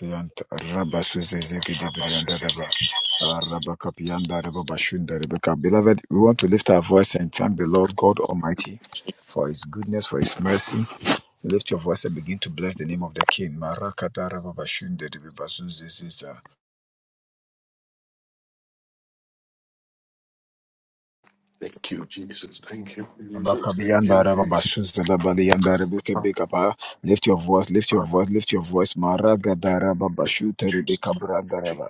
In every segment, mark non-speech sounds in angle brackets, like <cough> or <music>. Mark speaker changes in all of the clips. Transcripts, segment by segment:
Speaker 1: Pianta Rabba Suzegede Briandaraba. Rabba Kapiandaraba Bashundarabaka. Beloved, we want to lift our voice and thank the Lord God Almighty for his goodness, for his mercy. Lift your voice and begin to bless the name of the King. Marakataraba Bashundaraba Bazuziziza.
Speaker 2: Thank you, Jesus. Thank you, Jesus. Thank you,
Speaker 1: Abakabiandaraba
Speaker 2: Jesus.
Speaker 1: Bashunzalabaliandarabeke Bekapa. Lift your voice, lift your voice, lift your voice. Maragadaraba Bashutarabeka Brandaraba.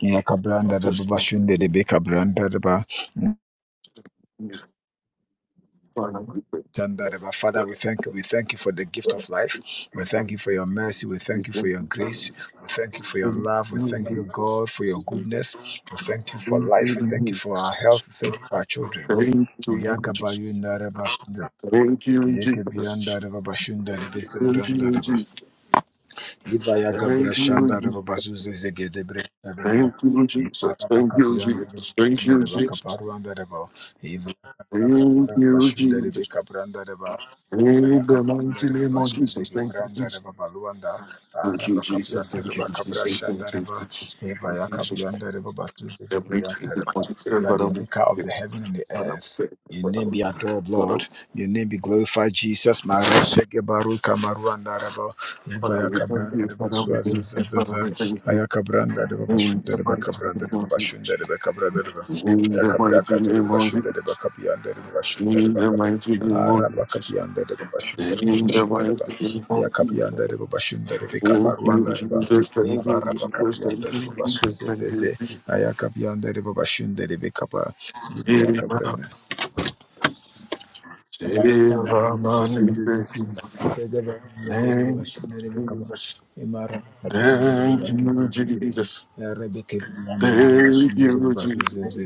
Speaker 1: Yakabranda Rabba
Speaker 2: Jesus, thank you,
Speaker 1: Bashundarabeka Brandaraba.
Speaker 2: Jesus. Father, we praise you.
Speaker 1: Shandareba. Father, we thank you. We thank you for the gift of life. We thank you for your mercy. We thank you for your grace. We thank you for your
Speaker 2: Thank
Speaker 1: love. We
Speaker 2: you,
Speaker 1: thank you,
Speaker 2: Jesus.
Speaker 1: God, for your goodness. We thank you for
Speaker 2: Thank
Speaker 1: life. We
Speaker 2: you,
Speaker 1: thank you for our
Speaker 2: Jesus.
Speaker 1: health. We thank you for our children.
Speaker 2: Thank you, Jesus.
Speaker 1: Yagabayundareba.
Speaker 2: Thank you, Jesus. Thank you, Jesus.
Speaker 1: Yekebiandareba. Bashindareba.
Speaker 2: Thank you,
Speaker 1: Sindrandareba.
Speaker 2: Jesus.
Speaker 1: Ivaya Gabra
Speaker 2: Thank you,
Speaker 1: Shandar
Speaker 2: Jesus.
Speaker 1: Bazuze Zegedebre Dareba,
Speaker 2: Thank you, Jesus.
Speaker 1: Ivaraba
Speaker 2: Thank you,
Speaker 1: Kapiandar Dareba
Speaker 2: Jesus.
Speaker 1: Kaparuandareba,
Speaker 2: Thank
Speaker 1: Ivara
Speaker 2: you,
Speaker 1: Bashu Derebe
Speaker 2: Jesus.
Speaker 1: Kabrandareba,
Speaker 2: In
Speaker 1: Aya
Speaker 2: the mighty
Speaker 1: Kabrandareba
Speaker 2: name of
Speaker 1: Basu
Speaker 2: Jesus. Thank you, Jesus.
Speaker 1: Zegebrandareba Baluanda,
Speaker 2: Thank you,
Speaker 1: Araba
Speaker 2: Jesus. Thank you,
Speaker 1: Kapiantareba
Speaker 2: Jesus.
Speaker 1: Kabra
Speaker 2: Thank you,
Speaker 1: Shandareba,
Speaker 2: Jesus.
Speaker 1: Ivaya
Speaker 2: Jesus. Father,
Speaker 1: Kapiandareba Basu
Speaker 2: we thank you.
Speaker 1: Zegebriantareba.
Speaker 2: Father,
Speaker 1: You are the
Speaker 2: we
Speaker 1: maker
Speaker 2: thank
Speaker 1: of
Speaker 2: you.
Speaker 1: the heaven and the
Speaker 2: Father,
Speaker 1: earth.
Speaker 2: we thank you.
Speaker 1: Your
Speaker 2: Father,
Speaker 1: name
Speaker 2: we thank
Speaker 1: be
Speaker 2: you.
Speaker 1: adored,
Speaker 2: Father,
Speaker 1: Lord. Your name be glorified, Jesus. Mara Shege Baruch Kamaruandareba.
Speaker 2: Father,
Speaker 1: Ivaya
Speaker 2: we thank
Speaker 1: kabranda
Speaker 2: you.
Speaker 1: de
Speaker 2: Father, we
Speaker 1: basua
Speaker 2: thank
Speaker 1: zaza
Speaker 2: you. Father, we
Speaker 1: zaza.
Speaker 2: thank you.
Speaker 1: Aya kabranda de
Speaker 2: In
Speaker 1: babashunda de bakabranda de babashunda de bakabranda de ba. Aya
Speaker 2: the
Speaker 1: kabria
Speaker 2: mighty
Speaker 1: kate de
Speaker 2: name of
Speaker 1: babashunda de
Speaker 2: Jesus.
Speaker 1: bakapianda de babashunda de
Speaker 2: In the
Speaker 1: bakaba.
Speaker 2: mighty name
Speaker 1: Ara
Speaker 2: of Jesus.
Speaker 1: bakapianda de babashunda de
Speaker 2: In the
Speaker 1: babashunda de ba.
Speaker 2: mighty name of
Speaker 1: Aya
Speaker 2: Jesus. In the mighty name of Jesus.
Speaker 1: kapianda de babashunda de
Speaker 2: Thank you,
Speaker 1: bakabaruanda de ba.
Speaker 2: Jesus.
Speaker 1: Ivara bakapianda
Speaker 2: Thank you, Jesus. Thank
Speaker 1: de
Speaker 2: you, Jesus.
Speaker 1: babasu
Speaker 2: Thank you,
Speaker 1: zezeze.
Speaker 2: Jesus.
Speaker 1: Aya kapianda de babashunda de bakaba. Ivaya
Speaker 2: Amen.
Speaker 1: kabranda. In
Speaker 2: Save our
Speaker 1: Jesus'
Speaker 2: money. Thank you, Jesus. Thank you, Jesus. Thank you, Jesus.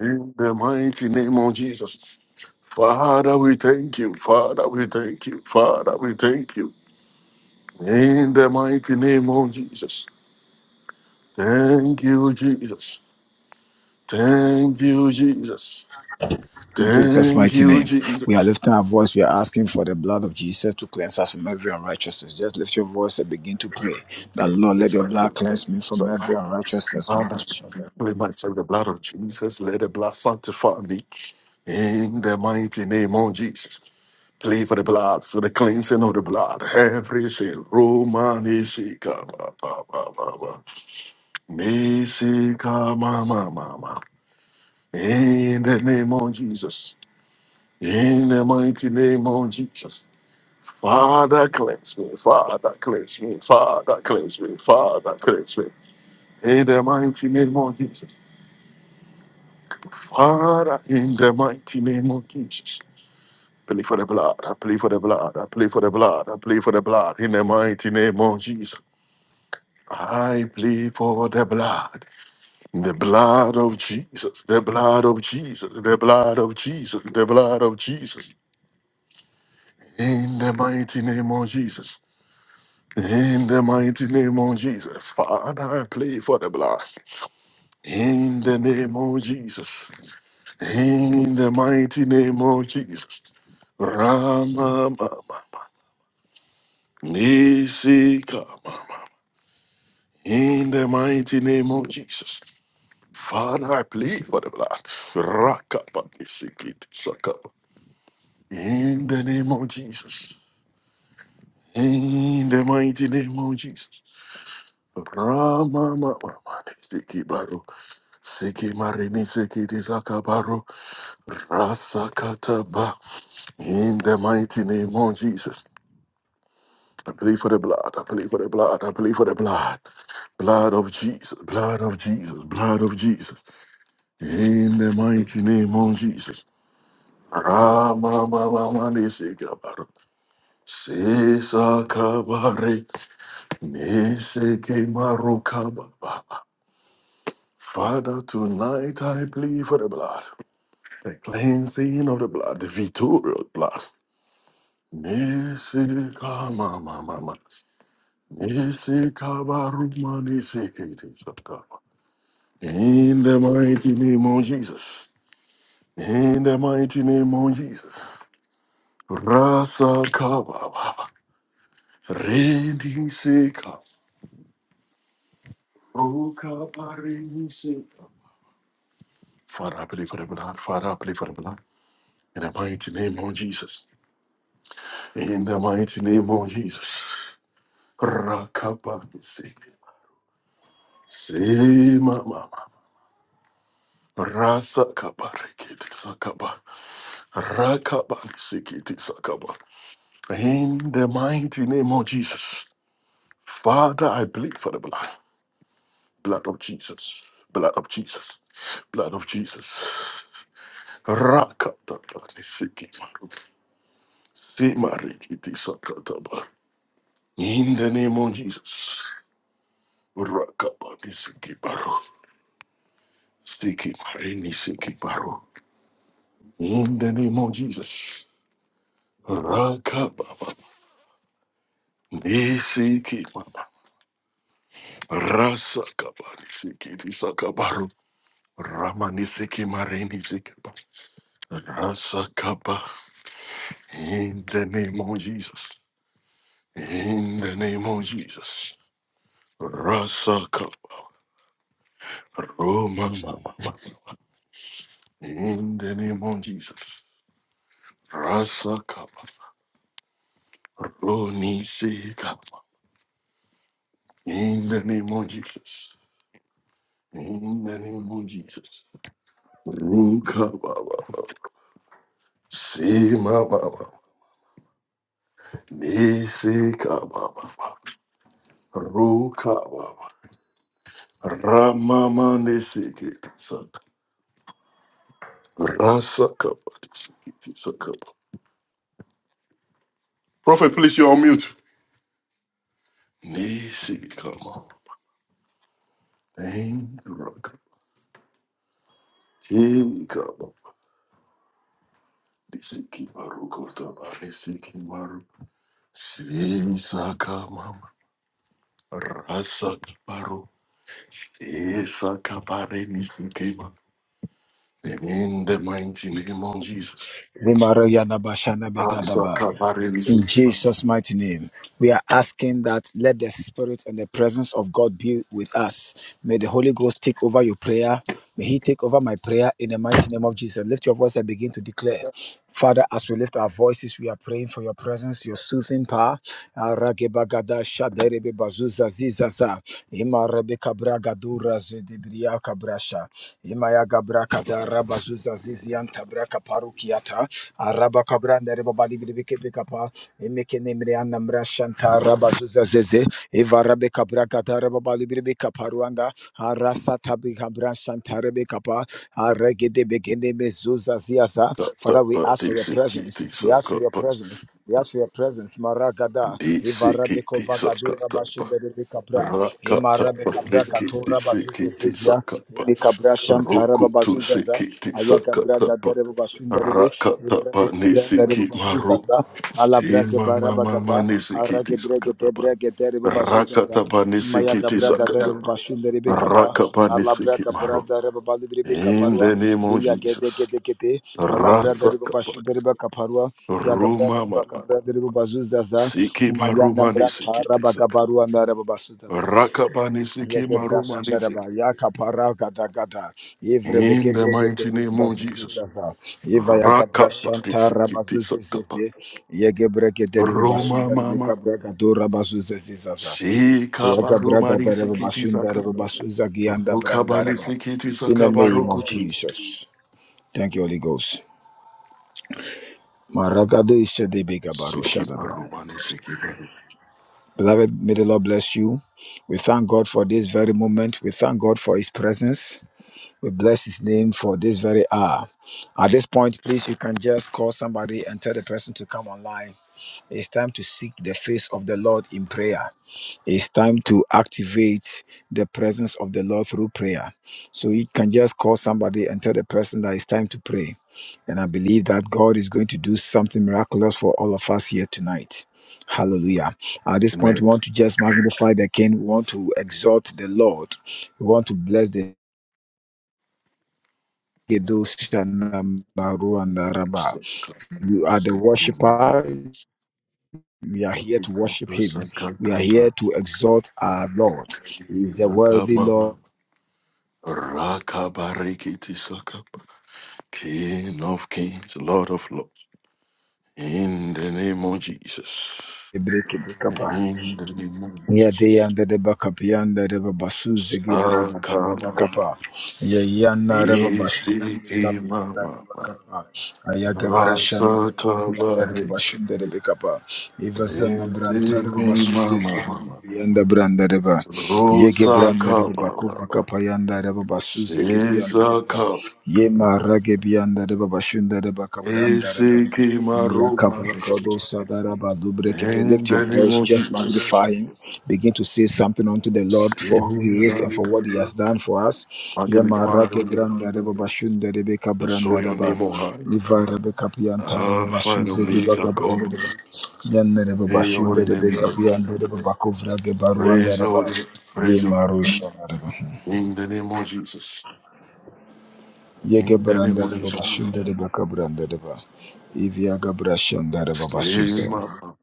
Speaker 2: In the mighty name of Jesus. Father, we thank you. Father, we thank you. Father, we thank you. In the mighty name of Jesus. Thank you, Jesus. Thank you, Jesus. Thank
Speaker 1: mighty
Speaker 2: you,
Speaker 1: name,
Speaker 2: Jesus.
Speaker 1: we are lifting our voice. We are asking for the blood of Jesus to cleanse us from every unrighteousness. Just lift your voice and begin to pray. That Lord, let
Speaker 2: It's
Speaker 1: your
Speaker 2: like the
Speaker 1: blood cleanse me from
Speaker 2: presence.
Speaker 1: every unrighteousness.
Speaker 2: Father, let myself the blood of Jesus. Let the blood sanctify me. In the mighty name of Jesus. Play for the blood, for the cleansing of the blood. Every sin. Roman Isika. Mama. Mama. In the name of Jesus. In the mighty name of Jesus. Father, cleanse me. Father, cleanse me. Father, cleanse me. Father, cleanse me. In the mighty name of Jesus. Father, in the mighty name of Jesus. Play for the blood. I play for the blood. I play for the blood. I play for the blood. In the mighty name of Jesus. I play for the blood. The blood of Jesus. The blood of Jesus. The blood of Jesus. The blood of Jesus. In the mighty name of Jesus. In the mighty name of Jesus. Father, I play for the blood. In the name of Jesus. In the mighty name of Jesus. Rama Mama Nisi Kama. In the mighty name of Jesus. Father, I plead for the blood. Rakapa Nisikiti Sakapa. In the name of Jesus. In the mighty name of Jesus. Rama Mama Nisiki Baru. Siki Marini Sikiti Sakabaru. Rasakataba. In the mighty name of Jesus. I plead for the blood. I plead for the blood. I plead for the blood. Blood of Jesus. Blood of Jesus. Blood of Jesus. In the mighty name of Jesus. Rama mama mani sikabaro. Sisa kabare. Nese kemaro kababa. Father, tonight I plead for the blood. The cleansing of the blood. The victorious blood. Nese kama mama mama. In the mighty name of Jesus. In the mighty name of Jesus. Rasa kaba baba. Rendi seka. Roka pareni seka. Father, I pray for the blood. Father, I pray for the blood. In the mighty name of Jesus. In the mighty name of Jesus. Rakaba seka. Se mama. Rasa kaba rekete sakaba. Rakabanisikitisakaba. In the mighty name of Jesus. Father, I plead for the blood. Blood of Jesus. Blood of Jesus. Blood of Jesus. Rakatabanisikimaru. Simarikitisakataba. In the name of Jesus. Rakabanisikibaru. Sikimarinisikibaru. In the name of Jesus. Rakababa. Nisikimama. Rasa kabari siki di sakabaru. Ramani siki marini siki ba. Rasa kaba. In the name of Jesus. In the name of Jesus. Rasa kaba. Roma mama mama. In the name of Jesus. Rasa kaba. Roni sika. In the name of Jesus. In the name of Jesus. Ruka baba. See mama. Nisi kababa, ru kababa, ramama nisi kitisa, rasa kabadi kitisa kababa. Prophet, please, you're on mute. Nisi kama, engraka, ti kama, nisi kimaru kota nisi maru, sisa kama, rasa kimaru, sisa kabare nisi kima. In the mighty name of Jesus.
Speaker 1: Zimarayana bashana
Speaker 2: Asa
Speaker 1: begadaba.
Speaker 2: kabare nisi.
Speaker 1: In Jesus' mighty name, we are asking that let the Spirit and the presence of God be with us. May the Holy Ghost take over your prayer. May He take over my prayer in the mighty name of Jesus. Lift your voice and begin to declare. Father, as we lift our voices, we are praying for your presence, your soothing power. Aragebagada shaderebe bazuza zizaza. Ima rebeka bragadura zedebria kabrasha. Ima ya gabrakada rabazuza zizianta braka parukiata araba kabranda reba bali bili biki bika pa emeke nemre anna shanta araba zuza zeze eva rabe kabra kata reba bali bili bika pa ruanda arasa tabi kabran shanta rebe kapa Aregedebegedebezuzasiasa.
Speaker 2: Cut that
Speaker 1: Father, we
Speaker 2: butt,
Speaker 1: ask for
Speaker 2: deep
Speaker 1: your
Speaker 2: shit, kick,
Speaker 1: presence.
Speaker 2: deep
Speaker 1: We
Speaker 2: suck,
Speaker 1: ask for your
Speaker 2: cut butt.
Speaker 1: presence. We ask for your presence. Maragada,
Speaker 2: Deep shit, kick,
Speaker 1: Ivarabeko
Speaker 2: deep suck, cut
Speaker 1: Vagadura
Speaker 2: that butt.
Speaker 1: Bashindere Capra,
Speaker 2: Rock, cut that
Speaker 1: Imarabeka
Speaker 2: butt, deep kick, deep
Speaker 1: Bragatura
Speaker 2: shit, kick, deep
Speaker 1: Bazuzia,
Speaker 2: suck, cut butt.
Speaker 1: Imikabra
Speaker 2: Rook,
Speaker 1: Shantara
Speaker 2: cut, two shit,
Speaker 1: bazuzaza, Babazuzaza,
Speaker 2: kick, deep suck,
Speaker 1: Ayaka
Speaker 2: cut
Speaker 1: Braga
Speaker 2: that butt.
Speaker 1: Derebo
Speaker 2: Rock,
Speaker 1: Bashindere,
Speaker 2: cut that butt,
Speaker 1: Ivrabeka
Speaker 2: deep shit, kick my rook.
Speaker 1: bazuzaza
Speaker 2: Stay
Speaker 1: alabrage
Speaker 2: my, my, my, my,
Speaker 1: barabagapa
Speaker 2: deep shit, kick,
Speaker 1: arage
Speaker 2: deep suck,
Speaker 1: brege
Speaker 2: cut
Speaker 1: de
Speaker 2: that butt.
Speaker 1: brege de
Speaker 2: Rock, cut
Speaker 1: rebobazuzasa
Speaker 2: that butt, deep shit,
Speaker 1: maya
Speaker 2: kick, deep suck,
Speaker 1: gabraga
Speaker 2: cut
Speaker 1: de
Speaker 2: that butt.
Speaker 1: rebobashunde rebekapa
Speaker 2: Rock, cut butt, deep shit, kick
Speaker 1: alabraga
Speaker 2: my rook.
Speaker 1: brada rebabalu
Speaker 2: In
Speaker 1: rebekaparua
Speaker 2: the name of
Speaker 1: iya gede
Speaker 2: Jesus.
Speaker 1: gede gede alabrada
Speaker 2: Rasakapa.
Speaker 1: rebobashunde rebekaparua ya gabrada
Speaker 2: Roma mama.
Speaker 1: rebakabra de rebobazuzaza
Speaker 2: Siki
Speaker 1: maya
Speaker 2: marumani
Speaker 1: nambranta
Speaker 2: siki tisaka.
Speaker 1: rabagabarua na rebobasutaba
Speaker 2: Rakabani siki
Speaker 1: Yeke
Speaker 2: marumani
Speaker 1: daraba,
Speaker 2: siki.
Speaker 1: yaka gada gada, ivre
Speaker 2: In
Speaker 1: beke
Speaker 2: the
Speaker 1: breke
Speaker 2: mighty name of
Speaker 1: bazuzi
Speaker 2: Jesus.
Speaker 1: zaza, iva yaka brasha
Speaker 2: Rakabani
Speaker 1: ntara
Speaker 2: siki tisaka.
Speaker 1: zefe, yeke breke
Speaker 2: Roma
Speaker 1: basunda ribe
Speaker 2: mama.
Speaker 1: kabra bazuzi zaza,
Speaker 2: Sika
Speaker 1: ayaka braga
Speaker 2: barumani siki
Speaker 1: basunda
Speaker 2: tisaka.
Speaker 1: ribe basuza gianda branda
Speaker 2: Rukabani
Speaker 1: raba.
Speaker 2: siki
Speaker 1: In the
Speaker 2: tisaka
Speaker 1: name of
Speaker 2: barokutu.
Speaker 1: Jesus. Thank you, Holy Ghost. Maragado ishadebe gabaro
Speaker 2: Siki
Speaker 1: shadaba.
Speaker 2: marumani siki baru.
Speaker 1: Beloved, may the Lord bless you. We thank God for this very moment. We thank God for His presence. We bless his name for this very hour. At this point, please, you can just call somebody and tell the person to come online. It's time to seek the face of the Lord in prayer. It's time to activate the presence of the Lord through prayer. So you can just call somebody and tell the person that it's time to pray. And I believe that God is going to do something miraculous for all of us here tonight. Hallelujah. At this point,
Speaker 2: Amen.
Speaker 1: we want to just magnify the King. We want to exalt the Lord. We want to bless the you
Speaker 2: Sakabani
Speaker 1: are the
Speaker 2: siki maru.
Speaker 1: worshiper. We are here to worship
Speaker 2: Rukutu
Speaker 1: him. We are here
Speaker 2: sakataba.
Speaker 1: to exalt our Lord. He is the
Speaker 2: Saka
Speaker 1: worthy Lord.
Speaker 2: mama. Rakabariki tisaka. King of kings, Lord of lords, in the name of Jesus. In the name of Jesus.
Speaker 1: Yadiyanda de yanda Bakapiyanda Reba Basu Zigi Braga
Speaker 2: Akama,
Speaker 1: Rabakapa Yayana Reba Basu
Speaker 2: Isiki
Speaker 1: Kapiyanda
Speaker 2: Mama,
Speaker 1: Reba Kapa Ayaga Brashanda Reba
Speaker 2: Rasa
Speaker 1: yanda de
Speaker 2: Kabare,
Speaker 1: Bashunda Reba Kapa Ivazana Branta Reba
Speaker 2: Isiki
Speaker 1: Basu Zigi
Speaker 2: Mama,
Speaker 1: Yanda Branda Reba Yege
Speaker 2: Rosa
Speaker 1: Branda Reba Bakufa
Speaker 2: Kababa,
Speaker 1: Kapayanda Reba Basu Zigi Biyanda
Speaker 2: Sisa
Speaker 1: Reba
Speaker 2: Kab,
Speaker 1: Yema yanda Biyanda Reba Bashunda Reba de ba
Speaker 2: Isiki
Speaker 1: Lift
Speaker 2: Maruma, in
Speaker 1: your
Speaker 2: the name
Speaker 1: voice,
Speaker 2: of
Speaker 1: just
Speaker 2: Jesus.
Speaker 1: magnify him. Begin to say something unto the Lord for who he is
Speaker 2: Sira,
Speaker 1: and for what he has done for us.
Speaker 2: Magnify
Speaker 1: Yamarake
Speaker 2: your name.
Speaker 1: branda
Speaker 2: Enjoy
Speaker 1: branda
Speaker 2: your
Speaker 1: reba.
Speaker 2: name, O high.
Speaker 1: Iva rebeka pianta reba
Speaker 2: Alpha and Omega, God.
Speaker 1: branda reba. Yanne reba
Speaker 2: In your
Speaker 1: bashunda
Speaker 2: holy name we
Speaker 1: rebeka
Speaker 2: pray.
Speaker 1: pianta reba bakovra
Speaker 2: Praise your holy name. Praise your holy name. In the name of Jesus. In the name of Jesus. Say, Mama.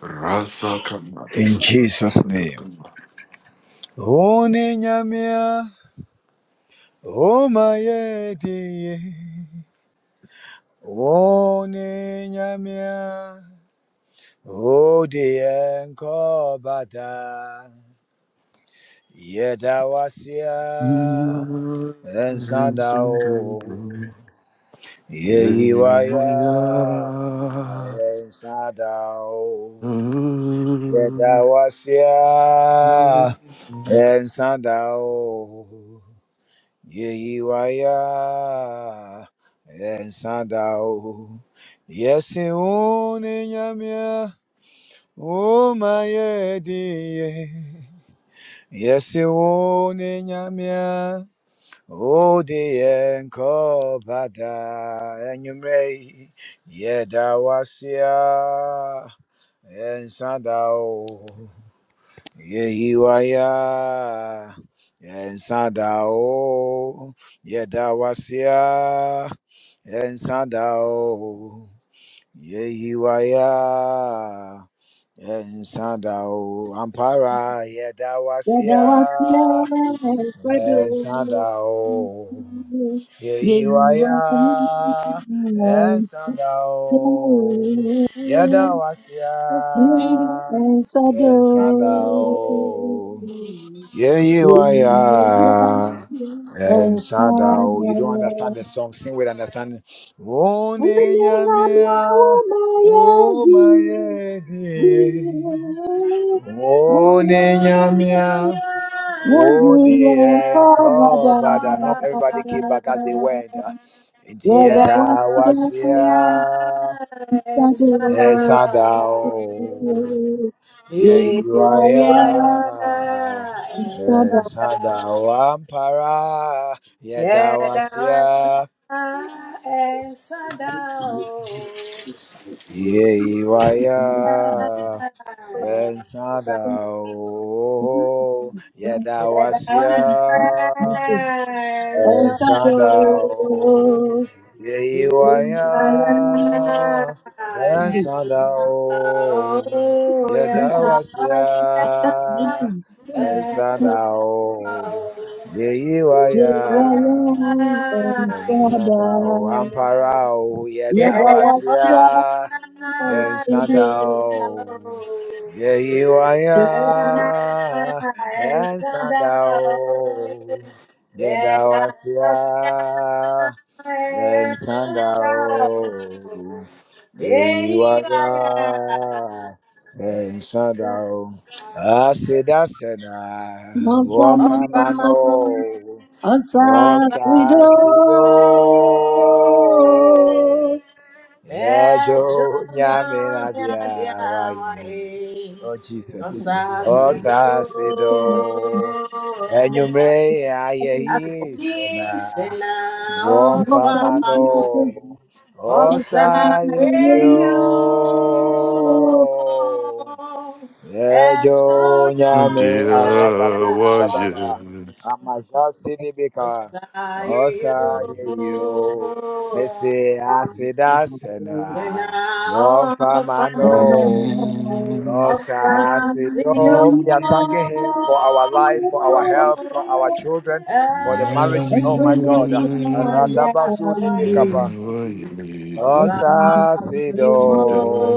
Speaker 2: Rasa
Speaker 1: In
Speaker 2: Kamabisu.
Speaker 1: Jesus' name.
Speaker 2: Sakatama.
Speaker 1: One nyamia, o mayedie. One nyamia, o dienko bada. Yeda wasia,
Speaker 2: You are
Speaker 1: ensada
Speaker 2: so good.
Speaker 1: o.
Speaker 2: You
Speaker 1: Yeyiwaya,
Speaker 2: are
Speaker 1: ensada o. Yeda wasia, ensada o. Yeyiwaya Ensadao Yesiun Enyamia Oma Yedie Yesiun Enyamia Odi Enko Bada Enyumrei Yedawasia Ensadao Yehiwaya, Yensadao, Yedawasia, Yensadao, Yehiwaya, Yensadao, Ampara,
Speaker 3: Yet I was
Speaker 1: Yedawasia,
Speaker 3: never do.
Speaker 1: Yensadao,
Speaker 3: Yeah, you are mine.
Speaker 1: Yehiwaya,
Speaker 3: Yes,
Speaker 1: Yensadao, Yedawasia,
Speaker 3: I do.
Speaker 1: Yensadao. Yeah,
Speaker 3: Yes, I
Speaker 1: and Sadao, you don't understand
Speaker 3: do.
Speaker 1: the song. Sing with understanding. Oh,
Speaker 3: Winning on your
Speaker 1: Nenyamia, oh,
Speaker 3: baby.
Speaker 1: my dear.
Speaker 4: Yeah,
Speaker 1: Oh, Nenyamia,
Speaker 3: Would
Speaker 1: oh,
Speaker 3: be a
Speaker 1: dear. Call,
Speaker 3: father.
Speaker 1: but uh, not everybody came back as they went. uh. Nti
Speaker 3: Yeah, that
Speaker 1: yɛda wo ase a,
Speaker 3: was Shadow,
Speaker 1: ɛnsa da wo.
Speaker 3: yeah,
Speaker 1: Ye Yeah,
Speaker 3: you yeah,
Speaker 1: Uriah.
Speaker 3: and Shadow.
Speaker 1: Sadawampara. Yedawasia. Yeah, Uriah. And Sadaw.
Speaker 4: Yes,
Speaker 1: Yedawasia.
Speaker 3: Oh,
Speaker 1: and
Speaker 3: Shadow, yeah, you
Speaker 1: Shandao.
Speaker 3: are, and Shadow.
Speaker 1: Yeiwaya and Shandao. Yadawasia and Shandao. Yeiwaya and Shandao. Amparao
Speaker 3: Yeah,
Speaker 4: yeah,
Speaker 3: yeah,
Speaker 1: Yadawasia
Speaker 3: and
Speaker 1: and Sandao. Yeah, you are, yeah, and Sandao. Yeah, thou art, yeah, and Sandao. Yeah, you are, yeah, and Sandao. I said, I said, I one famano. Oh,
Speaker 3: Asafrido.
Speaker 1: Sassido. Ejo
Speaker 4: Ejonya
Speaker 1: nyamina dia wai.
Speaker 4: Ejonyamyadiawaye,
Speaker 1: Oh Jesus. Oh
Speaker 4: Osasido,
Speaker 1: sasido. Enyumre ayehi sena.
Speaker 4: asisena
Speaker 1: Won famano.
Speaker 4: ofamano,
Speaker 1: Oh sayeyo.
Speaker 4: osaeyo.
Speaker 3: Asafrido.
Speaker 1: Ejo
Speaker 4: Ejonya
Speaker 1: nyame
Speaker 2: Dear
Speaker 1: aragado
Speaker 2: was
Speaker 4: Ejonyamyadiawaye,
Speaker 1: shadaba
Speaker 2: you.
Speaker 1: amaja sidibika
Speaker 4: Osaeyo,
Speaker 1: osa yeyo mese asida
Speaker 4: Osena
Speaker 1: sena one famano
Speaker 2: Mm.
Speaker 1: osa
Speaker 2: Thank
Speaker 4: Osacio
Speaker 1: asido. We are thanking him for our life, for our health, for our children, for the marriage.
Speaker 4: Ajoya
Speaker 1: Oh my God, aradabasu
Speaker 4: Diawai
Speaker 1: nimikapa. Osasido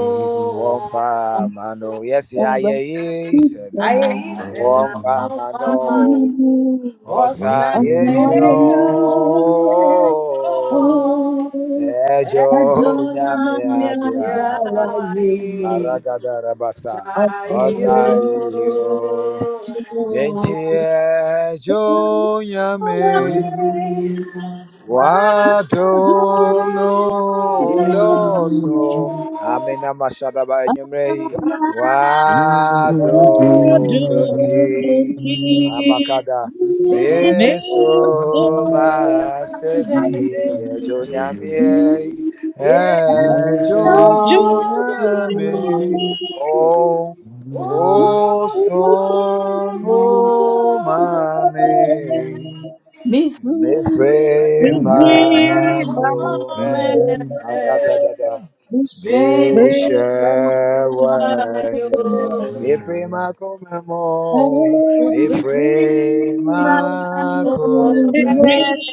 Speaker 1: one famano. Yes, I is
Speaker 4: Aye
Speaker 1: one
Speaker 4: Sena Alfaman
Speaker 1: famano. Osa
Speaker 3: Thank
Speaker 1: yeah,
Speaker 3: you.
Speaker 4: Osaio
Speaker 1: yo. Ejo
Speaker 4: Ajoya
Speaker 1: nyamia wani.
Speaker 4: Diawai
Speaker 1: Aragada rabasa.
Speaker 4: Osaio
Speaker 1: Osa yeah, yo. Yenti ejo nyame. Wadom no doso. Amena mashaba ba enyumrei. Wadom
Speaker 5: Adonai,
Speaker 1: nunti. Amakada.
Speaker 5: Mesopotami,
Speaker 1: Meso masebi ejo nyamie.
Speaker 2: you.
Speaker 1: o o somo
Speaker 4: Oh, some
Speaker 1: mame.
Speaker 3: Be free.
Speaker 1: Mefrema kome
Speaker 4: woman,
Speaker 1: aradadada.
Speaker 3: I'll give
Speaker 4: Give you the glory.
Speaker 1: Meshawanyo.
Speaker 4: Thank
Speaker 1: Mefrema kome mo.
Speaker 4: you, Jesus.
Speaker 1: Mefrema kome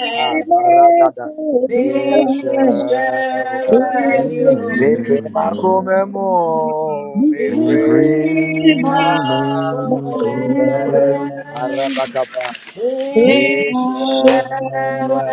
Speaker 1: amaradada.
Speaker 5: Adonai,
Speaker 1: Meshawanyo.
Speaker 5: King
Speaker 1: Mefre makome mo, mefre
Speaker 6: Who
Speaker 1: makome
Speaker 6: lives
Speaker 1: arabakapa,
Speaker 6: in shadow?
Speaker 1: meshewe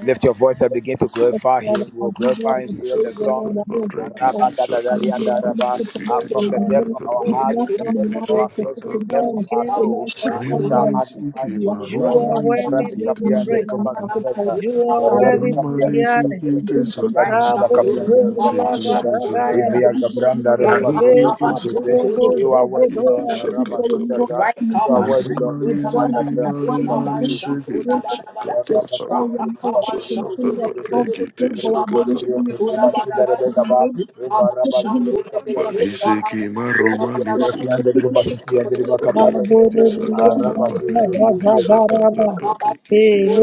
Speaker 1: Lift your voice and begin to glorify Him. We'll
Speaker 3: you all
Speaker 1: glorify Him.
Speaker 3: the
Speaker 1: Say the
Speaker 3: praise and all
Speaker 1: song
Speaker 3: the glory. and thanks for
Speaker 1: "Araba da da da ya da
Speaker 3: all.
Speaker 1: raba." Uh, from
Speaker 3: So,
Speaker 1: the depths of our
Speaker 3: we
Speaker 1: heart,
Speaker 3: cannot
Speaker 1: from the depths
Speaker 3: minimize
Speaker 1: of
Speaker 3: our
Speaker 1: our
Speaker 3: Thank
Speaker 1: souls, from the depths
Speaker 5: of
Speaker 1: of
Speaker 3: you.
Speaker 4: You
Speaker 3: have
Speaker 1: our
Speaker 4: are
Speaker 5: kings
Speaker 1: soul.
Speaker 5: and
Speaker 3: to
Speaker 5: God
Speaker 1: We
Speaker 5: of
Speaker 3: find
Speaker 1: shall
Speaker 3: out
Speaker 5: love,
Speaker 2: Raymond
Speaker 3: that
Speaker 1: magnify
Speaker 2: Suki,
Speaker 1: Thee,
Speaker 3: India,
Speaker 2: my
Speaker 1: O
Speaker 4: the
Speaker 3: you
Speaker 1: Lord.
Speaker 5: you are
Speaker 3: want
Speaker 2: Roman
Speaker 3: that
Speaker 5: worthy
Speaker 1: Rabbi
Speaker 3: India,
Speaker 5: to be
Speaker 1: Kapia and
Speaker 3: India,
Speaker 1: the
Speaker 5: praised.
Speaker 3: and you
Speaker 1: Baba
Speaker 2: Suki,
Speaker 3: have to find
Speaker 4: Son
Speaker 1: Zuzaza.
Speaker 5: You
Speaker 3: this
Speaker 4: of
Speaker 5: are
Speaker 2: Sakata
Speaker 3: side,
Speaker 4: God.
Speaker 3: you
Speaker 1: Rabbi
Speaker 3: have
Speaker 5: worthy
Speaker 3: to
Speaker 5: to
Speaker 1: Kapia
Speaker 3: find
Speaker 1: and
Speaker 5: be
Speaker 1: the Baba
Speaker 3: this side,
Speaker 5: honored.
Speaker 3: you have to find
Speaker 1: Kapia and the Kapia and
Speaker 4: Right
Speaker 1: the Baba
Speaker 4: Shandu
Speaker 5: Cabo
Speaker 1: Kapia and the Baba
Speaker 4: Kaba
Speaker 5: Zebria
Speaker 1: Zuzaza.
Speaker 4: Shandu
Speaker 5: Gatagaya,
Speaker 1: Ivia Gabranda Baba
Speaker 4: Rapa Kaba
Speaker 5: Eleva
Speaker 1: Zuzaza.
Speaker 4: Shandu
Speaker 1: You are worthy, Lord.
Speaker 5: Buobo
Speaker 1: Maraba Zuzaza.
Speaker 4: Right
Speaker 1: You are
Speaker 4: Kaba
Speaker 1: worthy, Lord.
Speaker 4: Shandu
Speaker 1: my
Speaker 4: Daba
Speaker 1: rabba
Speaker 4: Daba
Speaker 1: Maraba
Speaker 4: Daba
Speaker 1: the Baba
Speaker 4: Kaba Shandu Daba
Speaker 1: Zuzaza.
Speaker 4: Daba Daba Rapa
Speaker 3: this
Speaker 4: Kaba Shandu Kaba Shandu Daba Daba Kaba Shandu Kaba Shandu Daba Daba Thank you for your goodness. Thank you for your mercy. Thank you for your love.
Speaker 3: side.
Speaker 4: Lord,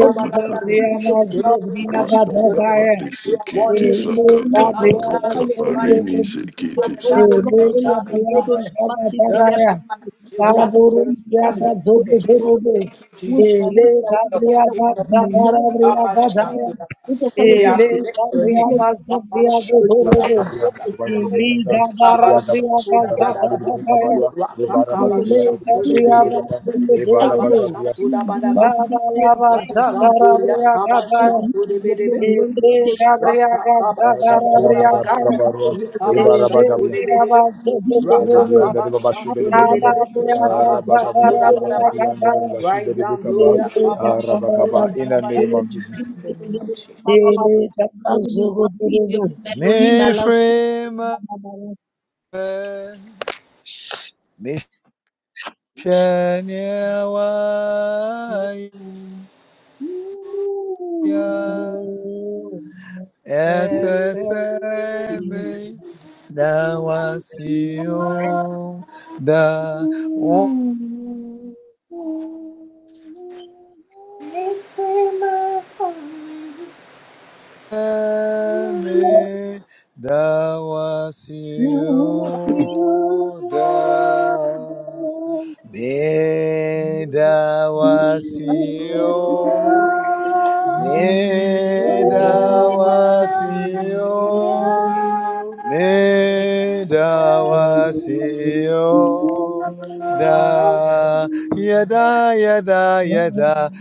Speaker 4: I bow down and give you the glory worship your
Speaker 2: Rakata
Speaker 4: name.
Speaker 2: bandi
Speaker 4: You are worthy
Speaker 2: sikiti
Speaker 4: to be praised
Speaker 2: sakata
Speaker 4: among the gods
Speaker 2: baruka
Speaker 4: who is like
Speaker 2: barini
Speaker 4: unto thee, among
Speaker 2: sikiti
Speaker 4: the gods who there
Speaker 2: sakata
Speaker 4: shall be
Speaker 2: baruka.
Speaker 4: compared. There is none like you, Jehovah. There is none to be compared. Thank you, Jesus. Thank you, Lord. King of kings. Abba, Shakodaba. We uplift your name. Abba, Shakodaba.
Speaker 5: Ele
Speaker 4: Kabasakudabadabada.
Speaker 5: Thank
Speaker 3: Thank you.
Speaker 4: Wakakabasakudebedebe.
Speaker 3: I grew up in a
Speaker 1: Eva
Speaker 3: PUD
Speaker 4: Ikabasakudabadaba.
Speaker 3: educated for something is
Speaker 4: Raizamburia
Speaker 3: different, and we have no
Speaker 4: kabasakudebedebe.
Speaker 3: limitation of
Speaker 4: Rakakabasakudabadabadaba.
Speaker 1: Rabagabia, Eva Rabagabia,
Speaker 4: Ikabasakudebedebe.
Speaker 1: Yegabian de Babashu de Begaba,
Speaker 4: Rakakabasakudebedebe.
Speaker 1: Rabagabia de
Speaker 4: Ikabasakudabadaba.
Speaker 1: Bacapian de Babashu de Bekaba,
Speaker 4: Raizamburia
Speaker 1: Rabagaba, in the
Speaker 4: kabasakudabadabada.
Speaker 1: name of
Speaker 5: you.
Speaker 1: Jesus.
Speaker 4: In the name of Jesus.
Speaker 3: Elohim allows
Speaker 1: Nefrema, Mishaniawaya, SSM, Nawasio, Da
Speaker 4: Make on, my
Speaker 1: me dawa sioda
Speaker 4: home.
Speaker 1: me dawa sio
Speaker 4: Thank
Speaker 1: me
Speaker 6: Neither
Speaker 1: dawa
Speaker 6: was you. Neither was you.
Speaker 1: Nedawasio da yada yada yada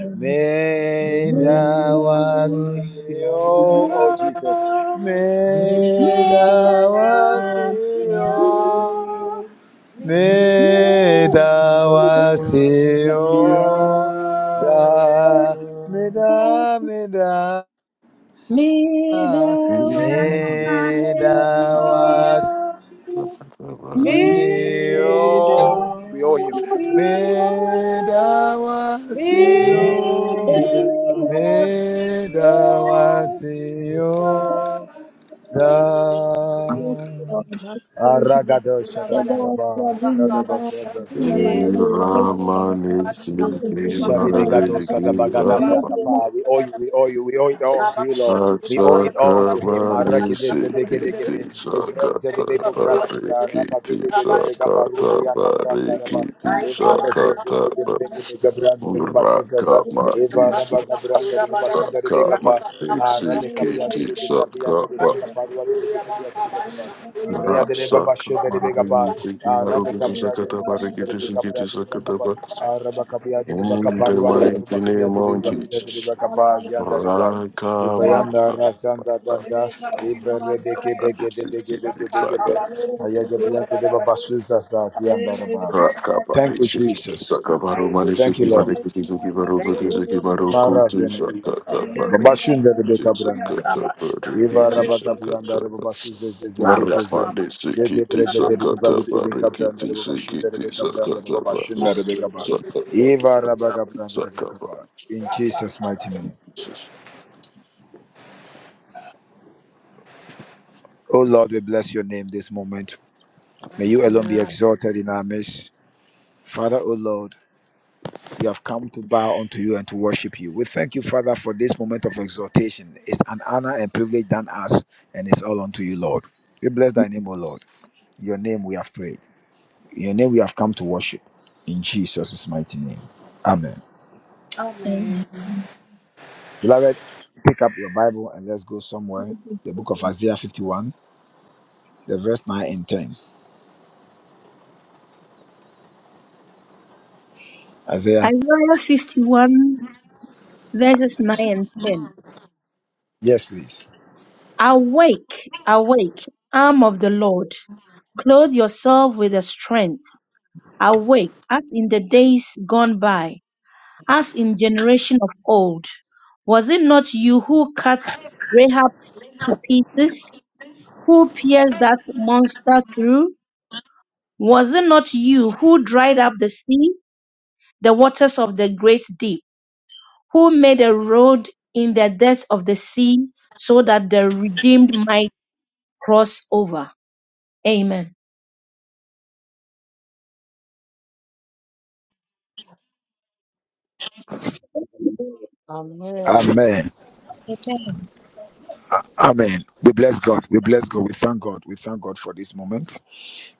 Speaker 6: Neither
Speaker 1: nedawasio
Speaker 6: was
Speaker 1: oh
Speaker 6: you.
Speaker 1: Jesus nedawasio
Speaker 6: Nidawasio, Nidawasio,
Speaker 1: nedawasio da da me da me
Speaker 2: Mm.
Speaker 1: da meda
Speaker 4: you.
Speaker 6: Nidawasio,
Speaker 2: Sakata baruka.
Speaker 5: Vidación,
Speaker 1: Sio, we owe him.
Speaker 3: Me
Speaker 5: vidación.
Speaker 3: Isaiah
Speaker 1: Medawasio,
Speaker 6: Nidawasio.
Speaker 1: medawasio, da.
Speaker 5: Na
Speaker 1: Aragado
Speaker 5: cozinha da
Speaker 1: shadabakaba, sadabaswazaza.
Speaker 2: Ramani sikiti
Speaker 1: Shadibigado
Speaker 2: mariki
Speaker 1: Sadabagada
Speaker 2: baba.
Speaker 1: Brakapa. We owe you, we owe you, we owe it all unto you, Lord. We owe it all unto him.
Speaker 2: Sakamani
Speaker 1: Maragide
Speaker 2: sikiti
Speaker 1: Zedegedegede. Evra
Speaker 2: sakata
Speaker 1: Zedebeko Vrashada
Speaker 2: barikiti
Speaker 1: Rabadu Bebega
Speaker 2: sakata
Speaker 1: Barudi and Namranaraba.
Speaker 2: barikiti
Speaker 4: Right,
Speaker 1: Evra
Speaker 4: come
Speaker 2: sakata baruka.
Speaker 4: on,
Speaker 1: Zedebega Branda Basizaza.
Speaker 4: Thank
Speaker 2: Rakama
Speaker 1: Eva
Speaker 5: Telegracia
Speaker 4: you,
Speaker 1: Rabaga Branda Basida
Speaker 2: Saka
Speaker 1: Rebekapa.
Speaker 2: Matsi
Speaker 1: Arabekapia
Speaker 2: Kiti
Speaker 5: do
Speaker 1: Debekapia
Speaker 5: Deus,
Speaker 2: Saka
Speaker 1: Debekapa Debekapia Debekapa. Ria de Reba
Speaker 2: Rasaka
Speaker 1: Bashe de Rebecca Ba,
Speaker 2: Marikiti
Speaker 1: Arabe
Speaker 5: da
Speaker 2: Marukutu
Speaker 1: Capra de
Speaker 2: Sakata
Speaker 1: Reba Basu de
Speaker 2: Barikiti
Speaker 1: Rebecca
Speaker 5: televisão,
Speaker 1: Bra
Speaker 2: Sikiti
Speaker 1: de Reba Capa,
Speaker 2: Sakataba
Speaker 1: Araba
Speaker 5: Yeah.
Speaker 1: Capia de Reba
Speaker 2: in the
Speaker 1: Caparuanda de
Speaker 2: mighty
Speaker 1: Reba Capia
Speaker 2: name
Speaker 1: de
Speaker 2: of
Speaker 1: Reba de
Speaker 2: Jesus.
Speaker 1: Yanda de Ba,
Speaker 2: Raka Matsi
Speaker 1: Evayanda Rasanda Danda, Eva Rebeke Beke de Beke Beke Beke
Speaker 2: Saka
Speaker 1: Be, Ayaja Biante de Babasu Sasa, Yanda de Ba.
Speaker 2: Raka
Speaker 1: Thank you,
Speaker 2: Matsi
Speaker 1: Jesus.
Speaker 2: Saka Baru
Speaker 1: Thank you,
Speaker 2: Manisiki
Speaker 1: Lord.
Speaker 2: Marikiti Siki
Speaker 4: Jesus.
Speaker 2: Marukutu
Speaker 4: Thank
Speaker 2: Siki Marukutu
Speaker 1: Marazene
Speaker 4: you,
Speaker 2: Sakata
Speaker 4: Lord.
Speaker 1: Cabrandara,
Speaker 2: Barikiti
Speaker 1: Babashunda de Cabrandara,
Speaker 2: Sakata
Speaker 4: Rabba
Speaker 1: Eva
Speaker 4: Shantu
Speaker 2: Barikiti
Speaker 4: Rabba
Speaker 1: Rabacabiandara,
Speaker 2: Sakata
Speaker 1: Babasuze,
Speaker 4: Rabba Rabba
Speaker 1: Zezezeze, Yeke
Speaker 4: Shantu
Speaker 2: Rapadesiki
Speaker 1: Breke de
Speaker 4: Rabba
Speaker 1: Ripa
Speaker 4: Rabba.
Speaker 2: sakata
Speaker 1: de Cabrandara,
Speaker 2: parikiti
Speaker 1: Babashunda
Speaker 2: sikiti
Speaker 1: de Cabrandara,
Speaker 2: sakata paru
Speaker 1: Babashunda de Caba, Eva
Speaker 2: sakata
Speaker 1: Rabacabrandara
Speaker 2: sakata.
Speaker 1: Bacaba, in Jesus' mighty name.
Speaker 2: Jesus.
Speaker 1: Oh Lord, we bless your name this moment. May you alone be exalted in our midst. Father, oh Lord. We have come to bow unto you and to worship you. We thank you, Father, for this moment of exhortation. It's an honor and privilege done us, and it's all unto you, Lord. We bless thy name, O Lord. In Your name we have prayed. In Your name we have come to worship. In Jesus' mighty name. Amen.
Speaker 4: Amen.
Speaker 1: Beloved, pick up your Bible and let's go somewhere. The book of Isaiah 51, the verse 9 and 10. Isaiah,
Speaker 3: 51 verses 9 and 10.
Speaker 1: yes, please.
Speaker 3: Awake, awake, arm of the Lord. Clothe yourself with the strength. Awake, as in the days gone by. As in generation of old, was it not you who cut Rahab to pieces, who pierced that monster through? Was it not you who dried up the sea, the waters of the great deep, who made a road in the depth of the sea, so that the redeemed might cross over? Amen.
Speaker 7: Amen.
Speaker 1: Amen.
Speaker 8: Amen.
Speaker 1: Amen. We bless God. We bless God. We thank God. We thank God for this moment.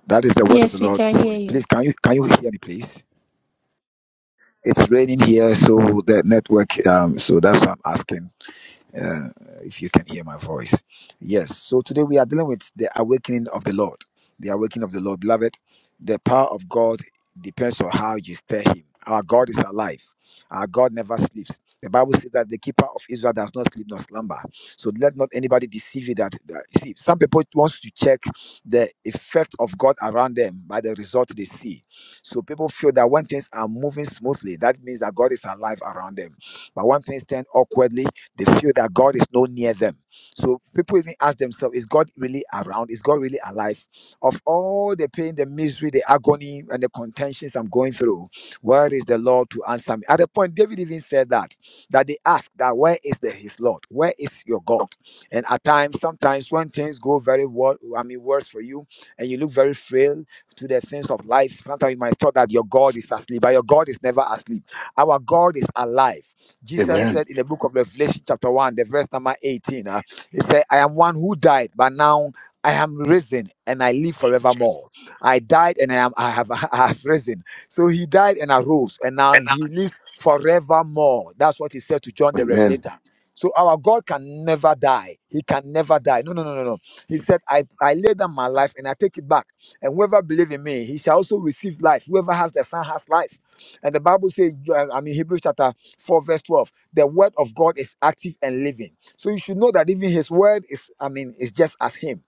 Speaker 1: That is the word of the
Speaker 3: Yes, we
Speaker 1: Lord
Speaker 3: can
Speaker 1: for
Speaker 3: hear
Speaker 1: you.
Speaker 3: you.
Speaker 1: Please, can you can you hear me, please? It's raining here, so the network. Um, so that's why I'm asking uh, if you can hear my voice. Yes. So today we are dealing with the awakening of the Lord. The awakening of the Lord, beloved. The power of God depends on how you stir Him. Our God is alive. Our God never sleeps. The Bible says that the keeper of Israel does not sleep nor slumber. So let not anybody deceive you. That, that you see, some people wants to check the effect of God around them by the result they see. So people feel that when things are moving smoothly, that means that God is alive around them. But when things turn awkwardly, they feel that God is not near them. So people even ask themselves, is God really around? Is God really alive? Of all the pain, the misery, the agony, and the contentions I'm going through, where is the Lord to answer me? At the point, David even said that, that they ask that where is the his Lord? Where is your God? And at times, sometimes when things go very well, I mean worse for you, and you look very frail to the things of life, sometimes you might thought that your God is asleep, but your God is never asleep. Our God is alive. Jesus
Speaker 2: Amen.
Speaker 1: said in the book of Revelation, chapter 1, the verse number 18, uh, he said, I am one who died, but now I am risen and I live forevermore. I died and I, am, I, have, <laughs> I have risen. So he died and arose, and now he lives forevermore. That's what he said to John the
Speaker 2: Amen.
Speaker 1: Revelator. So our God can never die. He can never die. No, no, no, no, no. He said, I, I lay down my life and I take it back. And whoever believes in me, he shall also receive life. Whoever has the Son has life. And the Bible says, uh, I mean, Hebrews chapter 4 verse 12 the word of god is active and living so you should know that even his word is i mean is just as him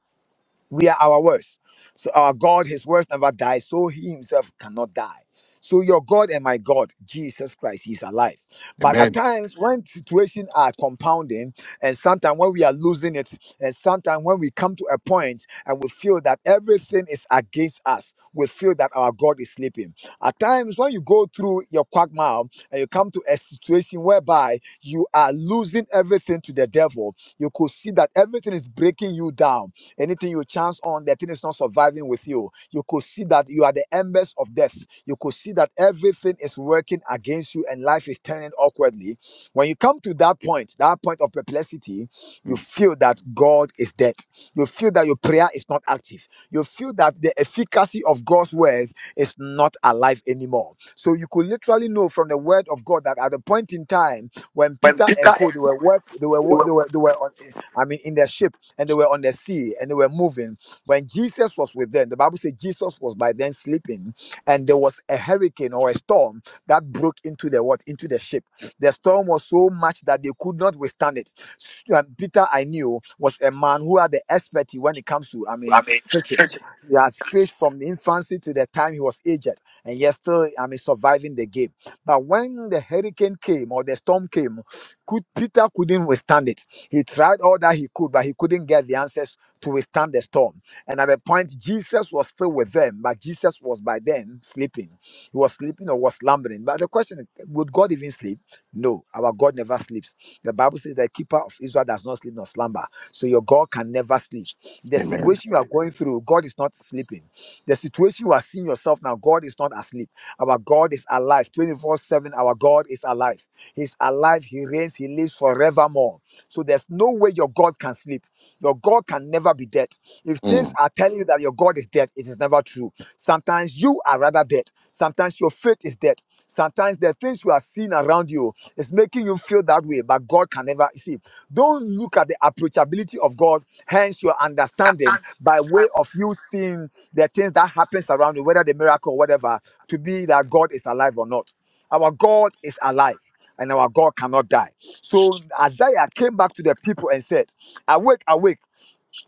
Speaker 1: we are our words. So our God, his words never die, so he himself cannot die. So your God and my God, Jesus Christ, he's alive. But at
Speaker 2: Amen.
Speaker 1: times when situations are compounding, and sometimes when we are losing it, and sometimes when we come to a point and we feel that everything is against us, we feel that our God is sleeping. At times when you go through your quagmire and you come to a situation whereby you are losing everything to the devil, you could see that everything is breaking you down Anything you chance on, the thing is not surviving with you. You could see that you are the embers of death. You could see that everything is working against you and life is turning awkwardly. When you come to that point, that point of perplexity, you
Speaker 2: Mm.
Speaker 1: feel that God is dead. You feel that your prayer is not active. You feel that the efficacy of God's word is not alive anymore. So you could literally know from the word of God that at the point in time when Peter and Co they were work, they were wo- they were they were on, I mean in their ship and they were on the sea and they were moving. When Jesus was with them, the Bible says Jesus was by then sleeping, and there was a hurricane or a storm that broke into the what into the ship. The storm was so much that they could not withstand it. S- um, Peter, I knew, was a man who had the expertise when it comes to, I mean, fishing. He has fished from the infancy to the time he was aged, and yet still, I mean, surviving the game. But when the hurricane came or the storm came, could Peter couldn't withstand it he tried all that he could, but he couldn't get the answers to withstand the storm. And at the point, Jesus was still with them, but Jesus was by then sleeping. He was sleeping or was slumbering. But the question is, would God even sleep? No, our God never sleeps. The Bible says the keeper of Israel does not sleep nor slumber. So your God can never sleep. The
Speaker 2: Amen.
Speaker 1: situation you are going through, God is not sleeping. The situation you are seeing yourself now, God is not asleep. Our God is alive. 24 7, our God is alive. He's alive. He reigns. He lives forevermore. So there's no way your God can sleep. Your God can never be dead. If things
Speaker 2: Mm.
Speaker 1: are telling you that your God is dead, it is never true. Sometimes you are rather dead. Sometimes your faith is dead. Sometimes the things you are seeing around you is making you feel that way, but God can never see. Don't look at the approachability of God, hence your understanding by way of you seeing the things that happens around you, whether the miracle or whatever, to be that God is alive or not. Our God is alive and our God cannot die. So Isaiah came back to the people and said, Awake, awake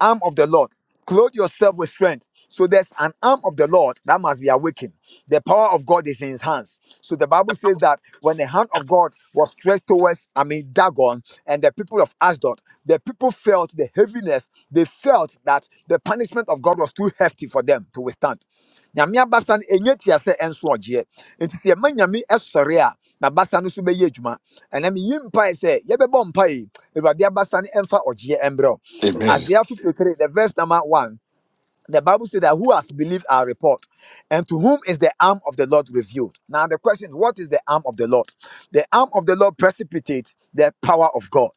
Speaker 1: arm of the Lord. Clothe yourself with strength. So there's an arm of the Lord that must be awakened. The power of God is in his hands. So the Bible says that when the hand of God was stretched towards, I mean, Dagon and the people of Ashdod, the people felt the heaviness. They felt that the punishment of God was too hefty for them to withstand. Nyame abasa no ɛnyɛ tiasɛ ɛnso ɔgyeɛ. Enti sɛ yɛma Nyame ɛsɔre a, n'abasa no so bɛyɛ adwuma. Ɛnam yi mpae sɛ yɛbɛbɔ mpae, Awurade abasa no ɛmfa ɔgyeɛ ɛmbrɛ wo.
Speaker 2: Amen.
Speaker 1: Isaiah 53, the verse number 1 the Bible says that who has believed our report, and to whom is the arm of the Lord revealed? Now, the question what is the arm of the Lord? The arm of the Lord precipitates the power of God.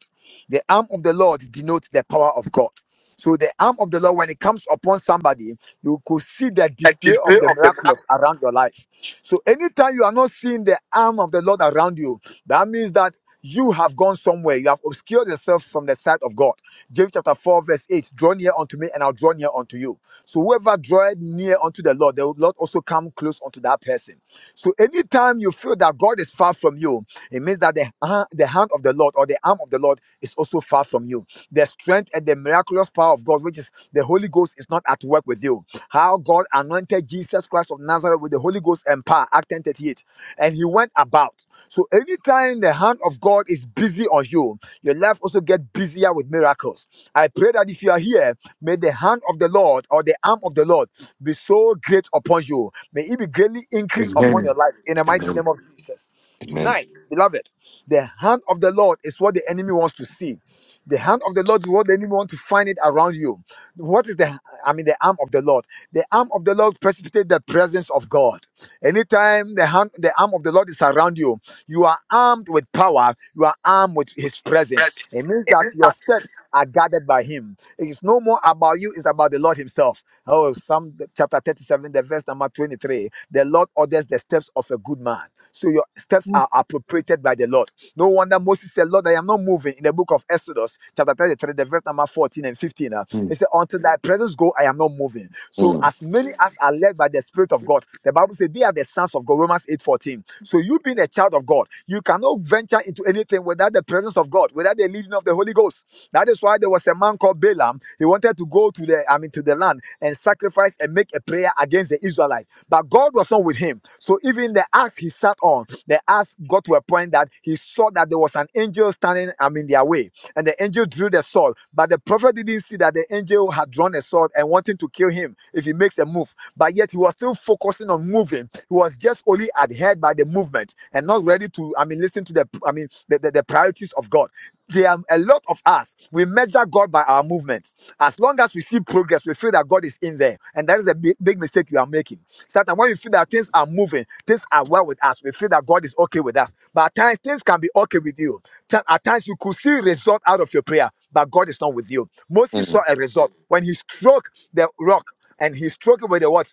Speaker 1: The arm of the Lord denotes the power of God. So, the arm of the Lord, when it comes upon somebody, you could see the
Speaker 2: A
Speaker 1: display
Speaker 2: display
Speaker 1: of the
Speaker 2: of the miracle.
Speaker 1: miraculous around your life. So, anytime you are not seeing the arm of the Lord around you, that means that you have gone somewhere. You have obscured yourself from the sight of God. James chapter 4, verse 8 Draw near unto me, and I'll draw near unto you. So whoever draweth near unto the Lord, the Lord also come close unto that person. So anytime you feel that God is far from you, it means that the, ha- the hand of the Lord or the arm of the Lord is also far from you. The strength and the miraculous power of God, which is the Holy Ghost, is not at work with you. How God anointed Jesus Christ of Nazareth with the Holy Ghost and power, Act 10:38 and he went about. So anytime the hand of God is busy on you, your life also get busier with miracles. I pray that if you are here, may the hand of the Lord or the arm of the Lord be so great upon you. May it be greatly increased upon your
Speaker 2: Amen.
Speaker 1: life in the mighty
Speaker 2: Amen.
Speaker 1: name of Jesus.
Speaker 2: Amen.
Speaker 1: Tonight, beloved, the hand of the Lord is what the enemy wants to see. The hand of the Lord is what the enemy wants to find it around you. What is the I mean the arm of the Lord? The arm of the Lord precipitates the presence of God. Anytime the hand, the arm of the Lord is around you, you are armed with power. You are armed with His
Speaker 2: Which is
Speaker 1: presence.
Speaker 2: present.
Speaker 1: It means that
Speaker 2: Amen.
Speaker 1: your steps are guarded by Him. It is no more about you; it's about the Lord Himself. Oh, Psalm chapter thirty-seven, the verse number twenty-three. The Lord orders the steps of a good man, so your steps are appropriated by the Lord. No wonder Moses said, "Lord, I am not moving." In the book of Exodus, chapter thirty-three, the verse number fourteen and fifteen, uh, he
Speaker 2: Mm.
Speaker 1: said, "Until Thy presence go, I am not moving." So
Speaker 2: Mm.
Speaker 1: as many as are led by the Spirit of God, the Bible says they are the sons of God, Romans 8:14. So you being a child of God, you cannot venture into anything without the presence of God, without the leading of the Holy Ghost. That is why there was a man called Balaam. He wanted to go to the I mean to the land and sacrifice and make a prayer against the Israelites. But God was not with him. So even the axe he sat on, the axe got to a point that he saw that there was an angel standing, I mean, their way and the angel drew the sword. But the prophet didn't see that the angel had drawn a sword and wanting to kill him if he makes a move. But yet he was still focusing on moving. He was just only adhered by the movement and not ready to, I mean, listen to the, I mean, the, the, the priorities of God. There are a lot of us, we measure God by our movement. As long as as we see progress, we feel that God is in there. And that is a big, big mistake you are making. Sometimes when we feel that things are moving, things are well with us, we feel that God is okay with us. But at times, things can be okay with you. At times, you could see result out of your prayer, but God is not with you. Moses saw
Speaker 2: Mm.
Speaker 1: a result when he struck the rock and he struck it with the what?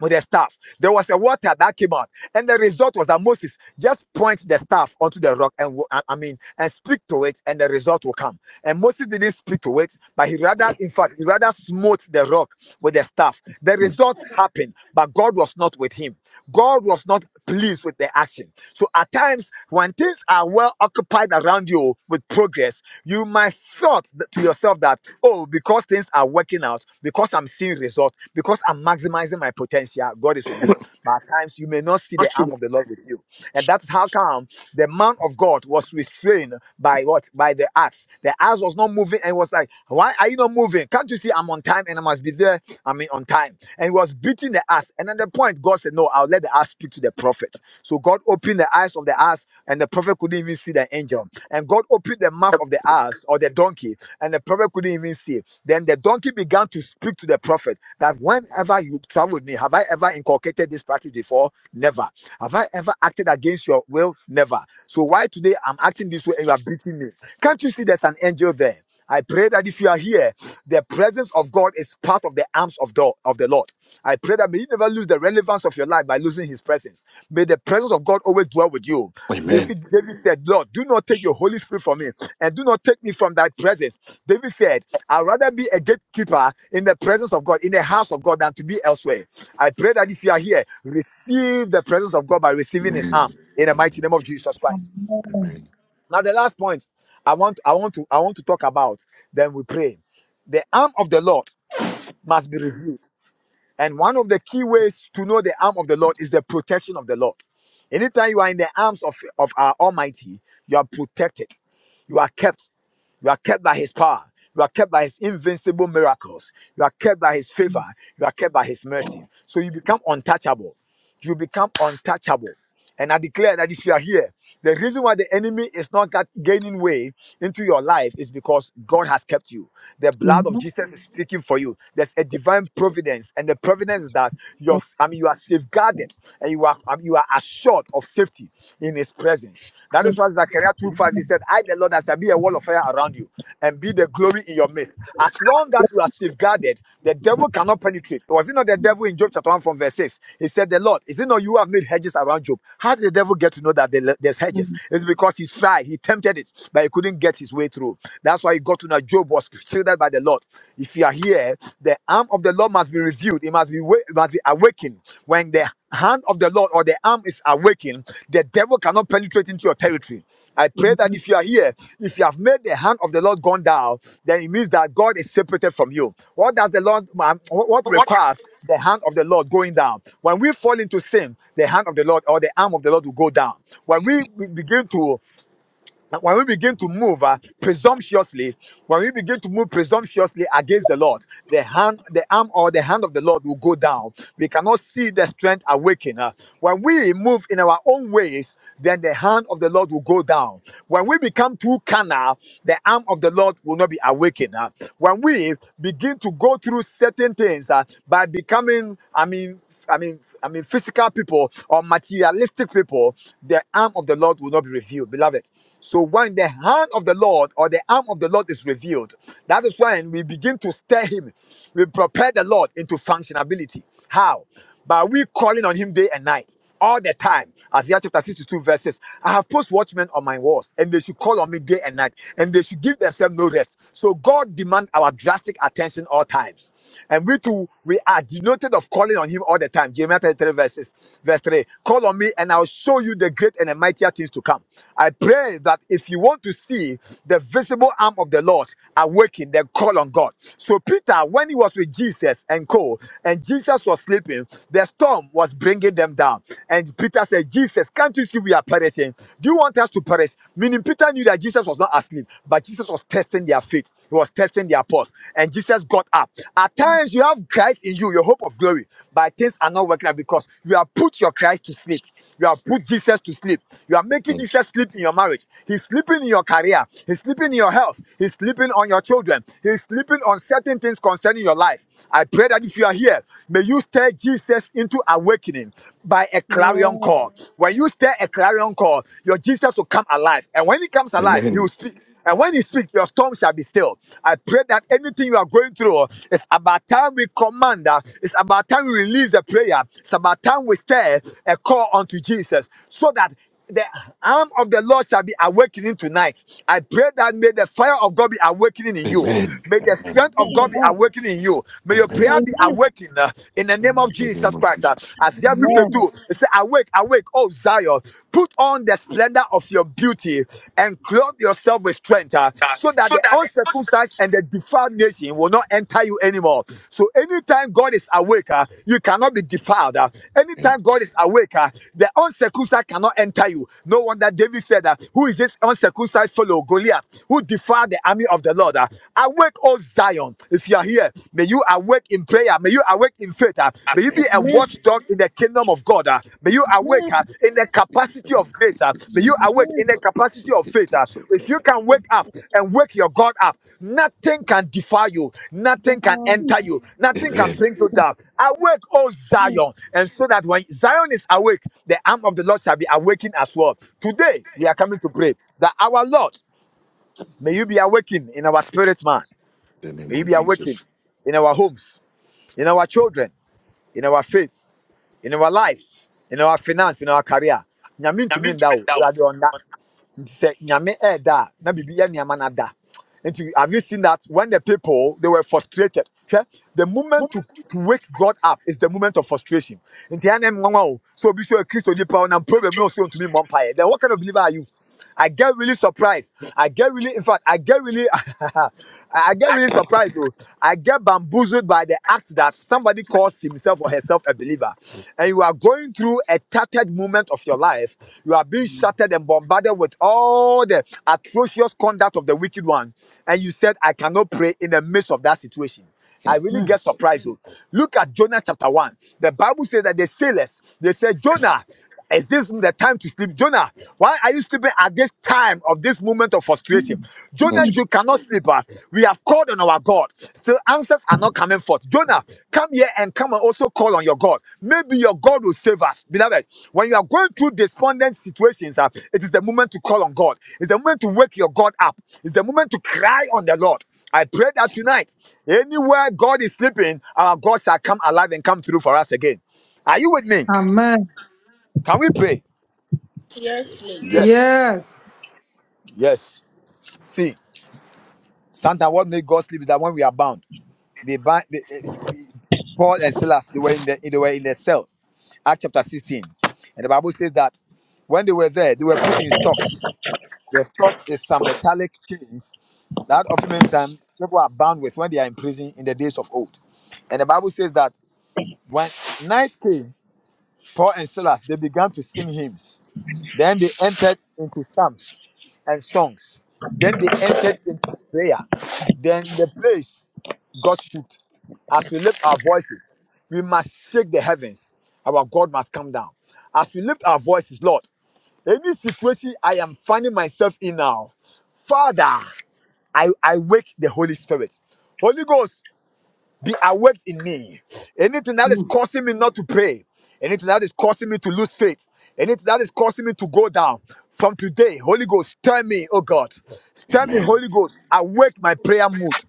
Speaker 1: with the staff. There was a water that came out, and the result was that Moses just points the staff onto the rock and I I mean and speak to it, and the result will come. And Moses didn't speak to it, but he rather, in fact, he rather smote the rock with the staff. The
Speaker 2: Mm.
Speaker 1: result happened, but God God was not with him. God was not pleased with the action. So at times, when things are well occupied around you with progress, you might thought th- to yourself that, oh, because things are working out, because I'm seeing results, because I'm maximizing my potential, God is with me. But at times, you may not see the
Speaker 2: Awesome.
Speaker 1: arm of the Lord with you. And that's how come the man of God was restrained by what? By the axe. The axe was not moving and was like, why are you not moving? Can't you see I'm on time and I must be there? I mean, on time. And he was beating the ass. And at the point, God said, No, I'll let the ass speak to the prophet. So God opened the eyes of the ass, and the prophet couldn't even see the angel. And God opened the mouth of the ass or the donkey, and the prophet couldn't even see. Then the donkey began to speak to the prophet that whenever you travel with me, have I ever inculcated this practice before? Never. Have I ever acted against your will? Never. So why today I'm acting this way and you are beating me? Can't you see there's an angel there? I pray that if you are here, the presence of God is part of the arms of the, of the Lord. I pray that may you never lose the relevance of your life by losing his presence. May the presence of God always dwell with you.
Speaker 2: Amen.
Speaker 1: David, David said, Lord, do not take your Holy Spirit from me and do not take me from thy presence. David said, I'd rather be a gatekeeper in the presence of God, in the house of God, than to be elsewhere. I pray that if you are here, receive the presence of God by receiving his
Speaker 2: Amen.
Speaker 1: arm in the mighty
Speaker 2: Amen.
Speaker 1: name of Jesus Christ.
Speaker 5: Amen.
Speaker 2: Amen.
Speaker 1: Now the last point I want I want to I want to talk about then we pray. The arm of the Lord must be revealed. And one of the key ways to know the arm of the Lord is the protection of the Lord. Anytime you are in the arms of, of our Almighty, you are protected. You are kept. You are kept by His power. You are kept by His invincible miracles. You are kept by His favor. You are kept by His mercy. So you become untouchable. You become untouchable. And I declare that if you are here, the reason why the enemy is not got- gaining way into your life is because God has kept you. The blood of
Speaker 3: Amen.
Speaker 1: Jesus is speaking for you. There's a divine providence, and the providence is that you're,
Speaker 3: Yes,
Speaker 1: I mean, you are safeguarded and you are, I mean, you are assured of safety in His presence. That is why Zechariah 2 5 he said, I, the Lord, I shall be a wall of fire around you and be the glory in your midst. As long as you are safeguarded, the devil cannot penetrate. Was it not the devil in Job chapter 1 from verse 6? He said, The Lord, is it not you who have made hedges around Job? How did the devil get to know that there- there's hedges? It's because he tried, he tempted wanted it, but he couldn't get his way through. That's why he got to know Job was shielded by the Lord. If you are here, the arm of the Lord must be revealed. It must be wa- it must be awakened. When the hand of the Lord or the arm is awakened, the devil cannot penetrate into your territory. I pray that if you are here, if you have made the hand of the Lord gone down, then it means that God is separated from you. What does the Lord, um, what what
Speaker 2: What?
Speaker 1: requires the hand of the Lord going down? When we fall into sin, the hand of the Lord or the arm of the Lord will go down. When we be- begin to now, when we begin to move uh, presumptuously, when we begin to move presumptuously against the Lord, the hand, the arm, or the hand of the Lord will go down. We cannot see the strength awaken. uh. When we move in our own ways, then the hand of the Lord will go down. When we become too carnal, the arm of the Lord will not be awakened. uh. When we begin to go through certain things uh, by becoming, I mean, I mean, I mean, physical people or materialistic people, the arm of the Lord will not be revealed, beloved. So when the hand of the Lord or the arm of the Lord is revealed, that is when we begin to stir Him. We prepare the Lord into functionability. How? By we calling on Him day and night all the time. Isaiah chapter 62, verses. I have post watchmen on my walls, and they should call on me day and night, and they should give themselves no rest. So God demands our drastic attention all times. And we too, we are denoted of calling on him all the time. Jeremiah 33 verses, verse 3. Call on me and I'll show you the great and the mightier things to come. I pray that if you want to see the visible arm of the Lord awaken, then call on God. So Peter, when he was with Jesus and Co, and Jesus was sleeping, the storm was bringing them down. And Peter said, Jesus, can't you see we are perishing? Do you want us to perish? Meaning, Peter knew that Jesus was not asleep, but Jesus was testing their faith. He was testing their pulse. And Jesus got up. At times, you have Christ in you, your hope of glory, but things are not working out because you have put your Christ to sleep. You have put Jesus to sleep. You are making
Speaker 2: Mm.
Speaker 1: Jesus sleep in your marriage. He's sleeping in your career. He's sleeping in your health. He's sleeping on your children. He's sleeping on certain things concerning your life. I pray that if you are here, may you stir Jesus into awakening by a clarion
Speaker 5: Yeah.
Speaker 1: call. When you stir a clarion call, your Jesus will come alive. And when he comes alive, he will
Speaker 2: Amen.
Speaker 1: speak. And when you speak, your storm shall be still. I pray that anything you are going through, it's about time we command. uh, It's about time we release a prayer. It's about time we stir a call unto Jesus so that the arm of the Lord shall be awakening tonight. I pray that may the fire of God be awakening in you.
Speaker 2: Amen.
Speaker 1: May the
Speaker 2: Amen.
Speaker 1: strength of God be
Speaker 5: Amen.
Speaker 1: awakening in you. May your
Speaker 2: Amen.
Speaker 1: prayer
Speaker 8: Amen.
Speaker 1: be
Speaker 8: Amen.
Speaker 1: awakened uh, in the
Speaker 2: Thank
Speaker 1: name of
Speaker 2: you very
Speaker 1: Jesus
Speaker 2: much,
Speaker 1: Christ. Uh,
Speaker 2: Jesus.
Speaker 1: Isaiah
Speaker 5: Amen.
Speaker 1: 52, it says, Awake, awake, awake, oh Zion. Put on the splendor of your beauty and clothe yourself with strength uh, so that
Speaker 2: so
Speaker 1: the
Speaker 2: that the person
Speaker 1: uncircumcised and the defiled nation will not enter you anymore. So anytime God is awake, uh, you cannot be defiled. uh. Anytime
Speaker 2: And
Speaker 1: God is awake, uh, the uncircumcised cannot enter you. No wonder David said, uh, Who is this uncircumcised fellow, Goliath, who defiled the army of the Lord? uh? Awake, O Zion. If you are here, may you awake in prayer. May you awake in faith. ah. May
Speaker 2: at
Speaker 1: you be a
Speaker 8: Amen.
Speaker 1: watchdog in the kingdom of God. ah. May you awake
Speaker 8: Amen.
Speaker 1: ah, in the capacity of grace. ah. May you awake in the capacity of faith. ah. If you can
Speaker 8: Amen.
Speaker 1: wake up and wake your God up, nothing can defy you.
Speaker 5: Mm.
Speaker 1: Nothing can
Speaker 5: Mm.
Speaker 1: enter you. Nothing can
Speaker 2: Amen.
Speaker 1: bring you
Speaker 8: Amen.
Speaker 1: down. Awake, oh Zion. And so that when Zion is awake, the arm of the Lord shall be awakened as well. Today, we are coming to pray that our Lord, may you be awakened in our spirit, man.
Speaker 2: The name
Speaker 1: May you
Speaker 2: of
Speaker 1: be awakened
Speaker 2: Jesus.
Speaker 1: in our homes in our children, in our faith, in our lives, in our finance, in our career. Nyame to
Speaker 2: I mean
Speaker 1: mean
Speaker 2: to
Speaker 1: that?
Speaker 2: bring down.
Speaker 1: Awurade ɔnda.
Speaker 2: But
Speaker 1: Nti sɛ Nyame ɛɛda a, na biribi yɛ nneɛma na da. Nti have you seen that when the people, they were frustrated, Okay, the
Speaker 2: the
Speaker 1: moment
Speaker 2: moment
Speaker 1: to, to wake God up is the moment of frustration. Nti ɛyɛ ne nwanwa o, sɛ obi so yɛ Kristo nipa o,
Speaker 2: when I'm
Speaker 1: problem no
Speaker 2: giving
Speaker 1: so to
Speaker 2: those
Speaker 1: mmɔ
Speaker 2: to them,
Speaker 1: vampire. Then what kind of believer are you? I get really surprised. I get really, in fact, I get really, <laughs> I I get
Speaker 2: I
Speaker 1: really surprised. Bro. I get bamboozled by the act that somebody
Speaker 2: expect
Speaker 1: calls himself or herself a believer, and you are going through a tattered moment of your life. You are being shattered and bombarded with all the atrocious conduct of the wicked one, and you said, "I cannot pray in the midst of that situation." I
Speaker 2: Hmm.
Speaker 1: really get surprised. Though. Look at Jonah chapter 1. The Bible says that the sailors, they said, Jonah, is this the time to sleep? Jonah, why are you sleeping at this time of this moment of frustration?
Speaker 5: Mm.
Speaker 2: Hmm.
Speaker 1: Jonah, you
Speaker 5: Mm.
Speaker 1: cannot sleep. ah. We have called on our God. Still, answers are not coming forth. Jonah, come here and come and also call on your God. Maybe your God will save us. Beloved, when you are going through despondent situations, ah, it is the moment to call on God. It's the moment to wake your God up. It's the moment to cry on the Lord. I pray that tonight. Anywhere God is sleeping, our God shall come alive and come through for us again. Are you with me?
Speaker 5: Amen.
Speaker 1: Can we pray?
Speaker 4: Yes, please.
Speaker 1: Yes.
Speaker 2: Yes.
Speaker 5: Yes.
Speaker 1: Yes. See, Santa, what made God sleep is that when we are bound, they bind they, eh, Paul and Silas, they were in the they were in their cells. Act chapter 16. And the Bible says that when they were there, they were put in stocks. The stocks is some metallic chains that often many times people are bound with when they are in prison in the days of old. And the Bible says that when night came, Paul and Silas, they began to sing hymns. Then they entered into psalms and songs. Then they entered into prayer. Then the place got shook. As we lift our voices, we must shake the heavens. Our God must come down. As we lift our voices, Lord, any situation I am finding myself in now, Father, I, I wake the Holy Spirit. Holy Ghost, be awake in me. Anything that is
Speaker 5: Mm.
Speaker 1: causing me not to pray, anything that is causing me to lose faith, anything that is causing me to go down from today, Holy Ghost, stir me, oh God. Stir
Speaker 2: Amen.
Speaker 1: me,
Speaker 2: Amen.
Speaker 1: Holy Ghost. Awake my prayer mood.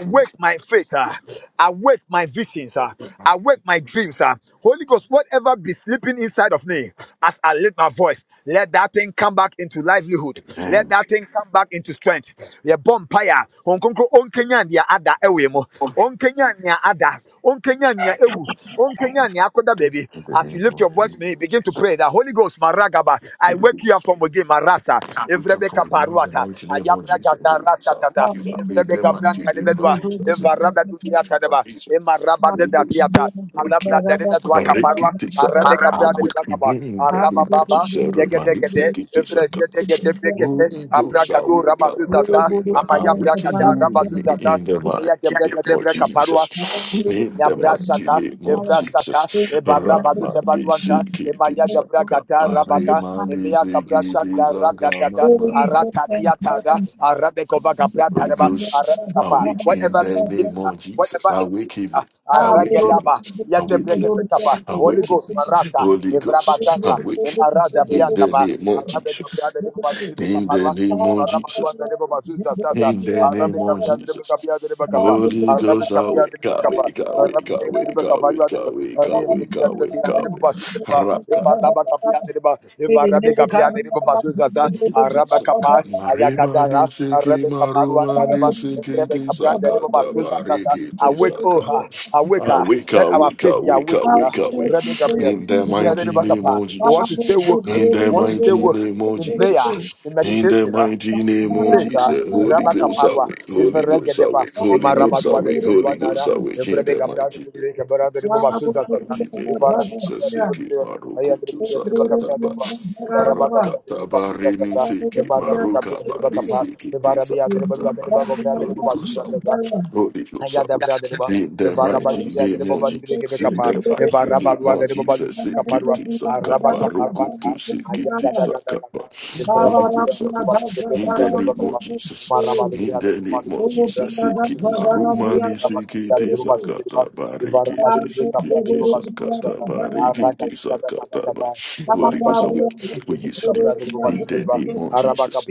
Speaker 1: Awake my faith. ah. Awake my visions. ah. Awake my dreams. ah. Holy Ghost, whatever be sleeping inside of inside of me as I lift my voice. Let that thing come back into livelihood. Let that thing come back into strength. Your bompire. Onkonkro onkenya nia ada ewe mo. Onkenya nia ada. Onkenya nia ewu. Onkenya nia akoda
Speaker 2: In
Speaker 1: baby.
Speaker 2: the
Speaker 1: As you
Speaker 2: name
Speaker 1: lift
Speaker 2: of
Speaker 1: your voice to me, begin to
Speaker 2: Jesus.
Speaker 1: pray. The Holy Ghost maragaba. I
Speaker 2: Holy
Speaker 1: wake you up
Speaker 2: Ghost,
Speaker 1: from within marasa.
Speaker 2: I Wake up
Speaker 1: Evrebe
Speaker 2: from the in the
Speaker 1: kaparuata.
Speaker 2: mighty name of
Speaker 1: Ayabra
Speaker 2: Jesus.
Speaker 1: gada
Speaker 2: Holy
Speaker 1: rasa
Speaker 2: Ghost, I
Speaker 1: tata.
Speaker 2: thank you. I feel
Speaker 1: Evrebe
Speaker 2: that mighty
Speaker 1: gabranta de
Speaker 2: name
Speaker 1: bedwa. Evaraba dudia
Speaker 2: of
Speaker 1: tadeba.
Speaker 2: Jesus.
Speaker 1: Emaraba
Speaker 5: Holy
Speaker 1: de
Speaker 2: Holy
Speaker 5: Ghost
Speaker 2: Ghost.
Speaker 1: datiata.
Speaker 2: Wicked.
Speaker 1: Alabra
Speaker 5: and
Speaker 1: dere dua kaparwa,
Speaker 2: Rekiti
Speaker 1: arabe
Speaker 2: sakata. Ah,
Speaker 1: gabra dere
Speaker 2: wicked
Speaker 1: bakaba,
Speaker 2: being that we
Speaker 1: araba baba,
Speaker 2: teach a
Speaker 1: yegede
Speaker 2: Roman.
Speaker 1: gede, evrese
Speaker 2: sakata.
Speaker 1: de gede brekete,
Speaker 2: Holy Ghost, I
Speaker 1: abrakadu
Speaker 2: wake up. I
Speaker 1: rabazuzaza,
Speaker 2: wake up. I
Speaker 1: amaya
Speaker 2: awaken
Speaker 1: brakata
Speaker 2: you in me
Speaker 1: rabazuzaza,
Speaker 2: in the
Speaker 1: imiya
Speaker 2: mighty
Speaker 1: gebre
Speaker 2: name
Speaker 1: gede
Speaker 2: of
Speaker 1: bre Kaparwa.
Speaker 2: Jesus. In the mighty
Speaker 1: Yabrashata,
Speaker 2: name of
Speaker 1: Evrasata,
Speaker 2: Jesus.
Speaker 1: Ebarabadu
Speaker 2: Rama
Speaker 1: de
Speaker 2: de
Speaker 1: Baduanta,
Speaker 2: Sikiti
Speaker 1: Emaya
Speaker 2: Saka.
Speaker 1: Gabragata, Rabaka,
Speaker 2: Parima de
Speaker 1: Emia
Speaker 2: Sikiti
Speaker 1: Gabrashanda,
Speaker 2: Saka.
Speaker 1: Radatata,
Speaker 2: Mama.
Speaker 1: Aratatiataga, Arabekova
Speaker 2: Holy
Speaker 1: Gabratareba,
Speaker 2: Ghost,
Speaker 1: Arabekapa,
Speaker 5: Lord,
Speaker 2: awake in
Speaker 1: whatever be
Speaker 2: the name
Speaker 1: sleeping, uh,
Speaker 2: of Jesus.
Speaker 1: whatever is sleeping,
Speaker 2: Awaken me.
Speaker 1: uh,
Speaker 2: Awaken
Speaker 5: Abu
Speaker 2: me.
Speaker 1: Aragedaba,
Speaker 2: Awaken me.
Speaker 1: Yadebrekapa, Holy
Speaker 2: Awaken
Speaker 1: Ghost,
Speaker 2: me.
Speaker 5: Road,
Speaker 1: Marasa,
Speaker 2: Holy Ghost,
Speaker 5: Thank
Speaker 1: Evrabazanta,
Speaker 2: awake
Speaker 1: Emarada
Speaker 2: in the
Speaker 1: Biantaba,
Speaker 2: name of
Speaker 1: Arabekabra
Speaker 2: Jesus.
Speaker 1: de Babibi
Speaker 2: In the
Speaker 1: Caparua,
Speaker 2: name of Jesus.
Speaker 1: Maramadua the name of Azusa Sasa,
Speaker 2: In the name
Speaker 1: Arabic
Speaker 2: of
Speaker 1: Capia the
Speaker 2: Jesus.
Speaker 1: Capia the Bacapa,
Speaker 2: Holy
Speaker 1: Arabic
Speaker 2: Ghost,
Speaker 1: Capia the
Speaker 2: awake,
Speaker 1: Bacapa,
Speaker 2: awake, awake,
Speaker 1: Arabic the
Speaker 2: awake,
Speaker 1: Bacapa, you are
Speaker 2: awake,
Speaker 1: the
Speaker 2: awake,
Speaker 1: Aria the
Speaker 2: awake,
Speaker 1: Kia the Kia the Basu the
Speaker 2: awake,
Speaker 1: Ba, if
Speaker 2: awake.
Speaker 1: Araba Capia the Ba, if Arabic Capia the Basu Sasa, Araba Capa,
Speaker 2: Maremani
Speaker 1: Ayagadara,
Speaker 2: seki
Speaker 1: Arabic Caparuan the
Speaker 2: marumani
Speaker 1: Reba,
Speaker 2: seki
Speaker 1: Arabic Cabrian the
Speaker 2: tisaka
Speaker 1: Reba Basu Sasa,
Speaker 2: tabariki
Speaker 1: awake, oh,
Speaker 2: tisaka.
Speaker 1: ha, awake,
Speaker 2: Ah,
Speaker 1: ah.
Speaker 2: wake
Speaker 1: let
Speaker 2: up,
Speaker 1: our
Speaker 2: wake
Speaker 1: faith
Speaker 2: up,
Speaker 1: be
Speaker 2: wake up,
Speaker 1: awakened, ah.
Speaker 2: wake up, wake.
Speaker 1: Arabic Capia.
Speaker 2: In the
Speaker 1: You need to
Speaker 2: mighty
Speaker 1: back up.
Speaker 2: name
Speaker 1: ah.
Speaker 2: of
Speaker 1: You want to stay
Speaker 2: Jesus.
Speaker 1: woke
Speaker 2: In the
Speaker 1: want to stay
Speaker 2: mighty
Speaker 1: work
Speaker 2: name of
Speaker 1: in prayer,
Speaker 2: Jesus.
Speaker 1: in
Speaker 2: In the
Speaker 1: meditation, uh,
Speaker 2: mighty name
Speaker 1: in
Speaker 2: of
Speaker 1: faith. Uh,
Speaker 2: Jesus. Holy
Speaker 1: Rabba
Speaker 2: Ghost
Speaker 5: you.
Speaker 1: Kaparwa,
Speaker 2: awake, Holy
Speaker 1: Ivere
Speaker 2: Ghost
Speaker 1: Gedeba,
Speaker 2: awake,
Speaker 5: Oho!
Speaker 2: Holy
Speaker 1: Ima Rabba
Speaker 2: Ghost
Speaker 1: Dwa de
Speaker 2: awake,
Speaker 5: Oho!
Speaker 1: Rebe Dwa
Speaker 2: Holy Ghost
Speaker 1: Nara,
Speaker 2: awake.
Speaker 1: Ivere
Speaker 2: In
Speaker 1: Be
Speaker 2: the
Speaker 1: Gabra de
Speaker 2: mighty name
Speaker 1: Rebe
Speaker 2: of
Speaker 1: Gabra de Rebe
Speaker 2: Jesus. In
Speaker 1: Basu
Speaker 2: the
Speaker 1: Zata Zata,
Speaker 2: mighty name of
Speaker 1: Ivara Be
Speaker 2: Jesus.
Speaker 1: Gabra de Rebe
Speaker 2: Seki
Speaker 1: Rebe, Aya de Rebe
Speaker 2: marukutu
Speaker 1: Gabra de Rebe Gabra de
Speaker 2: sakataba.
Speaker 1: Rebe, Ivara Ba Gabra de
Speaker 2: Rakata
Speaker 1: Rebe Basu Zata
Speaker 2: barini
Speaker 1: Zata,
Speaker 2: siki
Speaker 1: Ima Rabbe Gabra
Speaker 2: maruka
Speaker 1: de Rebe
Speaker 2: bari
Speaker 1: Kapa,
Speaker 2: siki
Speaker 1: Ivara Be
Speaker 2: tisa
Speaker 1: Ya de Rebe Lua de
Speaker 2: kataba.
Speaker 1: Rebe Gabra de
Speaker 2: Holy
Speaker 1: Rebe Basu
Speaker 2: Ghost, I
Speaker 1: Zata Zata,
Speaker 2: will. Holy Ghost, I
Speaker 1: Ayada brada de ba,
Speaker 2: will. In the
Speaker 1: eva rabali
Speaker 2: mighty
Speaker 1: bria de
Speaker 2: name
Speaker 1: ba
Speaker 2: of
Speaker 1: bali bria kebe
Speaker 2: Jesus. In
Speaker 1: kapa,
Speaker 2: the
Speaker 1: eva
Speaker 2: mighty name
Speaker 1: rabalwa
Speaker 2: of
Speaker 1: de ba bali
Speaker 2: Jesus.
Speaker 1: bria
Speaker 2: Siki
Speaker 1: kaparwa,
Speaker 2: tisa
Speaker 1: araba
Speaker 2: kaba roku
Speaker 1: kaparwa
Speaker 2: tu
Speaker 1: ka,
Speaker 2: siki
Speaker 1: ayada gada
Speaker 2: tisa
Speaker 1: gada gada,
Speaker 2: kaba.
Speaker 1: eva
Speaker 2: Holy
Speaker 1: rabali bria
Speaker 2: Ghost, I
Speaker 1: de ba
Speaker 2: will.
Speaker 1: basi de
Speaker 2: In
Speaker 1: ba
Speaker 2: the
Speaker 1: de ba
Speaker 2: name
Speaker 1: kapa,
Speaker 2: of
Speaker 1: ema
Speaker 2: Jesus.
Speaker 1: rabali
Speaker 2: In
Speaker 1: bria de
Speaker 2: the
Speaker 1: ba bali
Speaker 2: name of
Speaker 1: bria kabra de
Speaker 2: Jesus.
Speaker 1: ba
Speaker 2: Siki
Speaker 1: basi de ba, eva
Speaker 2: marumani
Speaker 1: rabali
Speaker 2: siki
Speaker 1: bria de ba
Speaker 2: tisa
Speaker 1: basi de ba,
Speaker 2: kataba.
Speaker 1: Amen.
Speaker 2: Riki tisa kata bariki
Speaker 5: Oho!
Speaker 2: tisa kata ba.
Speaker 5: Thou art of the
Speaker 2: Holy Ghost, I will we used to
Speaker 5: God,
Speaker 2: do. In the name of Jesus.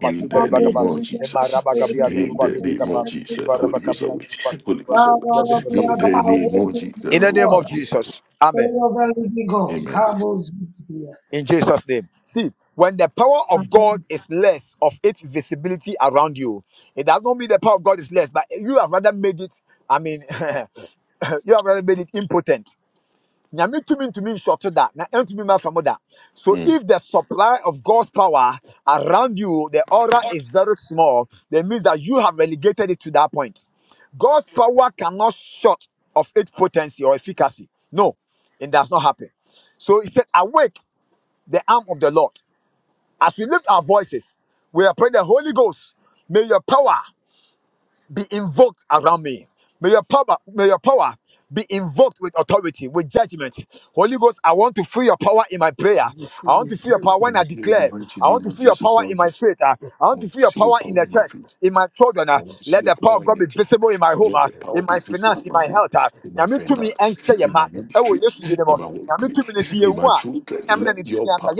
Speaker 2: In the name of Jesus. In the name of Jesus. Holy Ghost away. Holy Ghost away. In the name
Speaker 5: waiting
Speaker 2: of
Speaker 5: for
Speaker 2: Jesus.
Speaker 5: me, Lord.
Speaker 2: Roman.
Speaker 5: Pray over me, God.
Speaker 2: Amen.
Speaker 5: Come, O Ziphias.
Speaker 1: In them. See, in that you are from that. So
Speaker 2: Mm.
Speaker 1: if the fire of God's power around you, the aura is zero, that that means that God's power cannot short of its potency or efficacy. No, it does not happen. So he said, Awake the arm of the Lord. As we lift our voices, we are praying the Holy Ghost. May your power be invoked around me. May your power, may your power be invoked with authority, with judgment. Holy Ghost, I want to feel your power in my prayer.
Speaker 2: Free
Speaker 1: I want to
Speaker 2: with
Speaker 1: feel your
Speaker 2: power.
Speaker 1: power when
Speaker 2: And I
Speaker 1: I
Speaker 2: pray in the
Speaker 1: declare.
Speaker 2: mighty
Speaker 1: I want
Speaker 2: name
Speaker 1: to
Speaker 2: of
Speaker 1: feel your
Speaker 2: Jesus.
Speaker 1: power
Speaker 2: I
Speaker 1: in
Speaker 2: want
Speaker 1: my
Speaker 2: to,
Speaker 1: faith. ah. I
Speaker 2: I
Speaker 1: want to
Speaker 2: want
Speaker 1: feel
Speaker 2: to
Speaker 1: your
Speaker 2: see your
Speaker 1: power in
Speaker 2: power
Speaker 1: the
Speaker 2: in my
Speaker 1: church,
Speaker 2: feet.
Speaker 1: in my children.
Speaker 2: I
Speaker 1: ah.
Speaker 2: want to see
Speaker 1: Let
Speaker 2: your
Speaker 1: the power
Speaker 2: power
Speaker 1: of
Speaker 2: in
Speaker 1: God
Speaker 2: the
Speaker 1: be
Speaker 2: church.
Speaker 1: visible in my home,
Speaker 2: Let
Speaker 1: ah,
Speaker 2: the power
Speaker 1: in my
Speaker 2: be visible
Speaker 1: finance,
Speaker 2: in
Speaker 1: in
Speaker 2: my
Speaker 1: my
Speaker 2: home,
Speaker 1: health. ah.
Speaker 2: in my
Speaker 1: Nyame tumi
Speaker 2: finance,
Speaker 1: ɛnhyɛ yɛn
Speaker 2: in
Speaker 1: ma.
Speaker 2: my
Speaker 1: Ɛwɔ
Speaker 2: ministry,
Speaker 1: Yesu din
Speaker 2: in
Speaker 1: mu.
Speaker 2: my
Speaker 1: Nyame tumi no
Speaker 2: workplace,
Speaker 1: si
Speaker 2: in
Speaker 1: yɛn mu
Speaker 2: my
Speaker 1: a,
Speaker 2: children. Let your power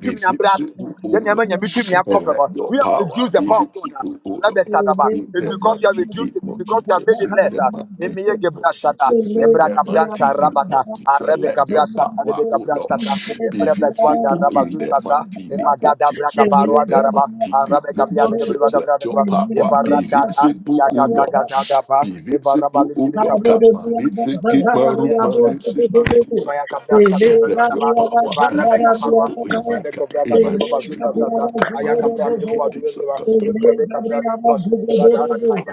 Speaker 2: be visible, O Lord.
Speaker 5: Amen.
Speaker 2: And let your
Speaker 1: we have
Speaker 2: power
Speaker 1: reduced the
Speaker 2: be
Speaker 1: power of God. ah.
Speaker 2: visible, O
Speaker 1: Rebbe
Speaker 2: Lord.
Speaker 1: Sadaba.
Speaker 5: Thank
Speaker 2: In
Speaker 1: It's
Speaker 2: that
Speaker 1: because you have
Speaker 2: mighty name
Speaker 1: reduced it. It's
Speaker 2: of
Speaker 1: because you have made
Speaker 2: Jesus,
Speaker 1: it
Speaker 2: in
Speaker 1: less.
Speaker 2: that
Speaker 1: ah.
Speaker 2: mighty
Speaker 1: Emiye
Speaker 2: name of
Speaker 1: Gebra Shata.
Speaker 2: Jesus, in
Speaker 1: Embra
Speaker 2: that
Speaker 1: Gabranta
Speaker 2: mighty name of
Speaker 1: Rabata.
Speaker 2: Jesus,
Speaker 1: Arebe
Speaker 2: let
Speaker 1: Gabra
Speaker 2: your
Speaker 1: Shata.
Speaker 2: power,
Speaker 1: Rebe
Speaker 2: O
Speaker 1: Gabra
Speaker 2: Lord.
Speaker 1: Shata. Embre Bedwanda
Speaker 2: Bivisible
Speaker 1: Rabba
Speaker 2: in that martini,
Speaker 1: Emagada Braga
Speaker 2: mochitres in
Speaker 1: Baruanda
Speaker 2: that
Speaker 1: Rabba.
Speaker 2: martini,
Speaker 1: Arabe Gabia de Rebbe
Speaker 2: mochitres
Speaker 1: Wada
Speaker 2: that
Speaker 1: Brada
Speaker 2: your
Speaker 1: Rabba.
Speaker 2: power,
Speaker 1: Eva Ratata.
Speaker 2: bivisible
Speaker 1: Yagada
Speaker 2: ulop,
Speaker 1: Gada
Speaker 5: you.
Speaker 1: Daba. Eva Rabba
Speaker 2: bivisible
Speaker 1: Libri de
Speaker 5: Thank
Speaker 2: ulop,
Speaker 1: Cabra de Rebbe
Speaker 2: kapma, nitsiki
Speaker 1: Ayaka
Speaker 2: maruma, nitsiki tisakapa. Let your power be visible in my God, in my ministry, ulop, kapma, nitsiki tisakapa.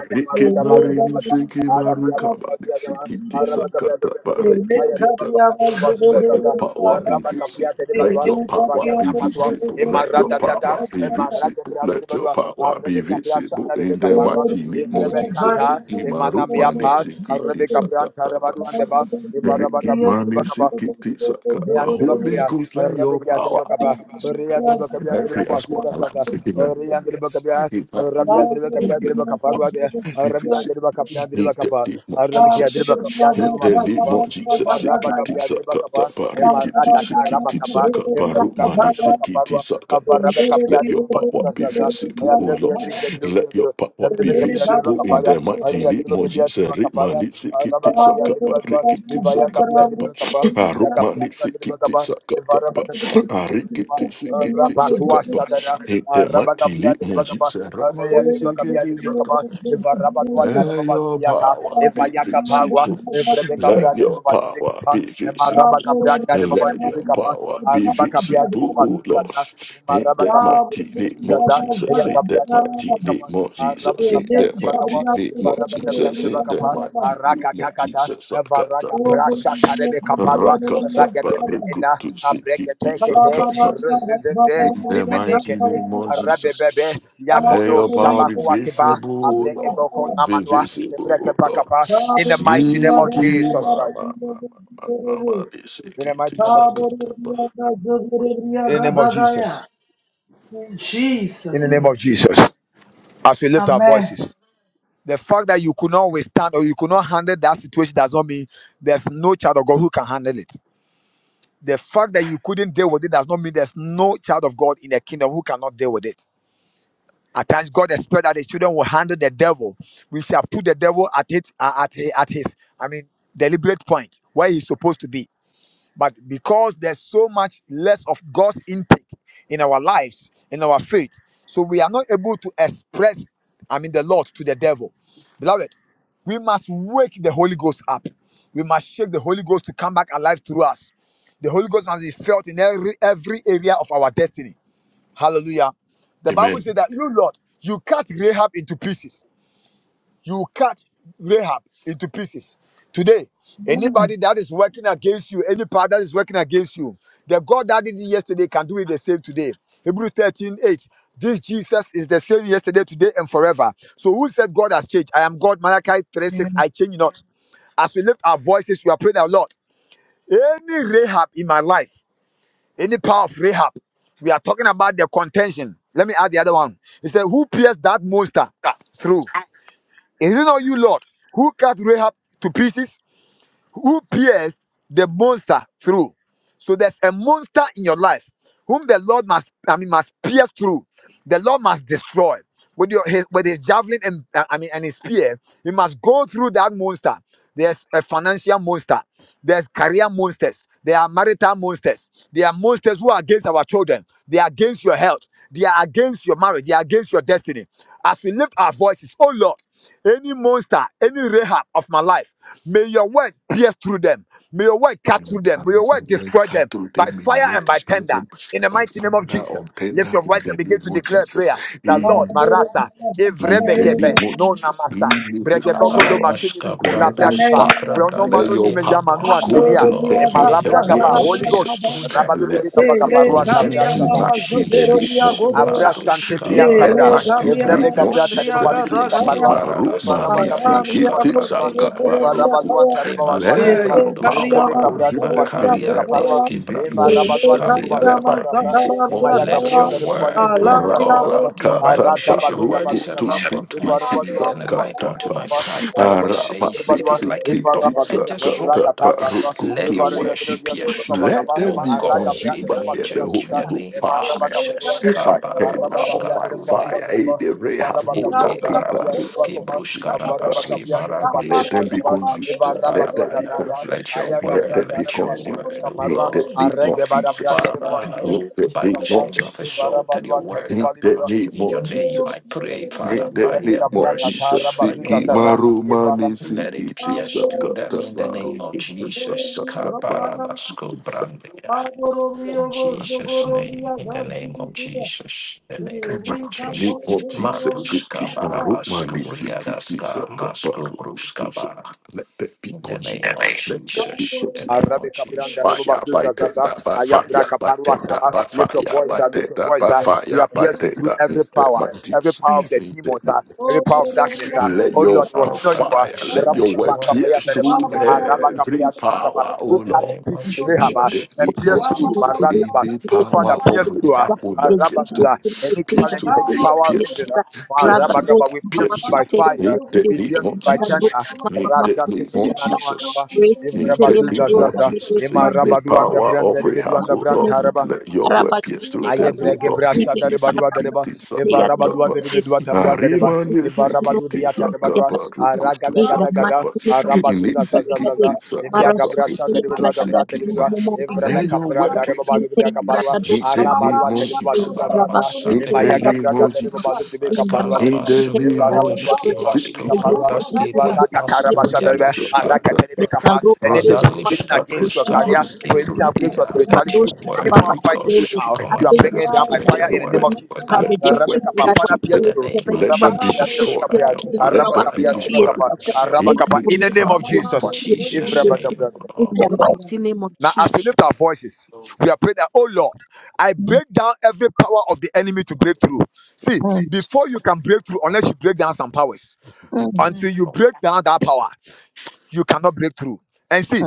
Speaker 2: Riki mari, nitsiki maru, kapma, nitsiki it up.
Speaker 1: I
Speaker 2: Keep
Speaker 1: have the
Speaker 2: it let your
Speaker 1: Bacabranda,
Speaker 2: power be
Speaker 1: Araba Capia
Speaker 2: visible.
Speaker 1: de
Speaker 2: Let
Speaker 1: Badua,
Speaker 2: your power
Speaker 1: Evaya
Speaker 2: be
Speaker 1: Tapatua,
Speaker 2: visible. Let your
Speaker 1: Emarada Dada,
Speaker 2: power be
Speaker 1: Emarada
Speaker 2: visible.
Speaker 1: Brada de
Speaker 2: Let your
Speaker 1: Badua,
Speaker 2: power be
Speaker 1: Arabica Piasa,
Speaker 2: visible. In
Speaker 1: Arabica
Speaker 2: the
Speaker 1: Parua,
Speaker 2: mighty name of
Speaker 1: Evrebe
Speaker 2: Jesus.
Speaker 1: Santa,
Speaker 2: Imaru
Speaker 1: Emanamia
Speaker 2: mani
Speaker 1: Pat,
Speaker 2: sikiti
Speaker 1: Arabica
Speaker 5: you.
Speaker 1: Branta,
Speaker 2: sakataba.
Speaker 1: Rabadu and
Speaker 5: Thank
Speaker 1: the
Speaker 2: Riki mani
Speaker 1: Rebecca
Speaker 2: sikiti sakaba. Holy
Speaker 1: Yandribakabia,
Speaker 2: Ghost, let your
Speaker 1: Rabikia
Speaker 2: power be
Speaker 1: Tribakaba, Ria
Speaker 2: visible.
Speaker 1: Tribakabia
Speaker 2: Every aspect of
Speaker 1: Tribabasuka,
Speaker 2: life.
Speaker 1: Ria
Speaker 2: Yes.
Speaker 1: Tribakabia,
Speaker 2: It's like
Speaker 1: Rabia
Speaker 2: hope.
Speaker 1: Tribakabia
Speaker 2: Let your power
Speaker 1: Tribakaparua,
Speaker 2: Be
Speaker 1: Rabia
Speaker 2: visible.
Speaker 1: Tribakapia
Speaker 2: In the
Speaker 1: Tribakapa,
Speaker 2: name of
Speaker 1: Rabikia
Speaker 2: Jesus.
Speaker 1: Tribakapia
Speaker 2: In the name
Speaker 1: Tribasuka,
Speaker 2: of
Speaker 1: if
Speaker 2: Jesus. Sikiti
Speaker 1: Rabakapia
Speaker 2: sakata
Speaker 1: Tribakapa,
Speaker 2: parikiti
Speaker 1: Emarakata
Speaker 2: sikiti
Speaker 1: Rabakapa, if
Speaker 2: sakapa
Speaker 1: Rabakapia
Speaker 2: rumani sikiti
Speaker 1: Tribakaparua,
Speaker 2: sakapa.
Speaker 1: Avarabakapia
Speaker 2: Let your power
Speaker 1: Tribasuka,
Speaker 2: be
Speaker 1: Zaza,
Speaker 2: visible, O
Speaker 1: Ayadrikia
Speaker 2: Lord.
Speaker 1: Trikia
Speaker 2: Let your
Speaker 1: Trikia
Speaker 2: power be
Speaker 1: Tribakapia
Speaker 2: visible in the
Speaker 1: Tribakapaya,
Speaker 2: mighty
Speaker 1: Maria
Speaker 2: name
Speaker 1: Driba
Speaker 2: of
Speaker 1: Kabia
Speaker 2: Jesus.
Speaker 1: Driba Kapaya,
Speaker 2: Rimani
Speaker 1: Araba
Speaker 2: sikiti
Speaker 1: Kapia
Speaker 2: sakapa
Speaker 1: Driba Dua,
Speaker 2: rikiti
Speaker 1: Ivaya Kabia
Speaker 2: sakata pa.
Speaker 1: Driba Kapa,
Speaker 2: Arumani
Speaker 5: you.
Speaker 1: Yakabrasha Driba
Speaker 2: sikiti
Speaker 1: Kapa,
Speaker 2: sakata
Speaker 1: Ivara
Speaker 2: pa.
Speaker 1: Bakabia
Speaker 5: Thank
Speaker 1: Driba Kapa,
Speaker 2: Arikiti sikiti
Speaker 1: Rapatua
Speaker 2: sakapa.
Speaker 1: Sadara,
Speaker 2: In the
Speaker 1: Araba
Speaker 2: mighty
Speaker 1: Kabia
Speaker 2: name of
Speaker 1: Driba Kapa,
Speaker 2: Jesus.
Speaker 1: Araya
Speaker 2: Ramani
Speaker 1: Driba Kabia
Speaker 2: sikiti
Speaker 1: Driba Kapa,
Speaker 2: sakapa.
Speaker 1: Ivaraba Dua Tareba
Speaker 2: Let your
Speaker 1: Yata,
Speaker 2: power be
Speaker 1: Ivaya Kapawa,
Speaker 2: visible.
Speaker 1: Rebecca
Speaker 2: Let
Speaker 1: Brother
Speaker 2: your
Speaker 1: Driba
Speaker 2: power
Speaker 1: Kapa,
Speaker 2: be
Speaker 1: Emaraba
Speaker 2: visible.
Speaker 1: Kabran
Speaker 2: And let your
Speaker 1: Driba Kapa,
Speaker 2: power be
Speaker 1: Araba Kabia
Speaker 2: visible,
Speaker 1: Driba
Speaker 2: O Lord.
Speaker 1: Susasa,
Speaker 2: In
Speaker 1: Maraba
Speaker 2: that
Speaker 1: kapia dere
Speaker 2: mighty name of
Speaker 1: bazuzaza,
Speaker 2: Jesus.
Speaker 1: eya
Speaker 2: In that
Speaker 1: kapia dere
Speaker 2: mighty
Speaker 1: bandire
Speaker 2: name
Speaker 1: kapa,
Speaker 2: of
Speaker 1: araba
Speaker 2: Jesus. In
Speaker 1: kapia dere
Speaker 2: that mighty
Speaker 1: bakapa,
Speaker 2: name of
Speaker 1: varaba kapia
Speaker 2: Jesus.
Speaker 1: dere
Speaker 2: In that
Speaker 1: bakapa,
Speaker 2: mighty name
Speaker 1: araka
Speaker 2: of
Speaker 1: takata,
Speaker 2: Jesus. Sakata
Speaker 1: varaka
Speaker 2: kata.
Speaker 1: brasha tarebe kaparwa,
Speaker 2: Rakata
Speaker 1: rakete prenda,
Speaker 2: barukutu
Speaker 1: abreke tekete,
Speaker 2: sikiti
Speaker 1: ruzuzeze,
Speaker 2: in the mighty
Speaker 1: imenekele,
Speaker 2: name of
Speaker 1: arabe bebe,
Speaker 2: Jesus. Let
Speaker 1: yakodo
Speaker 2: your power be
Speaker 1: shabaku akiba,
Speaker 2: visible,
Speaker 1: abre
Speaker 2: Lord.
Speaker 1: eboko
Speaker 5: you.
Speaker 2: Be
Speaker 1: namanwa, ebreke
Speaker 2: visible, Lord.
Speaker 1: bakapa,
Speaker 5: In
Speaker 1: in the mighty name of
Speaker 2: Shiki
Speaker 1: Jesus Christ,
Speaker 2: mama mama mama de
Speaker 1: in the
Speaker 2: shiki
Speaker 1: mighty name of Jesus,
Speaker 2: tisakataba.
Speaker 1: in the name of Jesus, in the
Speaker 5: Jesus'
Speaker 1: name of
Speaker 5: name.
Speaker 1: Jesus, as we lift our
Speaker 5: Amen.
Speaker 1: voices. The fact that you could not withstand or you could not handle that situation does not mean there's no child of God who can handle it. The fact that you couldn't deal with it does not mean there's no child of God in the kingdom who cannot deal with it. At times, God expects that His children will handle the devil. We shall put the devil at it uh, at at his, I mean, deliberate point where he's supposed to be. But because there's so much less of God's intake in our lives, in our faith, so we are not able to express, I mean, the Lord to the devil. Beloved, we must wake the Holy Ghost up. We must shake the Holy Ghost to come back alive through us. The Holy Ghost must be felt in every, every area of our destiny. Hallelujah. The Bible
Speaker 2: Amen.
Speaker 1: says that you, Lord, you cut Rahab into pieces you cut Rahab into pieces. Today,
Speaker 5: Amen.
Speaker 1: anybody that is working against you, any power that is working against you, the God that did it yesterday can do it the same today. Hebrews 13:8. This Jesus is the same yesterday, today, and forever. So who said God has changed? I am God, Malachi 3 6.
Speaker 5: In
Speaker 1: I change not. As we lift our voices, we are praying our Lord. Any Rahab in my life, any power of Rahab, we are talking about the contention. Let me add the other one. He said, Who pierced that monster through? Is it not you, Lord, who cut Rahab to pieces, who pierced the monster through? So there's a monster in your life whom the Lord must, I mean, must pierce through. The Lord must destroy with your his, with his javelin and uh, I mean and his spear. He must go through that monster. There's a financial monster. There's career monsters. There are marital monsters. There are monsters who are against our children. They are against your health. They are against your marriage. They are against your destiny. As we lift our voices, oh Lord any monster, any Rahab of my life, may your word pierce through them. May your word
Speaker 2: In
Speaker 1: cut
Speaker 2: the
Speaker 1: through
Speaker 2: most
Speaker 1: them. May your
Speaker 2: amazing
Speaker 1: word
Speaker 2: way,
Speaker 1: destroy
Speaker 2: cut
Speaker 1: them
Speaker 2: through
Speaker 1: by
Speaker 2: them in
Speaker 1: fire
Speaker 2: way,
Speaker 1: and by
Speaker 2: destroy
Speaker 1: tender.
Speaker 2: them
Speaker 1: In the
Speaker 2: by
Speaker 1: mighty name of
Speaker 2: fire or
Speaker 1: Jesus, lift
Speaker 2: tender
Speaker 1: your
Speaker 2: in
Speaker 1: voice and
Speaker 2: the
Speaker 1: begin
Speaker 2: name
Speaker 1: to
Speaker 2: of
Speaker 1: declare
Speaker 2: Jesus.
Speaker 1: prayer. The Lord,
Speaker 2: In,
Speaker 5: the
Speaker 1: Marasa,
Speaker 2: in the name
Speaker 1: Evrebegebe,
Speaker 2: of
Speaker 1: no
Speaker 2: Jesus.
Speaker 1: Namasa,
Speaker 2: In the name of Jesus.
Speaker 1: Bregebogodo
Speaker 9: Kaparamashka
Speaker 1: Bashinimiko,
Speaker 2: Let your
Speaker 5: name
Speaker 1: Labragiba,
Speaker 2: fire,
Speaker 9: Branduski
Speaker 5: of
Speaker 1: Brono
Speaker 2: let
Speaker 9: Brandaya.
Speaker 5: Jesus.
Speaker 1: Manuni
Speaker 2: your
Speaker 9: Any
Speaker 2: power
Speaker 1: Meyamanua
Speaker 2: go
Speaker 9: monster,
Speaker 1: Senia,
Speaker 2: through
Speaker 9: Lord,
Speaker 2: every
Speaker 9: may your
Speaker 2: technique,
Speaker 1: Emalabragaba,
Speaker 2: Lord
Speaker 9: words
Speaker 1: Holy Ghost,
Speaker 2: Jesus.
Speaker 9: pierce through them.
Speaker 1: Rabado de
Speaker 2: Let that be
Speaker 5: Ele
Speaker 1: Bicabagaparua,
Speaker 9: In the
Speaker 2: consumed
Speaker 5: Gabriel
Speaker 9: name
Speaker 1: Tabrasata,
Speaker 9: of
Speaker 5: Mama
Speaker 2: tonight in the name
Speaker 5: Zogorobia
Speaker 2: of
Speaker 9: Jesus,
Speaker 1: Avra
Speaker 5: Godoya.
Speaker 2: Jesus.
Speaker 1: Sante
Speaker 9: Manduska
Speaker 2: In
Speaker 1: Brianta
Speaker 2: that
Speaker 1: Bra,
Speaker 5: Ele
Speaker 2: mighty
Speaker 9: Barabasko
Speaker 5: Gabriel
Speaker 1: Evrebe
Speaker 5: Mama
Speaker 2: name of
Speaker 1: Gabra
Speaker 9: Brandus,
Speaker 2: Jesus.
Speaker 1: Tareba Libri
Speaker 2: Siki
Speaker 9: Mandiski
Speaker 1: Caparua,
Speaker 5: Zambria
Speaker 2: maru
Speaker 1: Eva Rabba
Speaker 2: mani
Speaker 5: Gabriel,
Speaker 1: Gabia de
Speaker 2: siki
Speaker 9: Baradasaliaduska
Speaker 2: ti
Speaker 1: Bashudreba,
Speaker 2: saka
Speaker 9: Brandina.
Speaker 1: Eva
Speaker 2: baru
Speaker 1: Rabaduan Tareba Waruan
Speaker 9: Demasko
Speaker 2: Let
Speaker 1: Tareba,
Speaker 2: your power
Speaker 1: Evrebe
Speaker 9: Branduskaba,
Speaker 1: Cabra de
Speaker 2: consume them in
Speaker 1: Bashudrebe
Speaker 2: that
Speaker 1: Caparua,
Speaker 9: Makariandiski
Speaker 2: mighty name
Speaker 1: Eva
Speaker 2: of
Speaker 9: Bradus
Speaker 1: Rabadua de
Speaker 2: Jesus. In
Speaker 1: Basu
Speaker 2: that
Speaker 9: Kaliadaba.
Speaker 2: mighty
Speaker 1: Sasa,
Speaker 2: name of
Speaker 1: Emaya
Speaker 9: Let
Speaker 1: Gabro
Speaker 9: your
Speaker 1: de
Speaker 2: Jesus.
Speaker 9: word,
Speaker 1: Libri
Speaker 9: O
Speaker 1: Capra de
Speaker 2: Rasa
Speaker 1: Bagaba,
Speaker 9: God, your
Speaker 2: kata
Speaker 9: Bible
Speaker 1: Arata
Speaker 9: says your
Speaker 1: Badu
Speaker 2: baru
Speaker 9: word is
Speaker 1: Dabadu
Speaker 9: a
Speaker 2: kutu
Speaker 1: Daba,
Speaker 9: lamp unto
Speaker 2: siki
Speaker 9: my
Speaker 1: Eva
Speaker 2: ti
Speaker 1: Rabadua
Speaker 9: feet and
Speaker 1: de
Speaker 9: a
Speaker 2: saka
Speaker 9: light unto
Speaker 2: tapa.
Speaker 9: my
Speaker 1: Bashudrebe
Speaker 9: path. Thy word
Speaker 2: Let
Speaker 9: says
Speaker 2: them be
Speaker 9: it
Speaker 1: Arabagabiyabiribagwa,
Speaker 9: is like a double-edged sword.
Speaker 1: Ivarabagudabrakatambagwa,
Speaker 9: Let your word pierce through,
Speaker 1: Ivarayabirabiribagabagaba,
Speaker 9: O God,
Speaker 2: consumed by
Speaker 9: any
Speaker 2: the
Speaker 9: agent in
Speaker 1: Aragabirabiribasuzazata,
Speaker 2: Holy
Speaker 9: the
Speaker 2: Ghost
Speaker 9: name of
Speaker 2: fire.
Speaker 9: Jesus.
Speaker 2: If
Speaker 1: Emarabakaparuandereba,
Speaker 2: I can now
Speaker 9: Kabarados
Speaker 2: on my fire,
Speaker 9: kabrodea.
Speaker 2: eh,
Speaker 1: Arabagabiyabiribasuatereba,
Speaker 2: the ray half
Speaker 9: E
Speaker 2: full of people,
Speaker 9: kabaradas
Speaker 1: Ivarabakabiyabiribakabiyabiribakova,
Speaker 9: kebros karabas
Speaker 2: let
Speaker 9: kebarandes
Speaker 2: them be
Speaker 1: Avarabakabiyabiribasubiribakapa,
Speaker 2: consumed.
Speaker 9: kebaras
Speaker 2: Let them be
Speaker 9: kobarabaya.
Speaker 1: Ivarabaduagatata,
Speaker 2: consumed.
Speaker 9: Let your
Speaker 2: Let
Speaker 9: word,
Speaker 2: them be
Speaker 9: let your
Speaker 2: consumed.
Speaker 9: word, O
Speaker 2: In
Speaker 1: Ayagabratarababiribikaparua,
Speaker 2: the
Speaker 9: God.
Speaker 2: name of Jesus.
Speaker 9: Father,
Speaker 2: In
Speaker 1: Aregebarabratarababiribikapa,
Speaker 9: oh,
Speaker 2: the name
Speaker 9: Bible
Speaker 2: of
Speaker 9: says you
Speaker 2: Jesus.
Speaker 9: have
Speaker 1: Ivarabaduatarababibiba,
Speaker 9: exalted your word
Speaker 2: Ain't that
Speaker 9: above
Speaker 1: Ivarabakabiyabiribakapa,
Speaker 2: need
Speaker 9: even
Speaker 2: more
Speaker 9: your name. I
Speaker 2: Jesus?
Speaker 9: pray, Father,
Speaker 2: Ain't that
Speaker 9: by
Speaker 2: need
Speaker 9: the
Speaker 2: more Jesus?
Speaker 9: mercies by your
Speaker 2: Siki
Speaker 9: word.
Speaker 2: maru
Speaker 1: Ivarabakabiyabiribakapa,
Speaker 2: mani
Speaker 9: Let it
Speaker 2: siki tisa
Speaker 9: pierce through them
Speaker 2: kata
Speaker 9: in the
Speaker 2: maru
Speaker 9: name of
Speaker 2: tisa
Speaker 9: Jesus.
Speaker 2: kata maru.
Speaker 9: Kabaranasko brandia. In Jesus' name, in the name of Jesus, in the name of Jesus.
Speaker 2: Need more Jesus? Siki
Speaker 9: Maduska
Speaker 2: maru mani
Speaker 9: barabaskuria
Speaker 2: siki
Speaker 9: daska
Speaker 2: tisa kata
Speaker 9: masku
Speaker 2: maru.
Speaker 9: bruskaba.
Speaker 2: Let that be
Speaker 9: In the
Speaker 2: consumed.
Speaker 9: name of
Speaker 2: Let that be
Speaker 9: Jesus,
Speaker 2: consumed.
Speaker 9: in the name
Speaker 1: Arabe
Speaker 9: of
Speaker 1: Cabranda
Speaker 2: Fire
Speaker 9: Jesus.
Speaker 2: by
Speaker 1: Rebazuza
Speaker 2: take
Speaker 1: Zaza,
Speaker 2: that by fire
Speaker 1: Ayabraka
Speaker 2: by
Speaker 1: Parua
Speaker 2: take that
Speaker 1: Shala,
Speaker 2: by
Speaker 1: lift your
Speaker 2: fire
Speaker 1: voice,
Speaker 2: by
Speaker 1: uh, lift
Speaker 2: take
Speaker 1: your
Speaker 2: that
Speaker 1: voice.
Speaker 2: by
Speaker 1: Uh, we
Speaker 2: fire
Speaker 1: are
Speaker 2: by
Speaker 1: piercing
Speaker 2: take
Speaker 1: through
Speaker 2: that in
Speaker 1: every
Speaker 2: the
Speaker 5: Thank you.
Speaker 1: power,
Speaker 2: mighty
Speaker 1: every power of the
Speaker 2: in the
Speaker 1: demons,
Speaker 2: name
Speaker 1: uh,
Speaker 2: of
Speaker 5: Oh,
Speaker 1: every power of
Speaker 2: Jesus.
Speaker 1: darkness. Uh,
Speaker 2: Let
Speaker 1: oh
Speaker 2: your
Speaker 1: Lord, it
Speaker 2: f-
Speaker 1: was
Speaker 9: Oh,
Speaker 1: not you
Speaker 9: that
Speaker 1: are.
Speaker 2: fire, let your
Speaker 9: let your
Speaker 2: word
Speaker 9: word
Speaker 2: pierce
Speaker 9: pierce
Speaker 2: through
Speaker 9: through them.
Speaker 2: every power, oh
Speaker 1: Who
Speaker 9: In the
Speaker 1: cut to
Speaker 2: Lord.
Speaker 9: name of
Speaker 1: pieces
Speaker 2: In
Speaker 1: Rahab, uh,
Speaker 2: the
Speaker 9: Jesus.
Speaker 1: and
Speaker 2: name
Speaker 1: pierce
Speaker 2: of
Speaker 1: through
Speaker 2: Jesus, in
Speaker 1: Barandaba.
Speaker 2: the
Speaker 1: Oh
Speaker 2: power
Speaker 1: Father,
Speaker 2: of
Speaker 1: pierce through uh,
Speaker 2: our oh Lord, pierce through
Speaker 1: Arabazuza. Any
Speaker 2: Pierce
Speaker 3: yes.
Speaker 2: through,
Speaker 1: challenges, any power
Speaker 2: pierce
Speaker 1: risen.
Speaker 2: through,
Speaker 1: Uh,
Speaker 2: pierce
Speaker 3: Raga
Speaker 2: through,
Speaker 1: Arabakaba, we pierce
Speaker 2: pierce
Speaker 3: In
Speaker 1: through
Speaker 2: through.
Speaker 1: by fire,
Speaker 2: Need that
Speaker 1: we
Speaker 2: need
Speaker 1: pierce
Speaker 2: more
Speaker 1: through by
Speaker 2: Jesus.
Speaker 1: thunder.
Speaker 2: Need that
Speaker 1: Razati
Speaker 2: need more
Speaker 1: Minima
Speaker 2: Jesus.
Speaker 1: Nuanaba.
Speaker 2: Need that
Speaker 1: Ivrabazuza
Speaker 2: need more
Speaker 1: zaza,
Speaker 2: Jesus.
Speaker 1: ima
Speaker 2: Save me
Speaker 1: rabaduanda
Speaker 2: power
Speaker 1: branda
Speaker 2: of Rahab.
Speaker 1: ribeduanda
Speaker 2: Oh Lord,
Speaker 1: brantaraba.
Speaker 2: let your word pierce through
Speaker 1: Aye
Speaker 2: them. Oh
Speaker 1: brege
Speaker 2: Lord,
Speaker 1: brasha
Speaker 2: keep
Speaker 1: da
Speaker 2: this,
Speaker 1: ribadua da
Speaker 2: keep
Speaker 1: riba,
Speaker 2: this,
Speaker 1: eva rabadua
Speaker 2: sakatapa.
Speaker 1: da ribedua tabra da riba,
Speaker 2: Narimane
Speaker 1: eva rabadu
Speaker 2: sikiti
Speaker 1: dia ta ribadua,
Speaker 2: sakapa
Speaker 1: araga
Speaker 2: rukutu
Speaker 1: da
Speaker 3: the
Speaker 1: gada gada,
Speaker 2: sakapa.
Speaker 3: mighty name of
Speaker 1: arabazuza zaza
Speaker 3: Jesus,
Speaker 2: Inisikiti
Speaker 1: zaza, imia
Speaker 2: sakapa
Speaker 3: Marasute
Speaker 1: gabrasha da
Speaker 2: rukutu
Speaker 1: ribadua
Speaker 3: Yabrata,
Speaker 1: da
Speaker 5: Thank
Speaker 1: branda ribedua,
Speaker 2: sikima.
Speaker 3: Momo
Speaker 1: evrebe
Speaker 2: Let
Speaker 3: Bigidi,
Speaker 2: your
Speaker 1: kapra
Speaker 2: word
Speaker 1: da
Speaker 2: pierce
Speaker 1: ribabalu
Speaker 2: through
Speaker 3: Sinte
Speaker 1: da
Speaker 2: them.
Speaker 1: gabarua,
Speaker 3: Yabrata,
Speaker 2: Need that
Speaker 3: Shimama
Speaker 2: need
Speaker 1: arabalua da
Speaker 2: more
Speaker 3: in
Speaker 2: Jesus.
Speaker 3: the
Speaker 1: ribabazuza zaza,
Speaker 2: In
Speaker 3: Rabasunte
Speaker 2: the
Speaker 1: imaya
Speaker 9: Kabarabasadividiya.
Speaker 2: name
Speaker 3: Yabrata,
Speaker 1: gabra
Speaker 2: of
Speaker 1: da ribabalu da
Speaker 2: Jesus.
Speaker 1: ribe
Speaker 3: in the
Speaker 1: kaparua da
Speaker 2: In
Speaker 1: riba.
Speaker 2: the
Speaker 3: Masinte
Speaker 2: name
Speaker 3: Yabrata,
Speaker 2: of Jesus.
Speaker 9: Maskalabasubradushki
Speaker 2: Seek it, my
Speaker 3: yes,
Speaker 2: my my
Speaker 3: we
Speaker 9: mastubrundaskiviya.
Speaker 3: just
Speaker 2: seek it, pizza, da
Speaker 9: Maskuryadushka.
Speaker 2: da da.
Speaker 3: Naroka
Speaker 2: Ra,
Speaker 1: Anything
Speaker 3: Desh,
Speaker 2: da, da,
Speaker 1: prohibiting
Speaker 9: Zaluska,
Speaker 2: da,
Speaker 1: against your
Speaker 9: bruska
Speaker 2: seek
Speaker 3: Jimmy,
Speaker 1: career,
Speaker 9: maski
Speaker 1: prohibiting
Speaker 2: it.
Speaker 1: against your
Speaker 9: Brundia. Let
Speaker 1: spirituality,
Speaker 9: your
Speaker 3: Mandosha,
Speaker 1: any
Speaker 9: word, O
Speaker 3: Baba,
Speaker 1: power
Speaker 2: I
Speaker 9: God,
Speaker 1: fighting you
Speaker 3: Baby,
Speaker 1: now,
Speaker 9: speak on my
Speaker 1: you are
Speaker 2: fix
Speaker 3: Abbey,
Speaker 2: that
Speaker 1: bringing it down
Speaker 9: behalf.
Speaker 1: by
Speaker 2: children.
Speaker 9: Let
Speaker 2: Let
Speaker 9: your
Speaker 1: fire in
Speaker 2: your
Speaker 1: the name
Speaker 2: web,
Speaker 9: word
Speaker 1: of Jesus.
Speaker 9: work
Speaker 1: Ah,
Speaker 9: on my
Speaker 2: let
Speaker 3: Cabbage,
Speaker 2: your
Speaker 9: behalf.
Speaker 2: web
Speaker 1: Rebecca,
Speaker 2: pierce
Speaker 1: Father,
Speaker 2: through
Speaker 9: In
Speaker 1: pierce
Speaker 2: them.
Speaker 9: the
Speaker 3: Rabato,
Speaker 1: through.
Speaker 9: name of
Speaker 2: Let them
Speaker 1: Rebecca,
Speaker 2: be
Speaker 9: Jesus,
Speaker 1: Rebecca,
Speaker 2: destroyed.
Speaker 9: by your word,
Speaker 3: No,
Speaker 2: Let
Speaker 3: I can
Speaker 2: them
Speaker 1: Rebecca,
Speaker 9: by
Speaker 2: be
Speaker 9: your
Speaker 3: see
Speaker 1: Rebecca,
Speaker 2: destroyed.
Speaker 3: it's
Speaker 9: word, by your
Speaker 3: it's
Speaker 2: In
Speaker 9: word.
Speaker 2: the
Speaker 1: In the
Speaker 3: it's
Speaker 1: name
Speaker 2: power
Speaker 1: of
Speaker 2: of
Speaker 9: In
Speaker 1: Jesus.
Speaker 3: it's
Speaker 2: fighting.
Speaker 1: If
Speaker 9: Jesus'
Speaker 1: Rebecca,
Speaker 9: name, O
Speaker 1: Rebecca.
Speaker 3: it's
Speaker 9: Lord.
Speaker 3: in the light.
Speaker 1: Now, as we
Speaker 9: Jesus.
Speaker 1: lift our voices, we are praying that, oh Lord, I break down every power of the enemy to break through. See,
Speaker 3: Mm,
Speaker 1: before you can break through, unless you break down some powers,
Speaker 3: mm,
Speaker 1: until you break down that power you cannot break through. And see,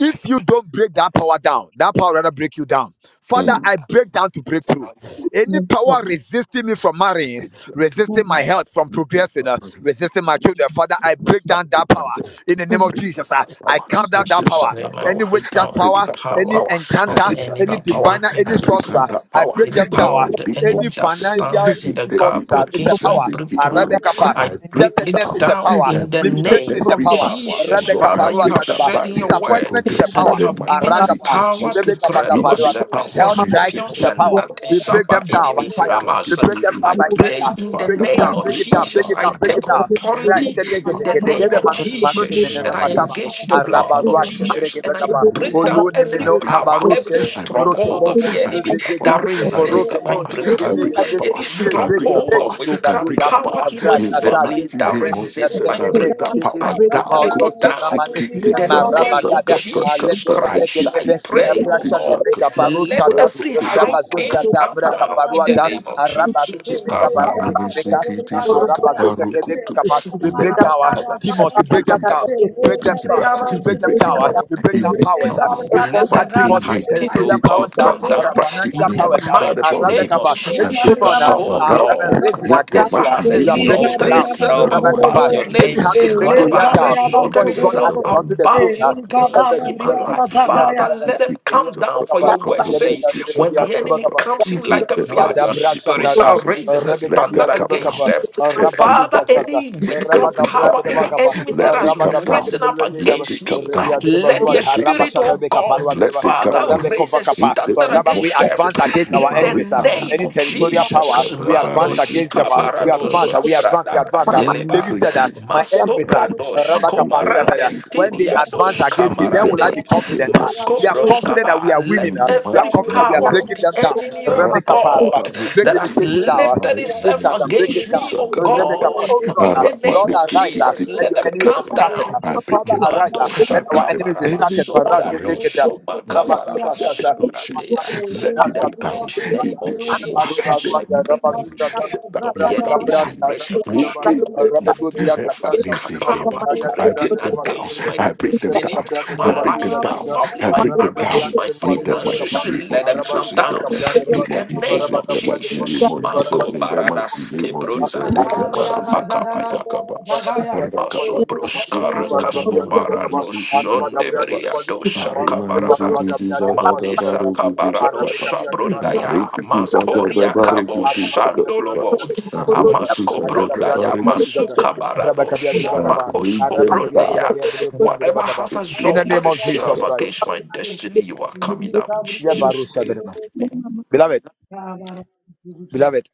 Speaker 1: if you don't break that power down, that power rather break you down. Father,
Speaker 3: mm.
Speaker 1: I break down to breakthrough. Any
Speaker 3: Yes,
Speaker 1: power resisting me from
Speaker 2: I
Speaker 1: marrying,
Speaker 2: think two,
Speaker 1: resisting my
Speaker 2: two,
Speaker 1: health from progressing, uh,
Speaker 2: primary
Speaker 1: resisting
Speaker 2: six.
Speaker 1: my
Speaker 2: Mm-hmm.
Speaker 1: children, Father, I break
Speaker 2: Start
Speaker 1: down that
Speaker 2: my
Speaker 1: power
Speaker 2: job.
Speaker 1: in the
Speaker 2: I
Speaker 1: name of
Speaker 2: break that,
Speaker 1: Jesus. uh,
Speaker 2: that
Speaker 1: I
Speaker 2: power.
Speaker 1: count
Speaker 2: I
Speaker 1: down that
Speaker 2: break
Speaker 9: Jesus'
Speaker 2: that,
Speaker 1: power.
Speaker 2: that
Speaker 9: name, I
Speaker 2: power.
Speaker 1: Any
Speaker 9: break
Speaker 2: I
Speaker 1: witchcraft
Speaker 9: down
Speaker 2: break
Speaker 9: every
Speaker 1: power,
Speaker 2: that, that
Speaker 1: any
Speaker 9: power
Speaker 2: power. I
Speaker 9: of
Speaker 1: enchanter,
Speaker 9: the
Speaker 2: break that,
Speaker 1: any
Speaker 9: enemy
Speaker 2: that
Speaker 9: to
Speaker 2: power.
Speaker 1: diviner,
Speaker 9: make me
Speaker 2: I
Speaker 1: any
Speaker 2: break that,
Speaker 9: breakthrough.
Speaker 1: sorcerer,
Speaker 2: that
Speaker 1: I
Speaker 2: power.
Speaker 1: break
Speaker 9: Any
Speaker 1: them
Speaker 2: He
Speaker 1: down.
Speaker 9: power
Speaker 1: uh,
Speaker 9: of
Speaker 2: the
Speaker 9: the
Speaker 2: big Lord
Speaker 1: any
Speaker 9: enemy that
Speaker 2: Jesus. He
Speaker 1: financial
Speaker 9: stands in the
Speaker 2: the big
Speaker 9: gap
Speaker 1: difficulties, uh,
Speaker 2: Lord
Speaker 1: it's a
Speaker 9: against my
Speaker 2: Jesus.
Speaker 1: power.
Speaker 2: He the my
Speaker 9: breakthrough,
Speaker 2: room.
Speaker 1: Arabic apa.
Speaker 9: I
Speaker 2: I break
Speaker 9: break it
Speaker 1: Indebtedness
Speaker 5: you.
Speaker 1: is
Speaker 2: down.
Speaker 1: a
Speaker 9: down
Speaker 1: power.
Speaker 2: I
Speaker 9: in the
Speaker 2: break
Speaker 3: yes,
Speaker 2: down
Speaker 1: Limitation
Speaker 9: name
Speaker 1: is a
Speaker 2: every
Speaker 9: of
Speaker 1: power.
Speaker 2: power.
Speaker 5: Thank
Speaker 9: Jesus.
Speaker 2: Oh Lord,
Speaker 1: Rebecca
Speaker 2: I
Speaker 9: Father, you
Speaker 1: Parua
Speaker 9: have
Speaker 2: break down
Speaker 1: Tadaba.
Speaker 9: said in your
Speaker 2: barriers to
Speaker 9: word
Speaker 1: Disappointment is a
Speaker 3: yes,
Speaker 2: progress in
Speaker 9: that
Speaker 3: yes,
Speaker 1: power.
Speaker 9: you
Speaker 2: the
Speaker 9: have given
Speaker 2: mighty
Speaker 9: us
Speaker 1: Arakapa.
Speaker 2: name of
Speaker 9: power to
Speaker 2: Jesus.
Speaker 1: Rebecca
Speaker 9: tread
Speaker 2: He
Speaker 9: over
Speaker 1: Pakapalua.
Speaker 2: the
Speaker 9: serpents and
Speaker 2: power
Speaker 1: Health crisis is
Speaker 9: scorpions,
Speaker 1: a
Speaker 2: resisting.
Speaker 3: yes,
Speaker 9: and
Speaker 1: power.
Speaker 9: nothing
Speaker 1: We
Speaker 9: shall
Speaker 3: yes,
Speaker 1: break
Speaker 9: by
Speaker 1: them down by
Speaker 2: Starting
Speaker 9: enemies
Speaker 1: fire.
Speaker 2: back
Speaker 9: harm
Speaker 2: up
Speaker 1: We
Speaker 9: us.
Speaker 2: in
Speaker 1: break
Speaker 2: me,
Speaker 1: them
Speaker 2: you
Speaker 1: down
Speaker 9: I
Speaker 1: by
Speaker 2: know.
Speaker 9: pray
Speaker 1: tender.
Speaker 9: in the
Speaker 1: Break
Speaker 2: Father,
Speaker 3: yes,
Speaker 1: it
Speaker 2: I
Speaker 1: down,
Speaker 9: name of
Speaker 1: break it
Speaker 2: break
Speaker 1: down,
Speaker 2: that
Speaker 1: break
Speaker 9: Jesus,
Speaker 1: it
Speaker 9: I
Speaker 1: down,
Speaker 2: power
Speaker 1: break
Speaker 9: take
Speaker 1: it down.
Speaker 2: down.
Speaker 5: you.
Speaker 3: yes, yes,
Speaker 9: authority
Speaker 1: Rasha
Speaker 2: In the
Speaker 1: dege
Speaker 5: Thank
Speaker 9: in the
Speaker 1: dege
Speaker 2: power,
Speaker 1: dege
Speaker 9: name
Speaker 3: yes,
Speaker 1: de
Speaker 9: of
Speaker 2: I'm
Speaker 1: manu
Speaker 2: receiving you
Speaker 9: Jesus.
Speaker 2: know
Speaker 9: And
Speaker 2: the
Speaker 9: I
Speaker 3: yes,
Speaker 2: mercy.
Speaker 9: engage the
Speaker 3: yes, yes,
Speaker 2: And you
Speaker 9: blood
Speaker 2: must
Speaker 9: of
Speaker 2: start to
Speaker 9: Jesus
Speaker 2: listen.
Speaker 9: and I
Speaker 1: gebagaba
Speaker 9: break
Speaker 2: Hooray.
Speaker 9: down
Speaker 1: oluni
Speaker 9: every
Speaker 2: I
Speaker 1: mino
Speaker 3: yes, yes,
Speaker 2: break that
Speaker 9: power,
Speaker 2: power.
Speaker 9: every
Speaker 1: kabaruse
Speaker 2: I break that
Speaker 1: moroke
Speaker 2: power.
Speaker 9: stronghold of
Speaker 3: yes,
Speaker 1: bogo
Speaker 9: the
Speaker 3: yes, yes,
Speaker 2: I
Speaker 9: enemy
Speaker 3: yes,
Speaker 2: break that power.
Speaker 1: zudegedo
Speaker 9: that
Speaker 2: I break
Speaker 9: resists
Speaker 1: moroke
Speaker 2: that
Speaker 9: my
Speaker 2: power.
Speaker 1: no
Speaker 3: yes, yes,
Speaker 2: I
Speaker 9: breakthrough,
Speaker 2: break that
Speaker 1: zingenekele
Speaker 9: any
Speaker 2: power.
Speaker 1: ye
Speaker 2: I break that
Speaker 9: stronghold
Speaker 2: power.
Speaker 1: degedege
Speaker 9: of
Speaker 2: I
Speaker 9: witchcraft
Speaker 2: break
Speaker 1: dogadoda
Speaker 2: that
Speaker 9: power
Speaker 2: power.
Speaker 9: in my
Speaker 1: avras
Speaker 2: In the
Speaker 1: asase
Speaker 9: family
Speaker 2: mighty
Speaker 9: that
Speaker 1: zige
Speaker 2: name of
Speaker 3: yes.
Speaker 9: resists
Speaker 2: Jesus,
Speaker 9: my
Speaker 2: I
Speaker 3: So
Speaker 2: break that
Speaker 9: breakthrough.
Speaker 1: ebregedegedege
Speaker 3: to
Speaker 2: power
Speaker 9: I
Speaker 3: break
Speaker 2: down.
Speaker 9: break
Speaker 2: Go
Speaker 9: it
Speaker 2: to
Speaker 1: imaoyoso
Speaker 9: down
Speaker 1: namane
Speaker 3: to break
Speaker 9: in
Speaker 2: sikiti
Speaker 9: the name
Speaker 2: sakata
Speaker 9: of
Speaker 1: emarabagada
Speaker 2: kata
Speaker 9: Jesus
Speaker 2: kata
Speaker 9: Christ. I
Speaker 2: rikiti
Speaker 1: alebregebegedebe
Speaker 9: pray, oh
Speaker 2: sikiti
Speaker 1: sata
Speaker 9: God,
Speaker 2: sakata
Speaker 9: let
Speaker 1: kabarusata
Speaker 9: every high thing
Speaker 1: sata
Speaker 9: come down in the
Speaker 1: mrakaparuata
Speaker 9: name of
Speaker 5: you.
Speaker 9: Jesus.
Speaker 5: Gabriela,
Speaker 3: uh,
Speaker 2: Arunanisikiti sakaparukutu.
Speaker 1: we
Speaker 2: Let
Speaker 1: break
Speaker 2: that
Speaker 1: down,
Speaker 2: power.
Speaker 1: demons,
Speaker 2: We
Speaker 1: we break
Speaker 2: break
Speaker 1: them
Speaker 2: it down.
Speaker 1: down, we
Speaker 2: We
Speaker 1: break them
Speaker 2: break it
Speaker 1: down,
Speaker 2: down.
Speaker 1: we
Speaker 2: We
Speaker 1: break
Speaker 3: yes,
Speaker 1: them
Speaker 2: break it
Speaker 1: down, uh,
Speaker 2: down.
Speaker 1: we break down
Speaker 2: Every
Speaker 1: powers,
Speaker 9: down.
Speaker 1: ah.
Speaker 2: demon
Speaker 1: we
Speaker 9: Let
Speaker 1: conquer
Speaker 9: every
Speaker 1: demons,
Speaker 2: fighting me.
Speaker 9: high
Speaker 3: yes,
Speaker 9: thing, oh
Speaker 1: territorial
Speaker 2: Every
Speaker 1: powers,
Speaker 9: God,
Speaker 1: ah,
Speaker 9: come
Speaker 2: power
Speaker 1: and our
Speaker 9: down
Speaker 3: yes,
Speaker 2: fighting
Speaker 1: financial
Speaker 9: in the
Speaker 2: me.
Speaker 1: powers, ah,
Speaker 2: By the
Speaker 1: and
Speaker 9: mighty
Speaker 2: power of the
Speaker 9: name of
Speaker 1: Rabekapa.
Speaker 2: Ghost, I
Speaker 1: Any
Speaker 2: break
Speaker 3: yes,
Speaker 1: demon
Speaker 2: that
Speaker 9: Jesus,
Speaker 1: ah,
Speaker 9: oh
Speaker 2: power
Speaker 1: ah,
Speaker 2: down.
Speaker 1: that is
Speaker 9: Lord.
Speaker 1: racing
Speaker 2: In the
Speaker 1: against
Speaker 9: Whatever
Speaker 1: you, ah,
Speaker 2: mighty
Speaker 9: has
Speaker 2: name
Speaker 1: you are
Speaker 2: of
Speaker 1: breaking
Speaker 2: Jesus.
Speaker 1: it
Speaker 9: exalted
Speaker 1: down.
Speaker 9: itself above
Speaker 1: Rabekapa.
Speaker 9: your
Speaker 2: Erikimaruanisikiti
Speaker 1: David
Speaker 9: name,
Speaker 1: had to bring
Speaker 9: whatever
Speaker 1: Goliath
Speaker 9: has
Speaker 2: sakalabarikiti
Speaker 1: down before
Speaker 9: exalted
Speaker 1: he got
Speaker 9: itself
Speaker 1: access onto
Speaker 2: sikiti
Speaker 1: the throne.
Speaker 9: above
Speaker 1: ah.
Speaker 9: your
Speaker 2: I got
Speaker 1: Rebbe
Speaker 9: things
Speaker 1: Zul
Speaker 9: in
Speaker 2: that
Speaker 9: my
Speaker 1: Zul
Speaker 2: part,
Speaker 1: Zul.
Speaker 9: life,
Speaker 2: this is
Speaker 1: Ria
Speaker 2: it,
Speaker 9: Father,
Speaker 2: this
Speaker 9: let
Speaker 1: Drebakaba.
Speaker 2: is
Speaker 9: them
Speaker 2: it, this
Speaker 1: Ria
Speaker 2: is
Speaker 9: come
Speaker 2: it, that
Speaker 9: down.
Speaker 2: part,
Speaker 9: For
Speaker 1: Drebakaba.
Speaker 9: your
Speaker 2: that part,
Speaker 9: word says,
Speaker 2: this is
Speaker 9: when
Speaker 2: it,
Speaker 9: the
Speaker 2: that
Speaker 9: enemy
Speaker 2: part.
Speaker 9: comes
Speaker 2: In
Speaker 9: in like a
Speaker 2: the
Speaker 9: flood, your
Speaker 2: mighty
Speaker 1: Yadabra
Speaker 2: name
Speaker 9: spirit
Speaker 2: of
Speaker 9: shall
Speaker 1: Shatara,
Speaker 2: Jesus,
Speaker 9: raise as a
Speaker 1: Rebecca
Speaker 2: let them
Speaker 1: Bia
Speaker 9: standard
Speaker 1: de
Speaker 2: come down.
Speaker 9: against
Speaker 1: Bacapa,
Speaker 9: them.
Speaker 2: Every
Speaker 9: Father,
Speaker 1: Rabasuza
Speaker 2: barrier,
Speaker 1: Sasa,
Speaker 9: any witchcraft
Speaker 1: Rabaca
Speaker 2: every
Speaker 9: power
Speaker 1: de
Speaker 9: power, any
Speaker 2: barrier,
Speaker 1: Bacapa,
Speaker 9: enemy that
Speaker 2: let
Speaker 9: has
Speaker 2: it come
Speaker 1: Rabaca de
Speaker 9: risen
Speaker 2: down.
Speaker 9: up
Speaker 2: Let
Speaker 1: Bulwegaba,
Speaker 9: against
Speaker 2: it come
Speaker 9: me,
Speaker 1: Rebia
Speaker 2: down.
Speaker 1: de
Speaker 9: let the
Speaker 2: Let
Speaker 1: Baguata,
Speaker 2: it come
Speaker 9: Spirit
Speaker 1: Rabashada
Speaker 2: down.
Speaker 9: of
Speaker 1: Beca Parua
Speaker 9: God,
Speaker 1: de
Speaker 2: Let it come
Speaker 9: Father,
Speaker 2: down.
Speaker 1: Rabeco
Speaker 9: raise a
Speaker 2: In
Speaker 1: Vacapa,
Speaker 2: the
Speaker 9: standard
Speaker 2: name
Speaker 1: Rabba. We
Speaker 2: of
Speaker 9: against them.
Speaker 2: Jesus,
Speaker 1: advance against
Speaker 2: simply
Speaker 1: our
Speaker 9: In the
Speaker 2: Maria,
Speaker 1: enemies, sir.
Speaker 9: name
Speaker 1: any
Speaker 2: Nasi,
Speaker 9: of
Speaker 2: it
Speaker 1: territorial
Speaker 2: is a
Speaker 1: power,
Speaker 9: Jesus,
Speaker 2: kata
Speaker 1: we advance
Speaker 2: bariki,
Speaker 9: Mados
Speaker 1: against
Speaker 2: it
Speaker 1: them,
Speaker 2: is
Speaker 1: uh,
Speaker 2: a
Speaker 1: we
Speaker 9: Kabarados
Speaker 2: kata
Speaker 1: advance,
Speaker 2: bar.
Speaker 1: uh, we advance, we advance. uh, uh,
Speaker 2: Advance
Speaker 1: David
Speaker 9: Sabradakazeleba,
Speaker 1: said
Speaker 2: again
Speaker 1: that my
Speaker 9: Masko
Speaker 1: enemies are
Speaker 9: Brandos
Speaker 2: Ain't that like
Speaker 1: uh,
Speaker 2: you,
Speaker 9: Komarandes
Speaker 1: when
Speaker 2: Lord
Speaker 1: they
Speaker 2: Jesus?
Speaker 1: advance
Speaker 9: Kiriados
Speaker 1: against me,
Speaker 2: Ain't
Speaker 1: then will
Speaker 2: that
Speaker 1: I be
Speaker 9: Kamarande,
Speaker 2: like you,
Speaker 1: confident. uh.
Speaker 2: Lord
Speaker 9: Masko
Speaker 1: we are
Speaker 2: Jesus?
Speaker 1: confident that we
Speaker 9: Broskaba,
Speaker 1: are winning.
Speaker 9: let
Speaker 2: in
Speaker 1: uh.
Speaker 2: the
Speaker 1: we are
Speaker 9: every
Speaker 2: mighty
Speaker 1: confident that
Speaker 2: name
Speaker 1: we are
Speaker 2: of
Speaker 9: power of
Speaker 1: breaking
Speaker 9: the
Speaker 1: them
Speaker 2: Jesus.
Speaker 1: down.
Speaker 9: enemy, oh
Speaker 1: Rebecca
Speaker 5: Thank you.
Speaker 9: God,
Speaker 1: Padua, break
Speaker 9: that has
Speaker 5: Thank
Speaker 1: limitation down. Uh,
Speaker 9: lifted itself
Speaker 1: resistance, uh, break
Speaker 9: against
Speaker 1: it down.
Speaker 9: me, oh
Speaker 2: Rakataparekitisakataparekitisakatapa.
Speaker 1: Rebecca,
Speaker 9: God.
Speaker 1: oh God,
Speaker 9: In
Speaker 1: uh,
Speaker 9: the name
Speaker 1: Lord,
Speaker 9: of
Speaker 1: arise. uh,
Speaker 9: Jesus,
Speaker 1: let
Speaker 9: let
Speaker 1: your
Speaker 9: them
Speaker 1: enemies be
Speaker 9: come
Speaker 2: Aramadesekitisakatapa.
Speaker 1: scattered.
Speaker 9: down.
Speaker 1: uh.
Speaker 2: I break
Speaker 1: Father,
Speaker 2: it
Speaker 1: arise.
Speaker 2: down.
Speaker 9: Mado
Speaker 1: uh,
Speaker 2: I
Speaker 1: let our
Speaker 2: break them
Speaker 1: enemies
Speaker 2: down.
Speaker 1: be
Speaker 9: shakabaraba
Speaker 2: Any
Speaker 1: scattered.
Speaker 2: power
Speaker 1: Marazete
Speaker 9: sobrado
Speaker 1: Geta,
Speaker 2: resist my
Speaker 9: sobakabaraba
Speaker 2: fantasy explosion.
Speaker 9: sobradeya.
Speaker 2: Let
Speaker 9: In
Speaker 2: it
Speaker 9: the
Speaker 2: break down.
Speaker 9: mighty name
Speaker 2: In
Speaker 9: of
Speaker 2: the power,
Speaker 9: Jesus, I
Speaker 2: let me
Speaker 9: break
Speaker 2: in.
Speaker 9: every
Speaker 2: shut
Speaker 9: stronghold
Speaker 2: up
Speaker 9: of
Speaker 2: the
Speaker 9: the enemy. I
Speaker 2: establishment.
Speaker 9: break every
Speaker 2: Oh, in the
Speaker 9: stronghold of
Speaker 2: name.
Speaker 9: of with
Speaker 2: Epaniseke,
Speaker 9: power
Speaker 2: I
Speaker 9: operating
Speaker 2: break them down.
Speaker 9: against my
Speaker 2: I break them
Speaker 9: destiny,
Speaker 2: down.
Speaker 9: my
Speaker 2: I break them
Speaker 9: life, my
Speaker 2: down.
Speaker 9: family,
Speaker 2: I
Speaker 9: my
Speaker 2: break them
Speaker 9: marriage,
Speaker 2: down.
Speaker 9: my
Speaker 2: In that mighty
Speaker 9: finances.
Speaker 2: name of
Speaker 9: Let them
Speaker 2: Jesus,
Speaker 9: come
Speaker 2: in that
Speaker 9: down.
Speaker 2: mighty
Speaker 9: In
Speaker 2: name
Speaker 9: the
Speaker 2: of
Speaker 5: you.
Speaker 2: Jesus,
Speaker 9: name
Speaker 2: in
Speaker 9: of
Speaker 2: that mighty name
Speaker 9: Jesus.
Speaker 2: of Jesus,
Speaker 9: Marco
Speaker 2: in that mighty
Speaker 9: Baradas
Speaker 2: name of Jesus,
Speaker 9: Kebrodaya.
Speaker 2: Rekaba
Speaker 5: Kalabriaga
Speaker 2: Nisikiti
Speaker 1: Hallelujah.
Speaker 5: Zagarabriaga
Speaker 2: Sakaba,
Speaker 5: Bagaya.
Speaker 1: Ibarabalia de Bubadi
Speaker 2: Rakaba
Speaker 1: Kappa,
Speaker 2: Nisikiti
Speaker 9: Masobruskar
Speaker 5: Kabriamu
Speaker 1: Ibarabalia
Speaker 2: Sakama,
Speaker 5: Sukutu.
Speaker 1: de
Speaker 2: Roma
Speaker 1: Bukaba,
Speaker 9: Cascobarano
Speaker 2: Nisikiti
Speaker 1: Araba
Speaker 9: son de
Speaker 1: Gabria de
Speaker 2: Sakaba,
Speaker 1: Bubadi
Speaker 9: Briado
Speaker 1: Kappa,
Speaker 2: Arima
Speaker 9: Sakabaraba
Speaker 1: Ibaraba
Speaker 2: Nisikiti
Speaker 1: Gabia de Bubashi
Speaker 2: Sakata
Speaker 9: Mande
Speaker 1: Kasa,
Speaker 2: Barugutu
Speaker 9: Sakabarado
Speaker 1: Imarabe
Speaker 2: Sakaba,
Speaker 1: Gabia de Ba,
Speaker 9: Sabrundaya
Speaker 1: Araba
Speaker 2: Narikiti
Speaker 1: Gabria de
Speaker 2: Sakata
Speaker 9: Matoria
Speaker 1: Bukabia,
Speaker 9: Cabo
Speaker 2: Barikiti
Speaker 1: Araba
Speaker 2: Sakaba,
Speaker 1: Gabia
Speaker 9: Sandolobo
Speaker 1: de Bubashi Kasa,
Speaker 2: Arubantu
Speaker 9: Amasco
Speaker 1: Aya
Speaker 2: Sakata
Speaker 1: Gabria de
Speaker 9: Brundaya
Speaker 1: Bubashi
Speaker 2: Barikiti
Speaker 1: Kasa,
Speaker 2: Sakaba,
Speaker 1: Araba
Speaker 9: Masukabarado
Speaker 1: Gabia de Bukaba,
Speaker 9: Sabacosco
Speaker 1: Araba Gabia de
Speaker 2: Rikenda
Speaker 9: Brundaya
Speaker 1: Bukabia de Bukian de
Speaker 9: Whatever
Speaker 1: Bukaba.
Speaker 9: has
Speaker 1: In the name
Speaker 9: exalted
Speaker 2: Nisikiti
Speaker 1: of Jesus
Speaker 9: itself
Speaker 1: Christ.
Speaker 9: against
Speaker 2: Sakata.
Speaker 9: my destiny, you are coming out in
Speaker 1: Yeah, Baruch
Speaker 9: Jesus'
Speaker 1: Shadrach.
Speaker 9: name. Amen.
Speaker 1: Beloved,
Speaker 5: Kabara Sukutu.
Speaker 1: beloved,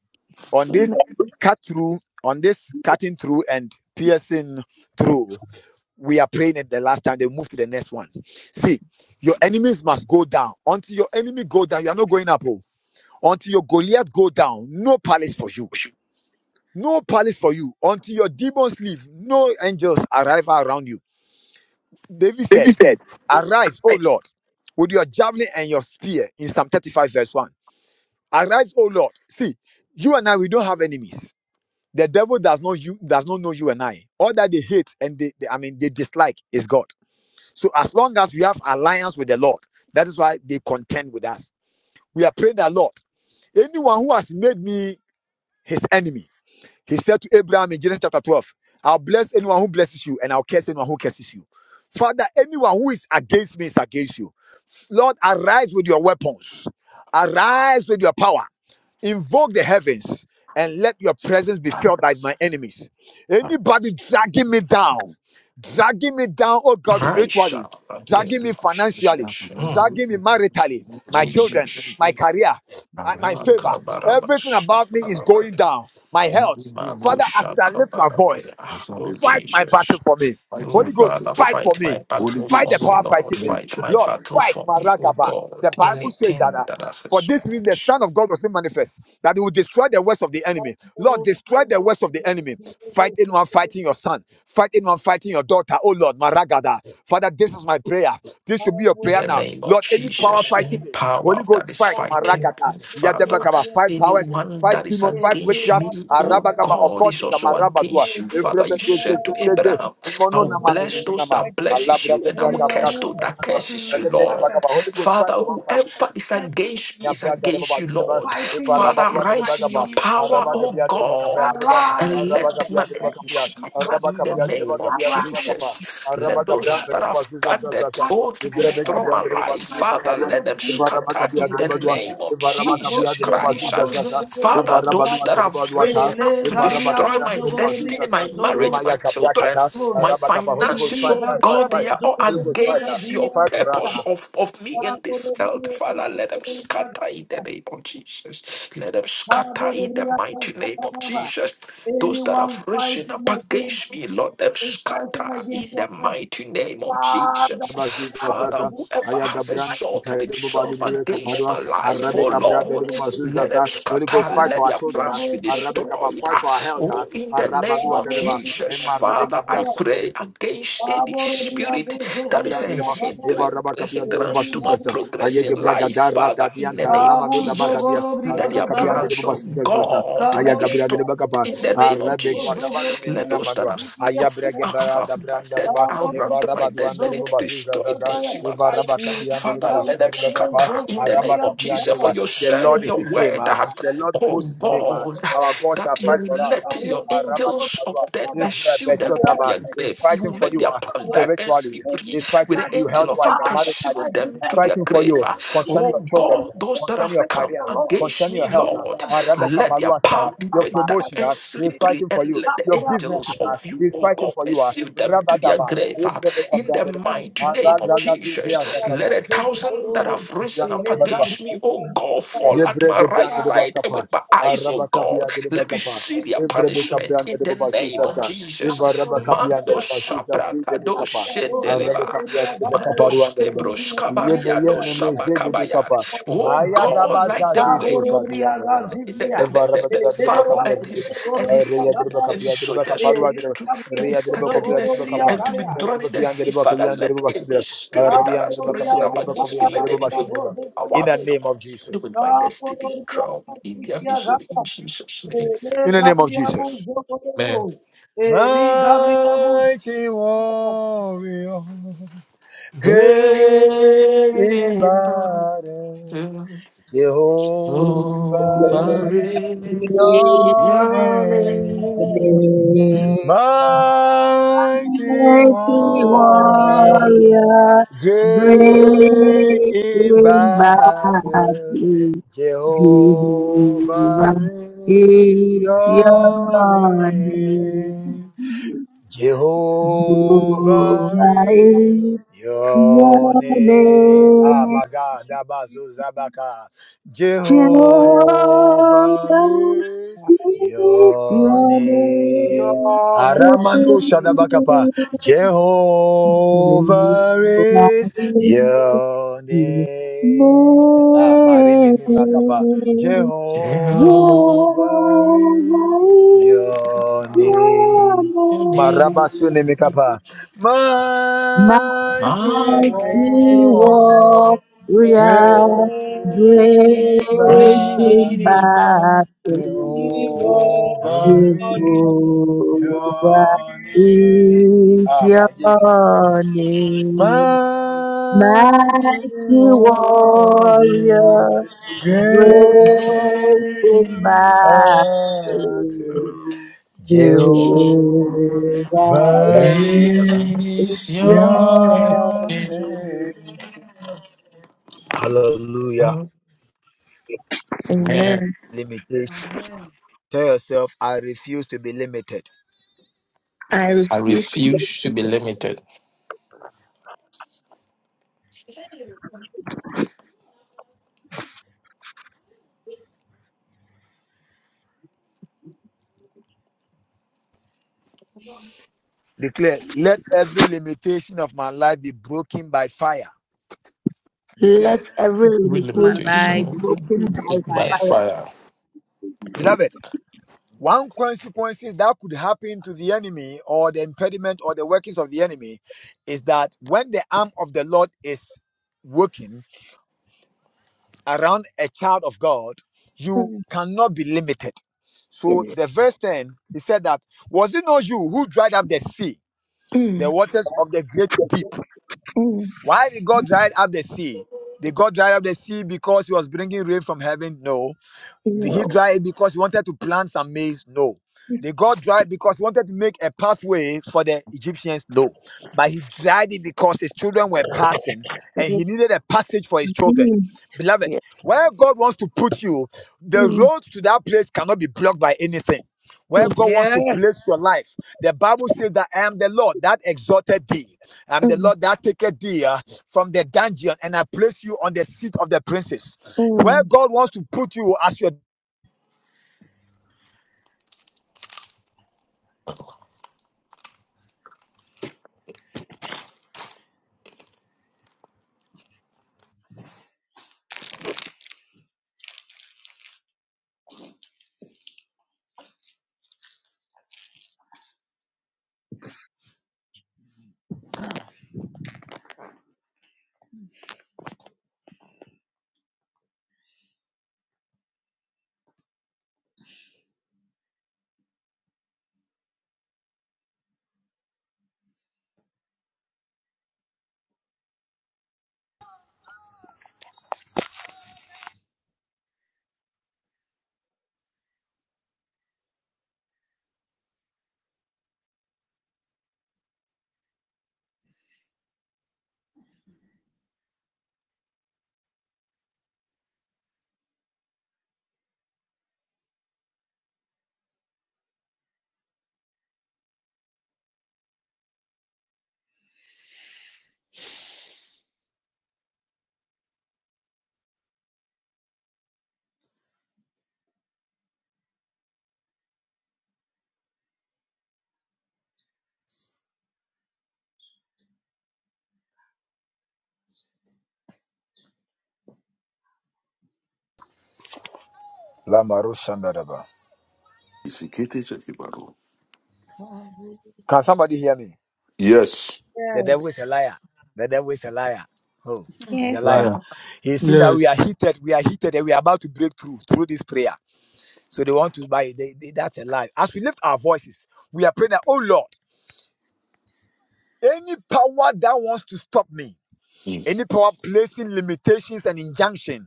Speaker 1: on this cut through, on this cutting through and piercing through, we are praying at the last time they move to the next one see your enemies must go down until your enemy go down you are not going up oh. until your goliath go down no palace for you no palace for you until your demons leave no angels arrive around you david
Speaker 2: David
Speaker 1: said
Speaker 2: said,
Speaker 1: arise o lord with your javelin and your spear in psalm 35 verse 1 arise o lord see you and i we don't have enemies the devil does not you does not know you and i all that they hate and they they- i mean they dislike is god So as long as we have alliance with the Lord, that is why they contend with us. We are praying that Lord, anyone who has made me his enemy, he said to Abraham in Genesis chapter 12, I'll bless anyone who blesses you, and I'll curse anyone who curses you. Father, anyone who is against me is against you. Lord, arise with your weapons, arise with your power invoke the heavens and let your presence be felt
Speaker 2: right.
Speaker 1: by my enemies. Anybody dragging me down, dragging me down, oh God,
Speaker 9: I
Speaker 1: spiritually,
Speaker 9: shall adore
Speaker 1: dragging me financially,
Speaker 9: Jesus. Mm,
Speaker 1: dragging me maritally, my children,
Speaker 9: Jesus.
Speaker 1: my career, my, my favor. Everything about me is going
Speaker 9: Makabarabashabalabaya.
Speaker 1: down. My
Speaker 2: in
Speaker 1: health.
Speaker 2: the name of
Speaker 1: Father,
Speaker 2: Jesus,
Speaker 1: as I lift my voice,
Speaker 9: Mabushakabarabaya.
Speaker 2: I sound
Speaker 9: Oh,
Speaker 2: it like
Speaker 1: Fight my
Speaker 2: this.
Speaker 1: battle
Speaker 9: Jesus.
Speaker 1: for me.
Speaker 2: Fight
Speaker 9: Oh,
Speaker 2: my
Speaker 1: Holy Ghost,
Speaker 2: battle
Speaker 9: Father,
Speaker 2: for
Speaker 1: fight
Speaker 2: me.
Speaker 1: for
Speaker 9: fight my
Speaker 1: me.
Speaker 2: Holy
Speaker 9: battle
Speaker 1: Fight the
Speaker 9: for me,
Speaker 2: Ghost,
Speaker 1: power
Speaker 9: Lord.
Speaker 1: fighting me.
Speaker 2: the
Speaker 9: Fight my
Speaker 2: church.
Speaker 1: Lord,
Speaker 9: battle
Speaker 1: fight
Speaker 9: for
Speaker 1: my
Speaker 9: me, oh
Speaker 1: ragaba.
Speaker 9: God.
Speaker 1: The Bible says that uh,
Speaker 9: Anything that has a
Speaker 1: for
Speaker 9: soul.
Speaker 1: this reason the Son of God was made manifest, that he will destroy the works of the enemy. Lord, destroy the works of the enemy. Fight anyone fighting your son. Fight anyone fighting your daughter. Oh Lord, my Father, this is is my prayer. This should be your
Speaker 9: In
Speaker 1: prayer
Speaker 9: the
Speaker 1: now.
Speaker 9: name of
Speaker 1: Lord, any power
Speaker 9: Jesus, any
Speaker 1: fighting me,
Speaker 9: power
Speaker 1: Holy
Speaker 9: that
Speaker 1: Ghost
Speaker 9: is
Speaker 1: fight,
Speaker 9: fighting
Speaker 1: Maragata,
Speaker 9: me, Father,
Speaker 1: Yadabakaba, five powers,
Speaker 9: anyone that
Speaker 1: five
Speaker 9: is
Speaker 1: demons,
Speaker 5: Anyone
Speaker 1: five
Speaker 9: against
Speaker 1: witchcraft,
Speaker 9: me, oh
Speaker 1: Arabakaba,
Speaker 9: God, is
Speaker 1: occultic,
Speaker 9: also
Speaker 1: Marabadua,
Speaker 9: against you, Father. You
Speaker 1: Evrebet,
Speaker 9: said to Abraham, I
Speaker 1: Imono
Speaker 9: will
Speaker 1: Namano,
Speaker 5: who
Speaker 9: bless
Speaker 5: is
Speaker 9: those
Speaker 1: Niminama,
Speaker 9: that
Speaker 5: fighting,
Speaker 9: blesses
Speaker 1: Alabra,
Speaker 9: you, and I
Speaker 5: anyone
Speaker 1: Gebra,
Speaker 9: will
Speaker 1: Gabra,
Speaker 9: curse
Speaker 5: who
Speaker 9: those that
Speaker 5: has
Speaker 9: curses
Speaker 5: gotten
Speaker 9: you,
Speaker 5: me as
Speaker 9: Lord.
Speaker 5: a
Speaker 1: Holy
Speaker 5: target,
Speaker 1: Ghost
Speaker 9: Father,
Speaker 1: fight, the one
Speaker 5: as
Speaker 1: fighting me.
Speaker 9: whoever is
Speaker 5: a
Speaker 9: against me is
Speaker 1: Yabia
Speaker 5: target,
Speaker 1: Dareba
Speaker 9: against you, Lord.
Speaker 5: Fighting
Speaker 1: Deba,
Speaker 5: me
Speaker 9: Father,
Speaker 5: is
Speaker 1: Rabagua de
Speaker 9: rise in your
Speaker 1: Bagaba,
Speaker 5: fighting you,
Speaker 9: power, oh
Speaker 5: Lord.
Speaker 1: Rabagabia de Bacapia
Speaker 9: God,
Speaker 1: de Ba,
Speaker 5: Arise,
Speaker 9: and let
Speaker 5: Lord,
Speaker 1: Rabagabia
Speaker 9: my
Speaker 1: de
Speaker 5: and
Speaker 9: enemies
Speaker 1: Bacapia,
Speaker 5: fight my
Speaker 9: scatter
Speaker 5: battle
Speaker 9: in the
Speaker 5: for
Speaker 1: Rabacapia
Speaker 5: me.
Speaker 1: de
Speaker 9: name of
Speaker 1: Bacapia de
Speaker 5: Arise
Speaker 1: Bacapa,
Speaker 9: Jesus.
Speaker 5: and
Speaker 9: Let
Speaker 5: fight
Speaker 1: Rabagabra
Speaker 5: my
Speaker 9: those
Speaker 1: de
Speaker 9: that
Speaker 5: battle
Speaker 9: have
Speaker 5: for
Speaker 9: gathered
Speaker 5: me.
Speaker 9: planted,
Speaker 1: Bazuza,
Speaker 9: oh, to
Speaker 1: if
Speaker 5: Arise,
Speaker 1: Rebecca
Speaker 9: destroy
Speaker 5: Lord,
Speaker 9: my
Speaker 1: Brand de
Speaker 9: life.
Speaker 5: and fight my
Speaker 9: Father,
Speaker 1: Bacaparua,
Speaker 9: let
Speaker 5: battle
Speaker 9: them
Speaker 5: for
Speaker 1: if
Speaker 5: me.
Speaker 9: scatter
Speaker 1: Rabacapia
Speaker 9: in
Speaker 1: de
Speaker 9: the
Speaker 5: Arise,
Speaker 1: Badua,
Speaker 9: name
Speaker 5: Lord.
Speaker 9: of
Speaker 1: if
Speaker 5: Abo
Speaker 1: Rabacapia
Speaker 9: Jesus
Speaker 1: de
Speaker 5: zobri,
Speaker 9: Christ.
Speaker 5: abo zobri,
Speaker 1: Bazuza,
Speaker 5: zobri,
Speaker 1: if
Speaker 9: Father,
Speaker 5: abo
Speaker 9: those
Speaker 5: bada.
Speaker 1: Rabadua
Speaker 9: that
Speaker 1: de
Speaker 9: have
Speaker 1: Baduata,
Speaker 9: risen
Speaker 5: Ele
Speaker 9: up
Speaker 1: if
Speaker 9: to
Speaker 5: gabri, abo
Speaker 9: destroy
Speaker 1: Rabacapia
Speaker 9: my
Speaker 1: de
Speaker 5: zogo, zobri,
Speaker 9: destiny,
Speaker 5: abo
Speaker 9: my
Speaker 1: Bazuza,
Speaker 5: zoro,
Speaker 9: marriage, my
Speaker 1: Emaya Capia
Speaker 9: children,
Speaker 1: Cata,
Speaker 9: my
Speaker 1: Rabacapa, Holy Ghost,
Speaker 5: Ili
Speaker 9: finances,
Speaker 1: fight,
Speaker 9: oh
Speaker 1: fight,
Speaker 5: gabri,
Speaker 1: fight,
Speaker 9: God,
Speaker 5: abo
Speaker 1: fight.
Speaker 9: they are all
Speaker 1: Holy
Speaker 5: zobri,
Speaker 1: Ghost,
Speaker 5: abo
Speaker 1: fight, ah.
Speaker 9: against
Speaker 5: gabri,
Speaker 9: your
Speaker 5: abo
Speaker 1: fight for us.
Speaker 9: purpose
Speaker 1: ah.
Speaker 5: bada.
Speaker 9: of, of me
Speaker 5: Abo
Speaker 9: in this
Speaker 5: zobri,
Speaker 9: earth.
Speaker 5: abo
Speaker 9: Father, let them
Speaker 5: zobri, abo
Speaker 9: scatter in
Speaker 5: bada.
Speaker 9: the name of Jesus. Let them scatter in the mighty name of
Speaker 5: Kaborobiyakasakababa.
Speaker 9: Jesus. Those that
Speaker 5: Anyone
Speaker 9: have risen
Speaker 5: fighting
Speaker 9: up
Speaker 5: against
Speaker 9: against me, Lord, let them
Speaker 5: is fighting
Speaker 9: scatter
Speaker 5: against
Speaker 9: in
Speaker 5: what
Speaker 9: the
Speaker 5: the
Speaker 9: mighty mighty name of
Speaker 5: Father
Speaker 9: Jesus.
Speaker 5: fights.
Speaker 9: Father,
Speaker 1: Bazuzaza,
Speaker 9: whoever
Speaker 5: Whoever
Speaker 9: has
Speaker 1: Ayagabran,
Speaker 5: fights
Speaker 9: exalted himself
Speaker 5: against
Speaker 9: against
Speaker 1: Kapadua,
Speaker 9: my
Speaker 5: the
Speaker 9: life,
Speaker 1: Arabe
Speaker 9: oh
Speaker 1: Gabra,
Speaker 9: Lord, let them
Speaker 1: Bazuzaza, Holy
Speaker 9: scatter,
Speaker 1: Ghost, fight
Speaker 9: let
Speaker 1: for our
Speaker 9: their
Speaker 1: children, ah.
Speaker 9: plans be
Speaker 5: Kaborobiyakasakababa.
Speaker 1: Arabe Gaba,
Speaker 9: destroyed.
Speaker 1: fight
Speaker 9: Ah,
Speaker 1: for our
Speaker 5: Kaborobiyakasakababa.
Speaker 1: health, ah.
Speaker 9: Oh, in the name
Speaker 1: Arabadua,
Speaker 9: of
Speaker 1: Dereba,
Speaker 9: Jesus,
Speaker 1: Emma Rabe
Speaker 9: Father,
Speaker 1: Gabra,
Speaker 9: I
Speaker 5: Kaborobiyakasakababa.
Speaker 9: pray
Speaker 1: Sottereba,
Speaker 9: against any spirit that is
Speaker 1: Gabran,
Speaker 9: a
Speaker 1: Dereba,
Speaker 5: Kaborobiyakasakababa.
Speaker 1: Eva
Speaker 9: hindrance,
Speaker 1: Rabba
Speaker 9: a
Speaker 1: Kabia,
Speaker 9: hindrance to my
Speaker 1: Bazuzaza,
Speaker 9: progress in
Speaker 1: Ayagebra
Speaker 9: life,
Speaker 1: Gadara,
Speaker 9: Father, in the
Speaker 1: Dadianta,
Speaker 9: name of
Speaker 1: Ramando
Speaker 5: Kabu
Speaker 1: da
Speaker 9: Jesus.
Speaker 1: Bagadia,
Speaker 5: zogoro
Speaker 9: Let
Speaker 5: briaga
Speaker 1: Arabe
Speaker 9: their
Speaker 1: Kabian,
Speaker 5: daya.
Speaker 1: Dereba,
Speaker 9: plans, oh
Speaker 1: Bazuzaza,
Speaker 9: God, be
Speaker 5: Kaboro
Speaker 1: Ayagabra, Dereba
Speaker 9: destroyed
Speaker 5: Riyato,
Speaker 1: Gaba,
Speaker 9: in the
Speaker 5: Kaboro
Speaker 9: name of
Speaker 1: Arabe
Speaker 5: Riyato,
Speaker 9: Jesus.
Speaker 1: Guadabado,
Speaker 5: Zogoro
Speaker 9: Let
Speaker 1: Nemena
Speaker 9: those
Speaker 5: Riyato,
Speaker 9: that
Speaker 1: Manua,
Speaker 9: have, sc-
Speaker 5: Zikiyato,
Speaker 1: Ayabre
Speaker 9: have,
Speaker 1: Gebra,
Speaker 9: have guided
Speaker 1: Dereba,
Speaker 9: out
Speaker 1: Eva
Speaker 9: my
Speaker 1: Rabaduan,
Speaker 9: destiny
Speaker 1: Dereba,
Speaker 9: to destroy
Speaker 1: Bazuzaza,
Speaker 9: things in my
Speaker 1: Eva
Speaker 9: life,
Speaker 1: Rabba Kabia, the Rebbe
Speaker 9: Father,
Speaker 1: Basu,
Speaker 9: let
Speaker 1: the
Speaker 9: them
Speaker 1: Rebbe Kappa,
Speaker 9: scatter in the name
Speaker 1: Arabba
Speaker 9: of
Speaker 1: Kabia, the
Speaker 9: Jesus. For
Speaker 1: Rebbe.
Speaker 9: you
Speaker 1: The
Speaker 9: said in
Speaker 1: Lord is
Speaker 9: your
Speaker 1: his name.
Speaker 9: word,
Speaker 1: ah.
Speaker 9: uh,
Speaker 1: The Lord of
Speaker 9: oh
Speaker 1: hosts is his name. ah.
Speaker 9: God,
Speaker 1: Our God shall
Speaker 9: that you
Speaker 1: fight for
Speaker 9: will
Speaker 1: us. ah.
Speaker 9: let your
Speaker 1: Arabba
Speaker 9: angels of
Speaker 1: Kaparua.
Speaker 9: death pursue them
Speaker 1: Eva
Speaker 9: to
Speaker 1: ah.
Speaker 9: their
Speaker 1: He's
Speaker 9: grave. You
Speaker 1: fighting
Speaker 9: will
Speaker 1: for
Speaker 9: make
Speaker 1: you
Speaker 9: their
Speaker 1: ah,
Speaker 9: paths dark
Speaker 1: spiritually.
Speaker 9: earthly breed,
Speaker 1: He's
Speaker 9: with
Speaker 1: fighting
Speaker 9: the
Speaker 1: for you
Speaker 9: angel
Speaker 1: health
Speaker 9: of
Speaker 1: wise
Speaker 9: you
Speaker 1: and maritally.
Speaker 9: pursuing them
Speaker 1: He's
Speaker 9: to their
Speaker 1: fighting waiting for
Speaker 9: grave.
Speaker 1: you
Speaker 9: Ah,
Speaker 1: concerning your
Speaker 9: Oh
Speaker 1: children,
Speaker 9: God,
Speaker 1: uh,
Speaker 9: those that
Speaker 1: concerning
Speaker 9: have
Speaker 1: your
Speaker 9: come
Speaker 1: career,
Speaker 9: against
Speaker 1: concerning
Speaker 9: me,
Speaker 1: your health. uh,
Speaker 9: Lord,
Speaker 1: uh, Rabbi
Speaker 9: let their path be
Speaker 1: Your
Speaker 9: made dark
Speaker 1: promotion
Speaker 9: and
Speaker 1: uh, he is
Speaker 9: slippery,
Speaker 1: fighting for
Speaker 9: and
Speaker 1: you.
Speaker 9: let the
Speaker 1: Your
Speaker 9: angels
Speaker 1: businesses uh,
Speaker 9: of
Speaker 1: he
Speaker 9: you,
Speaker 1: is
Speaker 9: oh
Speaker 1: fighting
Speaker 9: God,
Speaker 1: for you. uh,
Speaker 9: pursue them
Speaker 1: Rabba
Speaker 9: to their
Speaker 1: Dabba,
Speaker 9: grave. Ah, In the mighty
Speaker 1: uh,
Speaker 9: name of Jesus, let a thousand that have risen up against me, oh oh God, fall at
Speaker 1: Yebre
Speaker 9: my right
Speaker 1: gebrande de
Speaker 9: side and
Speaker 1: bakapa.
Speaker 9: with my eyes,
Speaker 1: Araba
Speaker 9: oh God,
Speaker 1: kapia de
Speaker 9: let me
Speaker 1: bakapa.
Speaker 9: see their
Speaker 1: Evre be
Speaker 9: punishment
Speaker 1: kapriande
Speaker 9: in
Speaker 1: de
Speaker 9: the
Speaker 1: babasu
Speaker 9: name of
Speaker 1: zaza. Eva
Speaker 9: Jesus.
Speaker 1: raba kapiande
Speaker 9: Mando
Speaker 1: de babasu zazi de
Speaker 9: shabrakado
Speaker 1: bekapa. Araba
Speaker 9: shendeleba.
Speaker 1: kapiande de
Speaker 9: Mando
Speaker 1: bekapa ruande de ba.
Speaker 9: skebros
Speaker 1: Yeme
Speaker 9: kabariado
Speaker 1: yeme me se de
Speaker 9: shabakabaya.
Speaker 1: bekapa.
Speaker 9: Oh
Speaker 1: Maya da
Speaker 9: God, like
Speaker 1: baza
Speaker 9: the
Speaker 1: se
Speaker 9: way
Speaker 1: so
Speaker 9: you
Speaker 1: sa di ande
Speaker 9: call
Speaker 1: de
Speaker 9: the,
Speaker 1: ba.
Speaker 9: the, the, the,
Speaker 1: Eva
Speaker 9: the-
Speaker 1: raba
Speaker 9: the
Speaker 1: kapia de
Speaker 9: Pharaoh
Speaker 1: bakapia de
Speaker 9: and his
Speaker 1: bekapa.
Speaker 9: and his
Speaker 1: Reya de
Speaker 9: any
Speaker 1: bakapia
Speaker 5: Gaia,
Speaker 1: de bakapa
Speaker 9: soldiers to,
Speaker 1: ruande de
Speaker 9: to,
Speaker 1: ba.
Speaker 9: to, to be
Speaker 1: Reya de
Speaker 9: scattered in
Speaker 1: bakofia
Speaker 9: the
Speaker 1: de
Speaker 9: sea
Speaker 1: bakapa.
Speaker 9: and to be
Speaker 1: Reya de
Speaker 9: drawn in the
Speaker 1: bakiande de
Speaker 9: sea, Father,
Speaker 1: bakiande de
Speaker 9: let
Speaker 1: babasu
Speaker 9: every
Speaker 1: de.
Speaker 5: Eli
Speaker 9: spirit that
Speaker 1: Arabiande
Speaker 9: has
Speaker 1: de
Speaker 9: risen
Speaker 1: bakapia de
Speaker 9: up
Speaker 5: Gabriel is your
Speaker 9: against me,
Speaker 1: bakoviande de
Speaker 9: let
Speaker 5: name.
Speaker 9: every
Speaker 1: babasu de
Speaker 9: wicked
Speaker 1: ba.
Speaker 9: up
Speaker 1: In
Speaker 9: power
Speaker 1: the name of
Speaker 9: contend
Speaker 1: Jesus.
Speaker 9: with my
Speaker 5: Ah,
Speaker 9: destiny
Speaker 5: praise your
Speaker 9: drown in their
Speaker 5: name.
Speaker 9: misery in Jesus' name. Amen.
Speaker 1: Mighty warrior, great in battle, Jehovah is your
Speaker 9: Your
Speaker 1: name.
Speaker 9: name,
Speaker 3: Amen.
Speaker 1: Mighty
Speaker 3: mighty
Speaker 1: warrior,
Speaker 3: warrior,
Speaker 1: great
Speaker 3: great
Speaker 1: in
Speaker 3: in
Speaker 1: battle,
Speaker 3: battle, Jehovah.
Speaker 1: Jehovah is
Speaker 3: It's
Speaker 1: your
Speaker 3: your name,
Speaker 1: name. Jehovah
Speaker 3: Jehovah.
Speaker 1: is
Speaker 3: It's
Speaker 1: your
Speaker 3: your
Speaker 1: name. Ah,
Speaker 3: name,
Speaker 1: my God. Dabazo Zabaka. Jehovah
Speaker 3: Jehovah.
Speaker 1: is
Speaker 3: It's
Speaker 1: your
Speaker 3: your
Speaker 1: name.
Speaker 3: name,
Speaker 1: Aramanu Shadabakapa. Jehovah
Speaker 3: Jehovah.
Speaker 1: is
Speaker 3: is
Speaker 1: your
Speaker 3: Mighty
Speaker 1: name. Ah, Marimini Makapa.
Speaker 9: your
Speaker 1: Jehovah is your name.
Speaker 9: name,
Speaker 1: Marabasune Mikapa.
Speaker 9: my
Speaker 1: Mighty
Speaker 9: one,
Speaker 1: warrior,
Speaker 3: warrior,
Speaker 1: great in
Speaker 9: Great
Speaker 3: great in
Speaker 1: battle,
Speaker 9: in my
Speaker 3: battle,
Speaker 5: He
Speaker 1: Jehovah
Speaker 9: love.
Speaker 1: is
Speaker 5: was-
Speaker 3: Jehovah
Speaker 1: your
Speaker 3: is
Speaker 1: name.
Speaker 3: your
Speaker 1: Mighty
Speaker 3: name. Mighty
Speaker 1: warrior,
Speaker 3: warrior, Great
Speaker 1: great
Speaker 3: in
Speaker 1: in
Speaker 3: my faith,
Speaker 1: battle,
Speaker 9: Jesus.
Speaker 1: Jehovah
Speaker 3: Jehovah
Speaker 1: is
Speaker 3: is
Speaker 9: Grace
Speaker 3: your
Speaker 9: your
Speaker 1: your
Speaker 3: name.
Speaker 1: name. Hallelujah.
Speaker 9: Amen.
Speaker 3: Amen.
Speaker 1: Limitation.
Speaker 5: Amen.
Speaker 1: Tell yourself, I refuse to be limited.
Speaker 3: I
Speaker 9: I
Speaker 3: please
Speaker 9: refuse to be limited.
Speaker 3: let every
Speaker 9: Every
Speaker 3: limitation be
Speaker 9: limitation
Speaker 3: broken
Speaker 9: be
Speaker 3: by
Speaker 9: taken by
Speaker 3: fire.
Speaker 9: fire.
Speaker 3: Mm, Yes.
Speaker 1: First ten, he said that, was it not you who dried up the sea, the
Speaker 3: Mm,
Speaker 1: waters of the great deep?
Speaker 3: mm,
Speaker 1: Why did God dry up the sea? Did God dry up the sea because he was bringing rain from heaven? No. Did he
Speaker 3: no.
Speaker 1: dry it because he wanted to plant some maize? No. Did God dry it because he wanted to make a pathway for the Egyptians? No. But he dried it because his children were passing and he
Speaker 3: Yes.
Speaker 1: needed a passage for his children.
Speaker 3: Mm,
Speaker 1: Beloved, where God wants to put you, the,
Speaker 3: mm, Yes.
Speaker 5: Yes.
Speaker 1: the
Speaker 3: Mm, mm.
Speaker 1: Lamaru Shandaraba.
Speaker 2: Is it Kete Chekibaro?
Speaker 1: Can somebody hear me?
Speaker 2: Yes.
Speaker 1: The devil is
Speaker 5: Yes.
Speaker 1: a liar. The devil is a liar. Oh, he's a liar. He's seen that we are
Speaker 9: Yes.
Speaker 1: heated, we are heated, and we are about to break through through this prayer. So they want to buy it. They, they- that's a lie. As we lift our voices, we are praying that, oh Lord, any power that wants to stop me,
Speaker 2: Mm.
Speaker 1: any power placing limitations and injunctions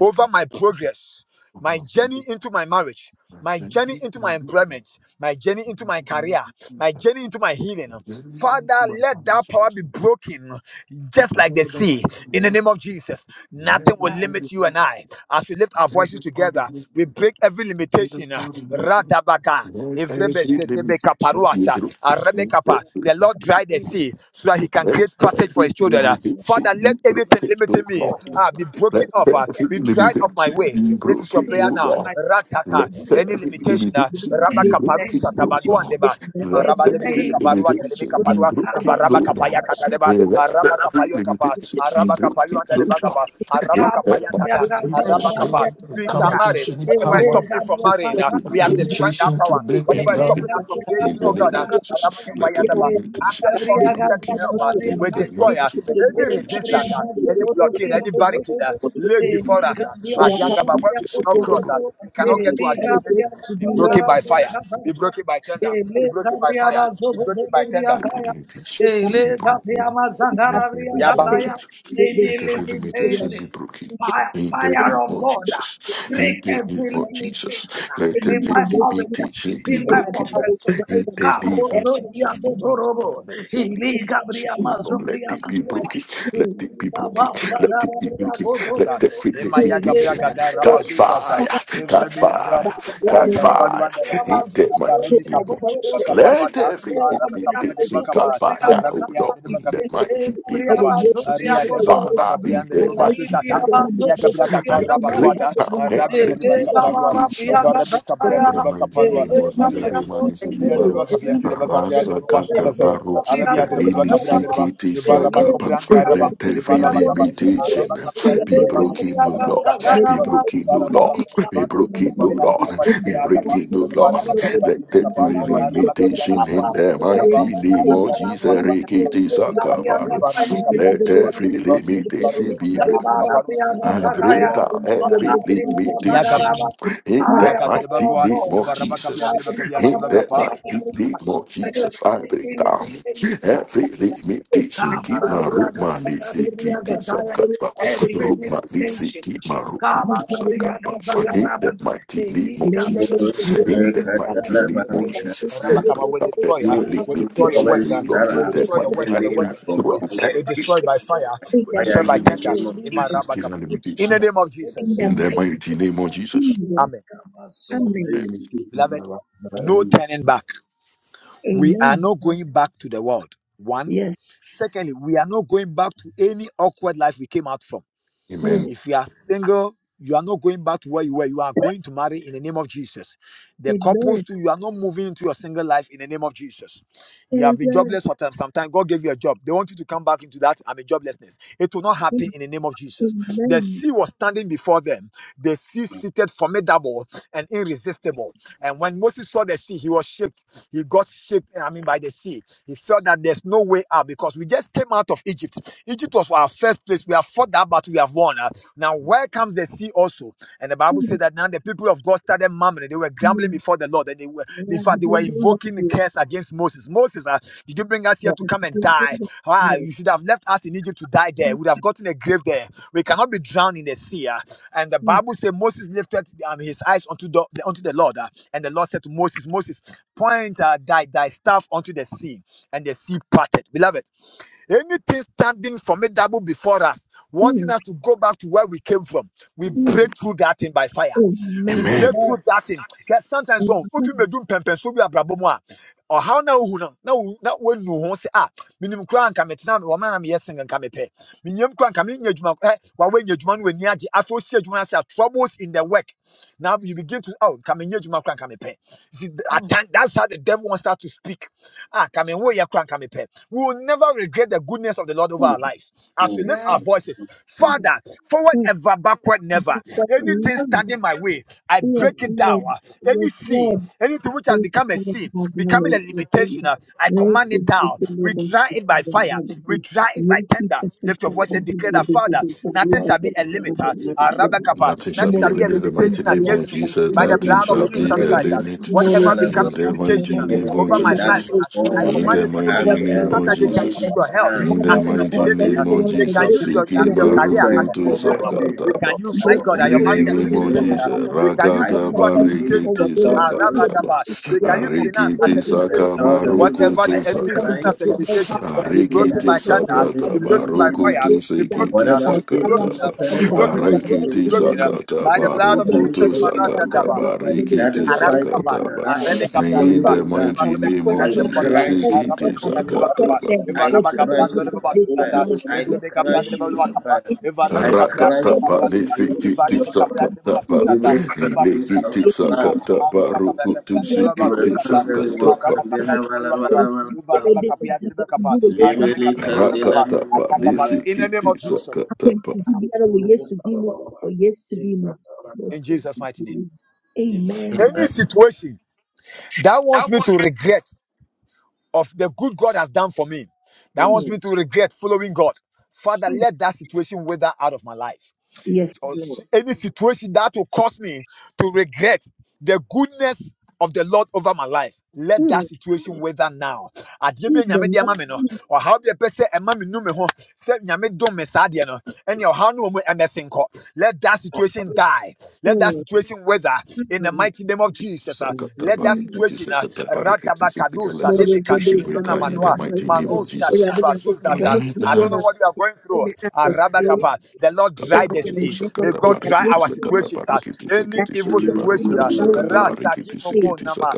Speaker 1: over my progress, my journey into my marriage, my journey into my employment, my journey into my career, my journey into my healing. Father, let that power be broken just like the sea. In the name of Jesus, nothing will
Speaker 5: Wow.
Speaker 1: limit you and I. As we lift our voices together, we break every limitation. Radabaka,
Speaker 2: Lord, as we
Speaker 5: Yeah.
Speaker 1: Evrebezedebeka
Speaker 2: benediction, you
Speaker 1: Paruasa,
Speaker 2: broken in
Speaker 1: Arebekapa.
Speaker 5: yeah.
Speaker 2: fabric.
Speaker 1: The Lord
Speaker 5: And
Speaker 1: dried the
Speaker 5: we
Speaker 1: parted the sea so that he can
Speaker 2: Let
Speaker 1: create passage for
Speaker 2: every
Speaker 1: his children.
Speaker 5: up
Speaker 1: ah.
Speaker 5: this up
Speaker 2: limitation
Speaker 1: Father,
Speaker 2: be
Speaker 1: let
Speaker 5: to the
Speaker 1: anything
Speaker 5: next
Speaker 2: broken, O
Speaker 1: limiting
Speaker 5: couple
Speaker 1: me
Speaker 5: of months.
Speaker 2: Lord.
Speaker 1: ah, be broken
Speaker 2: Let
Speaker 1: off,
Speaker 5: This is
Speaker 1: ah,
Speaker 2: every
Speaker 5: the
Speaker 1: be dried off
Speaker 5: beginning
Speaker 1: my
Speaker 2: limitation
Speaker 5: of the
Speaker 1: way.
Speaker 2: be
Speaker 1: This is your
Speaker 2: broken,
Speaker 5: thing
Speaker 1: prayer
Speaker 2: O
Speaker 5: of
Speaker 1: now.
Speaker 2: Lord.
Speaker 5: life.
Speaker 1: Ratata,
Speaker 5: And
Speaker 2: Let
Speaker 5: save
Speaker 1: any
Speaker 5: this
Speaker 2: every
Speaker 5: nation.
Speaker 1: limitation, ah,
Speaker 2: limitation
Speaker 1: Rabba
Speaker 2: be
Speaker 5: In
Speaker 3: Yes.
Speaker 5: the
Speaker 1: Kaparu,
Speaker 2: broken,
Speaker 5: name of
Speaker 2: O
Speaker 1: Satabago and
Speaker 2: Lord.
Speaker 5: Jesus.
Speaker 1: Deba, and
Speaker 3: Yes.
Speaker 2: Let
Speaker 5: In
Speaker 1: Maraba
Speaker 5: the
Speaker 1: Lebribe
Speaker 2: every
Speaker 5: name of
Speaker 1: Kaparua,
Speaker 5: Jesus.
Speaker 1: Telebe
Speaker 2: limitation be
Speaker 1: Kaparua,
Speaker 5: Cabo
Speaker 2: broken,
Speaker 5: de
Speaker 1: Varaba
Speaker 2: O
Speaker 1: Kapaya
Speaker 2: Lord.
Speaker 5: Brianda,
Speaker 1: Katadeba,
Speaker 2: Let
Speaker 1: Araba
Speaker 2: every
Speaker 1: Kapayo Kapa,
Speaker 2: limitation be
Speaker 1: Araba
Speaker 2: broken,
Speaker 1: Kapayo
Speaker 2: O
Speaker 1: and Deba
Speaker 2: Lord.
Speaker 1: Kapa, Araba
Speaker 2: In
Speaker 5: Cabo
Speaker 2: that
Speaker 5: de
Speaker 1: Kapaya
Speaker 2: mighty
Speaker 1: Kata,
Speaker 5: Brianda,
Speaker 9: We
Speaker 3: Yes.
Speaker 2: name
Speaker 1: Araba
Speaker 9: touch
Speaker 2: of
Speaker 5: Zabara
Speaker 9: them.
Speaker 1: Kapa.
Speaker 2: Jesus,
Speaker 5: Brianda,
Speaker 9: We
Speaker 1: We
Speaker 9: Come
Speaker 1: shall
Speaker 5: Zabara.
Speaker 1: marry.
Speaker 9: against any
Speaker 5: Ele
Speaker 1: Whatever is
Speaker 9: power
Speaker 1: stopping
Speaker 5: da
Speaker 1: you from
Speaker 5: Brianda,
Speaker 1: marrying,
Speaker 2: every
Speaker 1: ah, we
Speaker 9: of
Speaker 5: Zabara
Speaker 1: have
Speaker 2: limitation
Speaker 1: destroyed that
Speaker 5: Brianda.
Speaker 9: limitation to
Speaker 1: power.
Speaker 9: break
Speaker 2: Be
Speaker 9: me
Speaker 1: Whatever is
Speaker 5: Ele
Speaker 2: broken.
Speaker 1: stopping
Speaker 9: down.
Speaker 5: da Brianda,
Speaker 1: us from
Speaker 5: Zabara
Speaker 2: In
Speaker 1: gaining,
Speaker 2: the
Speaker 1: oh
Speaker 2: name
Speaker 1: God, uh,
Speaker 2: of
Speaker 5: Brianda, Zabara.
Speaker 2: Jesus, let
Speaker 3: Yes. Yes.
Speaker 2: every
Speaker 1: Aramakabayataba,
Speaker 5: Ele
Speaker 2: limitation
Speaker 5: da
Speaker 1: access
Speaker 2: be
Speaker 1: unto
Speaker 5: Brianda,
Speaker 1: certain
Speaker 2: broken.
Speaker 1: help, uh,
Speaker 5: Zabara
Speaker 2: In
Speaker 1: we
Speaker 2: the
Speaker 5: Brianda.
Speaker 1: destroy uh,
Speaker 2: mighty name
Speaker 5: Limitation
Speaker 2: of
Speaker 1: any resistance,
Speaker 2: Jesus.
Speaker 1: uh, any blockade, any barricade uh, laid before us. Uh, uh, Yagaba, where we
Speaker 2: Jesus,
Speaker 1: cannot cross, uh, we cannot get to our destination. Be broken by fire, be broken by thunder, be broken by fire, be broken by
Speaker 2: Let
Speaker 1: thunder.
Speaker 2: every limitation be broken. In the name
Speaker 1: Yaba.
Speaker 2: of Jesus. Let every limitation be broken.
Speaker 5: Fire,
Speaker 2: In the
Speaker 5: fire
Speaker 2: name
Speaker 5: of
Speaker 2: of
Speaker 5: God, uh,
Speaker 2: Jesus.
Speaker 5: break
Speaker 2: In the name
Speaker 5: every
Speaker 2: of Jesus.
Speaker 5: limitation uh,
Speaker 2: Let
Speaker 5: in
Speaker 2: every
Speaker 5: my marriage, uh,
Speaker 2: limitation be
Speaker 5: in my
Speaker 2: broken.
Speaker 5: profession.
Speaker 2: In the name
Speaker 5: Cabo
Speaker 2: of
Speaker 5: Zoria
Speaker 2: Jesus. In
Speaker 5: Bodorobo,
Speaker 2: financially.
Speaker 5: Iliga
Speaker 2: She
Speaker 5: Bria
Speaker 2: will not let
Speaker 5: Mazumbria
Speaker 2: it be
Speaker 5: Bodoya,
Speaker 2: broken. Let it be
Speaker 5: Iliga
Speaker 2: broken. Let
Speaker 5: Bazagara
Speaker 2: it be
Speaker 5: Bria
Speaker 2: broken. Let
Speaker 1: sa
Speaker 5: Godorobo,
Speaker 2: every
Speaker 3: go
Speaker 1: emaya gabra
Speaker 2: limitation
Speaker 5: Iliga
Speaker 1: gada
Speaker 5: Bria
Speaker 2: catch
Speaker 1: rabazuza sa
Speaker 5: Bazagara
Speaker 2: fire. Catch
Speaker 1: evrebe
Speaker 3: by
Speaker 2: fire.
Speaker 5: bozoya,
Speaker 3: the
Speaker 1: gabra
Speaker 3: blood
Speaker 2: Catch
Speaker 3: and
Speaker 1: ntari
Speaker 3: the
Speaker 5: iliga
Speaker 2: fire.
Speaker 5: briya
Speaker 1: reba
Speaker 2: In
Speaker 3: fire
Speaker 2: the
Speaker 3: to
Speaker 2: mighty
Speaker 1: varebe
Speaker 5: mazumbriya
Speaker 2: name
Speaker 3: fight
Speaker 1: kapia
Speaker 2: of
Speaker 1: ndriba
Speaker 5: bozorobo,
Speaker 3: the
Speaker 2: Jesus.
Speaker 3: enemy.
Speaker 2: Let
Speaker 1: kaparwata
Speaker 3: The
Speaker 2: everything
Speaker 5: iliga
Speaker 3: enemy
Speaker 1: arabe
Speaker 2: be
Speaker 5: briya
Speaker 1: kapia ndriba
Speaker 2: taken
Speaker 1: kapa
Speaker 2: God fire
Speaker 5: bazumbriya
Speaker 2: out
Speaker 1: arabe kia
Speaker 5: bozoya.
Speaker 2: of me. In
Speaker 1: ndriba
Speaker 2: The
Speaker 5: Thank
Speaker 2: mighty name
Speaker 3: I will
Speaker 1: Kapa,
Speaker 2: of
Speaker 3: yet to
Speaker 2: Jesus.
Speaker 3: give
Speaker 1: Aria
Speaker 3: it, I
Speaker 1: Driba
Speaker 3: will yet
Speaker 1: Kova
Speaker 2: Father,
Speaker 3: to give it
Speaker 2: in
Speaker 1: Gabrian de
Speaker 3: my
Speaker 2: the
Speaker 1: Baba
Speaker 3: life and
Speaker 2: mighty
Speaker 3: have
Speaker 1: Susasa,
Speaker 2: name
Speaker 3: any
Speaker 2: of
Speaker 1: Ebiaka
Speaker 3: meditation
Speaker 2: Jesus.
Speaker 1: Bracata
Speaker 2: I break
Speaker 1: Rabatuata,
Speaker 2: down
Speaker 3: one has for
Speaker 1: Arabic
Speaker 2: every
Speaker 1: Driba Caparua,
Speaker 2: limitation.
Speaker 3: me
Speaker 1: Varabic
Speaker 3: for
Speaker 1: Capia
Speaker 2: In
Speaker 3: me
Speaker 2: the
Speaker 1: Driba
Speaker 2: mighty
Speaker 1: Caparua,
Speaker 2: name of
Speaker 3: not to be
Speaker 1: Ali
Speaker 2: Jesus.
Speaker 3: for me
Speaker 2: Remani
Speaker 3: my
Speaker 1: Ibia
Speaker 3: glory,
Speaker 2: Zibimaru.
Speaker 1: Driba
Speaker 3: for
Speaker 1: Capia
Speaker 3: me not
Speaker 1: Driba
Speaker 3: to
Speaker 1: Capia
Speaker 2: Rasa
Speaker 1: Driba
Speaker 3: die
Speaker 2: Kata
Speaker 1: Susasa,
Speaker 3: for
Speaker 2: Baru.
Speaker 3: me,
Speaker 1: Alabia
Speaker 3: for the
Speaker 1: Driba
Speaker 2: Reni
Speaker 3: glory
Speaker 1: Capia Driba,
Speaker 2: Sikiti
Speaker 3: of the
Speaker 1: Ivaraba
Speaker 2: Sakaba.
Speaker 1: Cobran Araba,
Speaker 2: Let
Speaker 3: Lord, for
Speaker 2: every
Speaker 3: the
Speaker 1: Ivaraba
Speaker 3: glory of
Speaker 1: Gaba,
Speaker 3: the
Speaker 2: limitation
Speaker 1: Araba
Speaker 3: Lord, for
Speaker 1: Capia Driba,
Speaker 2: be broken, no
Speaker 1: Ivarabic
Speaker 2: Lord.
Speaker 1: Capia
Speaker 2: Be
Speaker 1: Driba,
Speaker 2: broken, no
Speaker 1: Ivaraba Capia
Speaker 2: Lord.
Speaker 3: the
Speaker 2: Be
Speaker 1: Driba,
Speaker 3: glory of the
Speaker 2: broken, no
Speaker 1: Ivarabia Driba
Speaker 2: Lord. We
Speaker 1: Valibria
Speaker 3: Lord.
Speaker 2: break
Speaker 1: Capa,
Speaker 2: it, oh
Speaker 3: Thank
Speaker 2: Lord.
Speaker 1: Ivaraba Capia
Speaker 2: Let
Speaker 1: Driba
Speaker 2: that
Speaker 1: Capa,
Speaker 5: you.
Speaker 1: Araba Capia
Speaker 2: limitation
Speaker 1: Driba pali
Speaker 2: in the mighty name of Jesus. Rekete sakabare. Let every limitation be broken. I bring down every
Speaker 3: you.
Speaker 2: limitation in that mighty
Speaker 1: Yakabrakatiribagwa,
Speaker 2: name of Jesus. In that
Speaker 1: Varabakabiadiribakabiadiribakapa,
Speaker 2: mighty name of Jesus, I bring down every limitation. Keep my root, my nisi, kiti sakapa.
Speaker 5: Every
Speaker 2: Root, my nisi,
Speaker 5: limitation,
Speaker 2: keep my rukutu sakapa. In that mighty name of
Speaker 10: You
Speaker 2: Jesus.
Speaker 10: evil
Speaker 2: In that mighty name of Jesus.
Speaker 5: Gabriel,
Speaker 2: Bring
Speaker 1: Rabakapa will
Speaker 2: down
Speaker 1: destroy her,
Speaker 2: every
Speaker 1: will destroy your
Speaker 3: your
Speaker 2: limitation.
Speaker 1: works,
Speaker 2: We
Speaker 1: uh,
Speaker 10: powers that
Speaker 2: lost in
Speaker 1: will
Speaker 10: are
Speaker 2: that
Speaker 1: destroy your
Speaker 3: relationship,
Speaker 1: works
Speaker 2: mighty
Speaker 10: throwing
Speaker 1: that the
Speaker 10: me
Speaker 1: works
Speaker 2: name.
Speaker 1: of the
Speaker 10: from
Speaker 1: enemy
Speaker 10: the
Speaker 3: Father,
Speaker 10: bed,
Speaker 2: Every
Speaker 1: will destroy
Speaker 2: limitation.
Speaker 1: by fire, will
Speaker 10: fire
Speaker 1: destroy
Speaker 10: you
Speaker 1: by
Speaker 10: in the
Speaker 1: tender
Speaker 10: name of
Speaker 1: in my
Speaker 10: Jesus.
Speaker 2: It's still a
Speaker 1: Rabakapa. In
Speaker 2: limitation.
Speaker 1: the name of
Speaker 3: In
Speaker 1: Jesus,
Speaker 3: the
Speaker 2: In the
Speaker 3: mighty
Speaker 2: mighty
Speaker 3: name of
Speaker 2: name of
Speaker 3: Jesus, Father, in the mighty name of
Speaker 2: Jesus.
Speaker 3: Jesus.
Speaker 1: Amen.
Speaker 3: Amen.
Speaker 1: Beloved, no turning back. we are
Speaker 3: Amen.
Speaker 1: not going back to the world. One.
Speaker 3: Yes.
Speaker 1: Secondly, we are not going back to any awkward life we came out from.
Speaker 3: Mm.
Speaker 2: Amen.
Speaker 1: If you are single, you are not going back to where you were. You are going to marry in the name of Jesus. The couples
Speaker 3: Amen.
Speaker 1: too, you are not moving into your single life in the name of Jesus. You have been
Speaker 3: Amen.
Speaker 1: jobless for time. Sometimes God gave you a job. They want you to come back into that. I mean, joblessness. It will not happen in the name of Jesus. The
Speaker 3: Amen.
Speaker 1: sea was standing before them. The sea seated formidable and irresistible. And when Moses saw the sea, he was shaped. He got shaped, I mean, by the sea. He felt that there's no way out because we just came out of Egypt. Egypt was our first place. We have fought that battle. We have won. Uh, Now, where comes the sea also? And the Bible said that now the people of God started murmuring. They were grumbling before before the Lord. And they were, in fact, they were invoking a
Speaker 3: Mm. Mm.
Speaker 1: curse against Moses. Moses, uh, did you bring us here to
Speaker 3: Hallelujah.
Speaker 1: come and die? Ah,
Speaker 3: Yes.
Speaker 1: you should have left us in Egypt to die there. We'd have gotten a grave there. We cannot be drowned in the sea. ah." And the Bible says Moses lifted um, his eyes unto the, unto the Lord. ah, and the Lord said to Moses, Moses, point uh, thy, thy staff unto the sea. And the sea parted. Beloved, Anything standing formidable before us,
Speaker 3: Mm. Mm. Mm.
Speaker 1: wanting us to go back to where we came from, we
Speaker 3: Amen.
Speaker 1: break through that thing by fire. We break
Speaker 2: Amen.
Speaker 1: through that thing. 'Cause sometimes,
Speaker 3: Amen.
Speaker 1: when what we be doing, pem pem, so we are brabo moa. Or how now, who now, now, now, when no one say, ah, minimum crown come at now, woman, I'm yes, and come a pay. Minimum crown come in your juman, eh, while when your juman, when yaji, associate juman, say, troubles in the work. Now you begin to, oh, come in your crown come a pay. See, at times, that's how the devil wants to start to speak. Ah anka me wo yɛ We will never regret the goodness of the Lord over our lives. As we
Speaker 3: Mm.
Speaker 1: lift
Speaker 5: Yes,
Speaker 1: our voices, Father, forward ever, backward never. Anything
Speaker 3: Amen.
Speaker 1: standing my way, I
Speaker 3: Yes,
Speaker 1: break it down.
Speaker 3: Lord.
Speaker 1: ah. Any
Speaker 3: Yes,
Speaker 1: sea,
Speaker 3: Lord.
Speaker 1: anything which has
Speaker 3: Thank you,
Speaker 1: become a sea,
Speaker 3: Father,
Speaker 1: becoming a
Speaker 3: Lord. Yes,
Speaker 1: limitation,
Speaker 3: Lord.
Speaker 1: ah, I
Speaker 3: Great
Speaker 1: command it down. We
Speaker 3: deliverance.
Speaker 1: dry it by fire. We dry it by
Speaker 3: Thank
Speaker 1: tender. Lift your voice and declare that, Father, nothing shall be a limiter. Ah, Rabba
Speaker 2: Nothing shall
Speaker 1: Nothing
Speaker 2: be
Speaker 1: shall
Speaker 2: a
Speaker 1: be a
Speaker 2: limit in the mighty
Speaker 1: limitation
Speaker 2: name of
Speaker 1: against me
Speaker 2: Jesus.
Speaker 1: by the
Speaker 2: Nothing
Speaker 1: blood of
Speaker 2: shall be
Speaker 1: Jesus
Speaker 2: a
Speaker 1: Christ. uh,
Speaker 2: limit
Speaker 1: Whatever
Speaker 2: in
Speaker 1: becoming
Speaker 2: the
Speaker 1: limitation
Speaker 2: mighty
Speaker 1: uh,
Speaker 2: name of
Speaker 1: over
Speaker 10: Anything
Speaker 1: my
Speaker 10: that
Speaker 1: life,
Speaker 2: Jesus.
Speaker 10: is
Speaker 1: uh, I
Speaker 10: pulling
Speaker 2: In
Speaker 10: me
Speaker 1: command
Speaker 2: the
Speaker 1: it broken.
Speaker 10: back
Speaker 1: uh,
Speaker 2: mighty name
Speaker 1: so
Speaker 10: and
Speaker 2: of
Speaker 1: that they can
Speaker 10: pulling me
Speaker 2: Jesus.
Speaker 1: use your health
Speaker 10: down,
Speaker 2: In the
Speaker 1: as a
Speaker 2: mighty
Speaker 1: limitation. uh,
Speaker 2: name
Speaker 10: forcing me
Speaker 2: of
Speaker 1: They can
Speaker 2: Jesus,
Speaker 1: use your, I
Speaker 2: Siki
Speaker 10: to
Speaker 1: your
Speaker 10: go to
Speaker 1: career
Speaker 2: Maruku
Speaker 1: as
Speaker 10: my
Speaker 1: a
Speaker 2: to
Speaker 10: former
Speaker 1: limitation.
Speaker 10: state.
Speaker 1: They
Speaker 2: Sakataba.
Speaker 1: can use,
Speaker 10: I
Speaker 1: my God, uh, your
Speaker 2: In
Speaker 10: break it
Speaker 2: the
Speaker 1: marriage as
Speaker 10: in
Speaker 1: a
Speaker 10: the
Speaker 2: name of
Speaker 1: limitation.
Speaker 10: name
Speaker 1: uh,
Speaker 10: of
Speaker 2: Jesus,
Speaker 1: They
Speaker 10: Jesus.
Speaker 1: can use
Speaker 10: I
Speaker 1: people as
Speaker 2: Rakataba
Speaker 1: a
Speaker 10: defeat it by the
Speaker 1: limitation. uh,
Speaker 2: Rikiti
Speaker 10: power of
Speaker 1: uh,
Speaker 10: the Holy
Speaker 2: Sakataba.
Speaker 10: Ghost.
Speaker 1: rabadaba. They can use finance as
Speaker 2: Arikiti
Speaker 1: a
Speaker 10: By the
Speaker 1: limitation.
Speaker 2: Saka
Speaker 1: uh,
Speaker 10: power of the Holy
Speaker 2: Maruku
Speaker 1: Whatever
Speaker 10: Ghost,
Speaker 1: the
Speaker 2: to
Speaker 10: I
Speaker 1: enemy is
Speaker 10: cry
Speaker 1: using as a
Speaker 2: Sakataba.
Speaker 1: limitation,
Speaker 10: That
Speaker 1: be
Speaker 10: thing
Speaker 1: broken
Speaker 10: that
Speaker 2: Arikiti
Speaker 10: is
Speaker 1: by thunder,
Speaker 10: stopping me,
Speaker 1: be
Speaker 3: you.
Speaker 2: Sakataba
Speaker 1: broken by
Speaker 10: limiting me,
Speaker 2: Ruku
Speaker 1: fire,
Speaker 2: to
Speaker 1: be
Speaker 3: Example,
Speaker 1: broken,
Speaker 2: Sikiti
Speaker 1: uh,
Speaker 3: by
Speaker 10: whatever
Speaker 1: be
Speaker 3: fire
Speaker 10: evil
Speaker 3: of
Speaker 1: broken, uh,
Speaker 2: Sakataba.
Speaker 1: be
Speaker 10: spirit,
Speaker 3: thunder in
Speaker 1: broken, be
Speaker 3: the
Speaker 10: whatever
Speaker 1: broken, be
Speaker 2: Arikiti
Speaker 3: mighty
Speaker 10: evil
Speaker 1: broken,
Speaker 3: name
Speaker 1: uh,
Speaker 3: of
Speaker 10: entity,
Speaker 1: by the
Speaker 3: Jesus.
Speaker 2: Sakataba
Speaker 1: blood of
Speaker 2: Ruku
Speaker 10: satanic
Speaker 3: They
Speaker 2: to
Speaker 1: Jesus,
Speaker 3: will
Speaker 10: entity
Speaker 3: cover us from
Speaker 1: Marazadaba,
Speaker 3: back
Speaker 2: Sakataba
Speaker 3: and they will
Speaker 10: that
Speaker 2: Rikiti
Speaker 10: is
Speaker 3: cover us
Speaker 1: Arabe
Speaker 10: fighting
Speaker 1: Kappa,
Speaker 2: Sakataba.
Speaker 10: the
Speaker 3: from
Speaker 1: Arabe
Speaker 10: life,
Speaker 1: Kappa,
Speaker 3: the
Speaker 2: In
Speaker 10: pulling
Speaker 1: Adreba,
Speaker 2: the
Speaker 10: me
Speaker 3: forward
Speaker 10: down.
Speaker 2: mighty
Speaker 3: the
Speaker 1: Arabe
Speaker 2: name
Speaker 1: Kappa,
Speaker 3: backward
Speaker 2: of
Speaker 10: I
Speaker 1: Adreba, Adreba,
Speaker 2: Jesus,
Speaker 3: never,
Speaker 10: crush
Speaker 3: forward
Speaker 10: it in
Speaker 1: Araba
Speaker 3: ever,
Speaker 2: Sikiti
Speaker 10: the
Speaker 1: Kappa,
Speaker 3: the
Speaker 10: name
Speaker 1: Adreba
Speaker 10: of
Speaker 3: backward
Speaker 1: Kappa,
Speaker 2: Sakataba.
Speaker 10: Jesus.
Speaker 3: never,
Speaker 1: if
Speaker 10: I
Speaker 3: go to
Speaker 1: Araba
Speaker 3: the
Speaker 1: Kappa,
Speaker 10: crush
Speaker 3: Jesus,
Speaker 1: Adreba
Speaker 10: it by
Speaker 3: this the
Speaker 10: fire.
Speaker 1: Basukasa,
Speaker 3: mama, of family,
Speaker 1: if
Speaker 10: I
Speaker 1: Rebe Kappa,
Speaker 3: like,
Speaker 10: crush
Speaker 1: Adreba
Speaker 10: you
Speaker 1: Lua
Speaker 10: by
Speaker 1: Kappa,
Speaker 10: fire.
Speaker 1: if Arabe
Speaker 10: I
Speaker 1: Kappa,
Speaker 10: crush
Speaker 1: Adreba
Speaker 10: you
Speaker 2: Rakatapa
Speaker 1: Lua
Speaker 10: in the
Speaker 1: Adreba,
Speaker 3: your
Speaker 10: name
Speaker 3: family,
Speaker 1: if
Speaker 10: of
Speaker 3: your family,
Speaker 2: nisikiti
Speaker 3: your
Speaker 1: Arabe
Speaker 10: Jesus.
Speaker 1: Kappa,
Speaker 3: family,
Speaker 1: Adreba
Speaker 2: sakatapa
Speaker 1: Basukasa,
Speaker 10: Libro
Speaker 1: if
Speaker 10: Kandeli
Speaker 2: nikiti
Speaker 1: Arabe Kappa,
Speaker 10: Kavalava.
Speaker 2: sakatapa
Speaker 1: Araba Kappa,
Speaker 3: your
Speaker 2: rukutu
Speaker 3: family, your
Speaker 1: Adreba
Speaker 10: Libro
Speaker 3: family,
Speaker 2: sikiti
Speaker 1: Basukasa,
Speaker 10: Kandeli
Speaker 1: if
Speaker 2: sakatapa
Speaker 1: Araba Kappa,
Speaker 10: Mokandela
Speaker 1: Adreba Lua Kappa,
Speaker 3: yesu
Speaker 1: if
Speaker 3: dimo
Speaker 10: Valavala.
Speaker 1: Araba Kappa, Adreba Kappa,
Speaker 3: yesu
Speaker 1: Arabe
Speaker 10: Liberty
Speaker 1: Kappa, Adreba
Speaker 10: candela
Speaker 1: Kappa,
Speaker 2: rakatapa
Speaker 1: Ayakapa,
Speaker 10: manapula.
Speaker 1: in the name
Speaker 2: nisikiti
Speaker 1: of Jesus.
Speaker 2: sakatapa
Speaker 3: dimo yesu dimo Amen.
Speaker 1: Thank
Speaker 5: amen.
Speaker 10: Amen.
Speaker 1: you. and let that situation wither out of my life.
Speaker 3: Yes,
Speaker 1: So,
Speaker 3: Lord.
Speaker 1: any situation that will cause me to regret the goodness of the Lord over my life, let
Speaker 3: Mm.
Speaker 1: that situation wither now. Adeɛ bi
Speaker 3: In
Speaker 1: a Nyame
Speaker 3: the
Speaker 1: de
Speaker 3: mighty
Speaker 1: ama me no,
Speaker 3: name
Speaker 1: ɔhaw bi a ɛpɛ sɛ ɛma me nu me ho, sɛ Nyame dom me saa adeɛ no, ɛnea ɔhaw no wɔ mu ɛmmɛsen kɔ. Let that situation die. Let that
Speaker 3: of
Speaker 1: situation wither in the
Speaker 3: Jesus.
Speaker 1: mighty name of Jesus. ah. Let
Speaker 2: sakatapa
Speaker 1: that
Speaker 3: Mm.
Speaker 2: nikiti
Speaker 1: situation uh,
Speaker 2: sakatapa nikiti
Speaker 1: Ratabakadu
Speaker 2: sakatapa let the
Speaker 3: Lord,
Speaker 1: Sadebe
Speaker 3: we go
Speaker 2: situation
Speaker 3: to
Speaker 1: Kanimi
Speaker 3: the
Speaker 1: Nuna
Speaker 2: greater
Speaker 3: man
Speaker 2: in
Speaker 3: and
Speaker 2: the
Speaker 1: Manua
Speaker 3: the
Speaker 2: mighty name
Speaker 3: people.
Speaker 1: Manu
Speaker 2: of
Speaker 3: We
Speaker 2: Jesus.
Speaker 3: are being
Speaker 1: Shadiba
Speaker 3: asked to go
Speaker 1: Zuzaza.
Speaker 3: to
Speaker 1: I
Speaker 3: the
Speaker 1: don't
Speaker 3: man
Speaker 1: know what you are going
Speaker 3: and
Speaker 1: through.
Speaker 3: the people. We are being asked to go to
Speaker 1: Arabakapa. The Lord dry the
Speaker 3: the man and the people. We are being asked to
Speaker 1: sea.
Speaker 2: Kaparokutusa
Speaker 3: go
Speaker 1: May God dry our
Speaker 2: kataparikitisa
Speaker 1: situations. ah.
Speaker 2: kataparikitisa
Speaker 1: Any
Speaker 2: kitisa
Speaker 1: evil situation.
Speaker 3: to
Speaker 1: ah.
Speaker 2: kiparokutusa
Speaker 1: Rasaki
Speaker 2: kataparikitisa
Speaker 1: moko
Speaker 2: kitisa
Speaker 1: nama.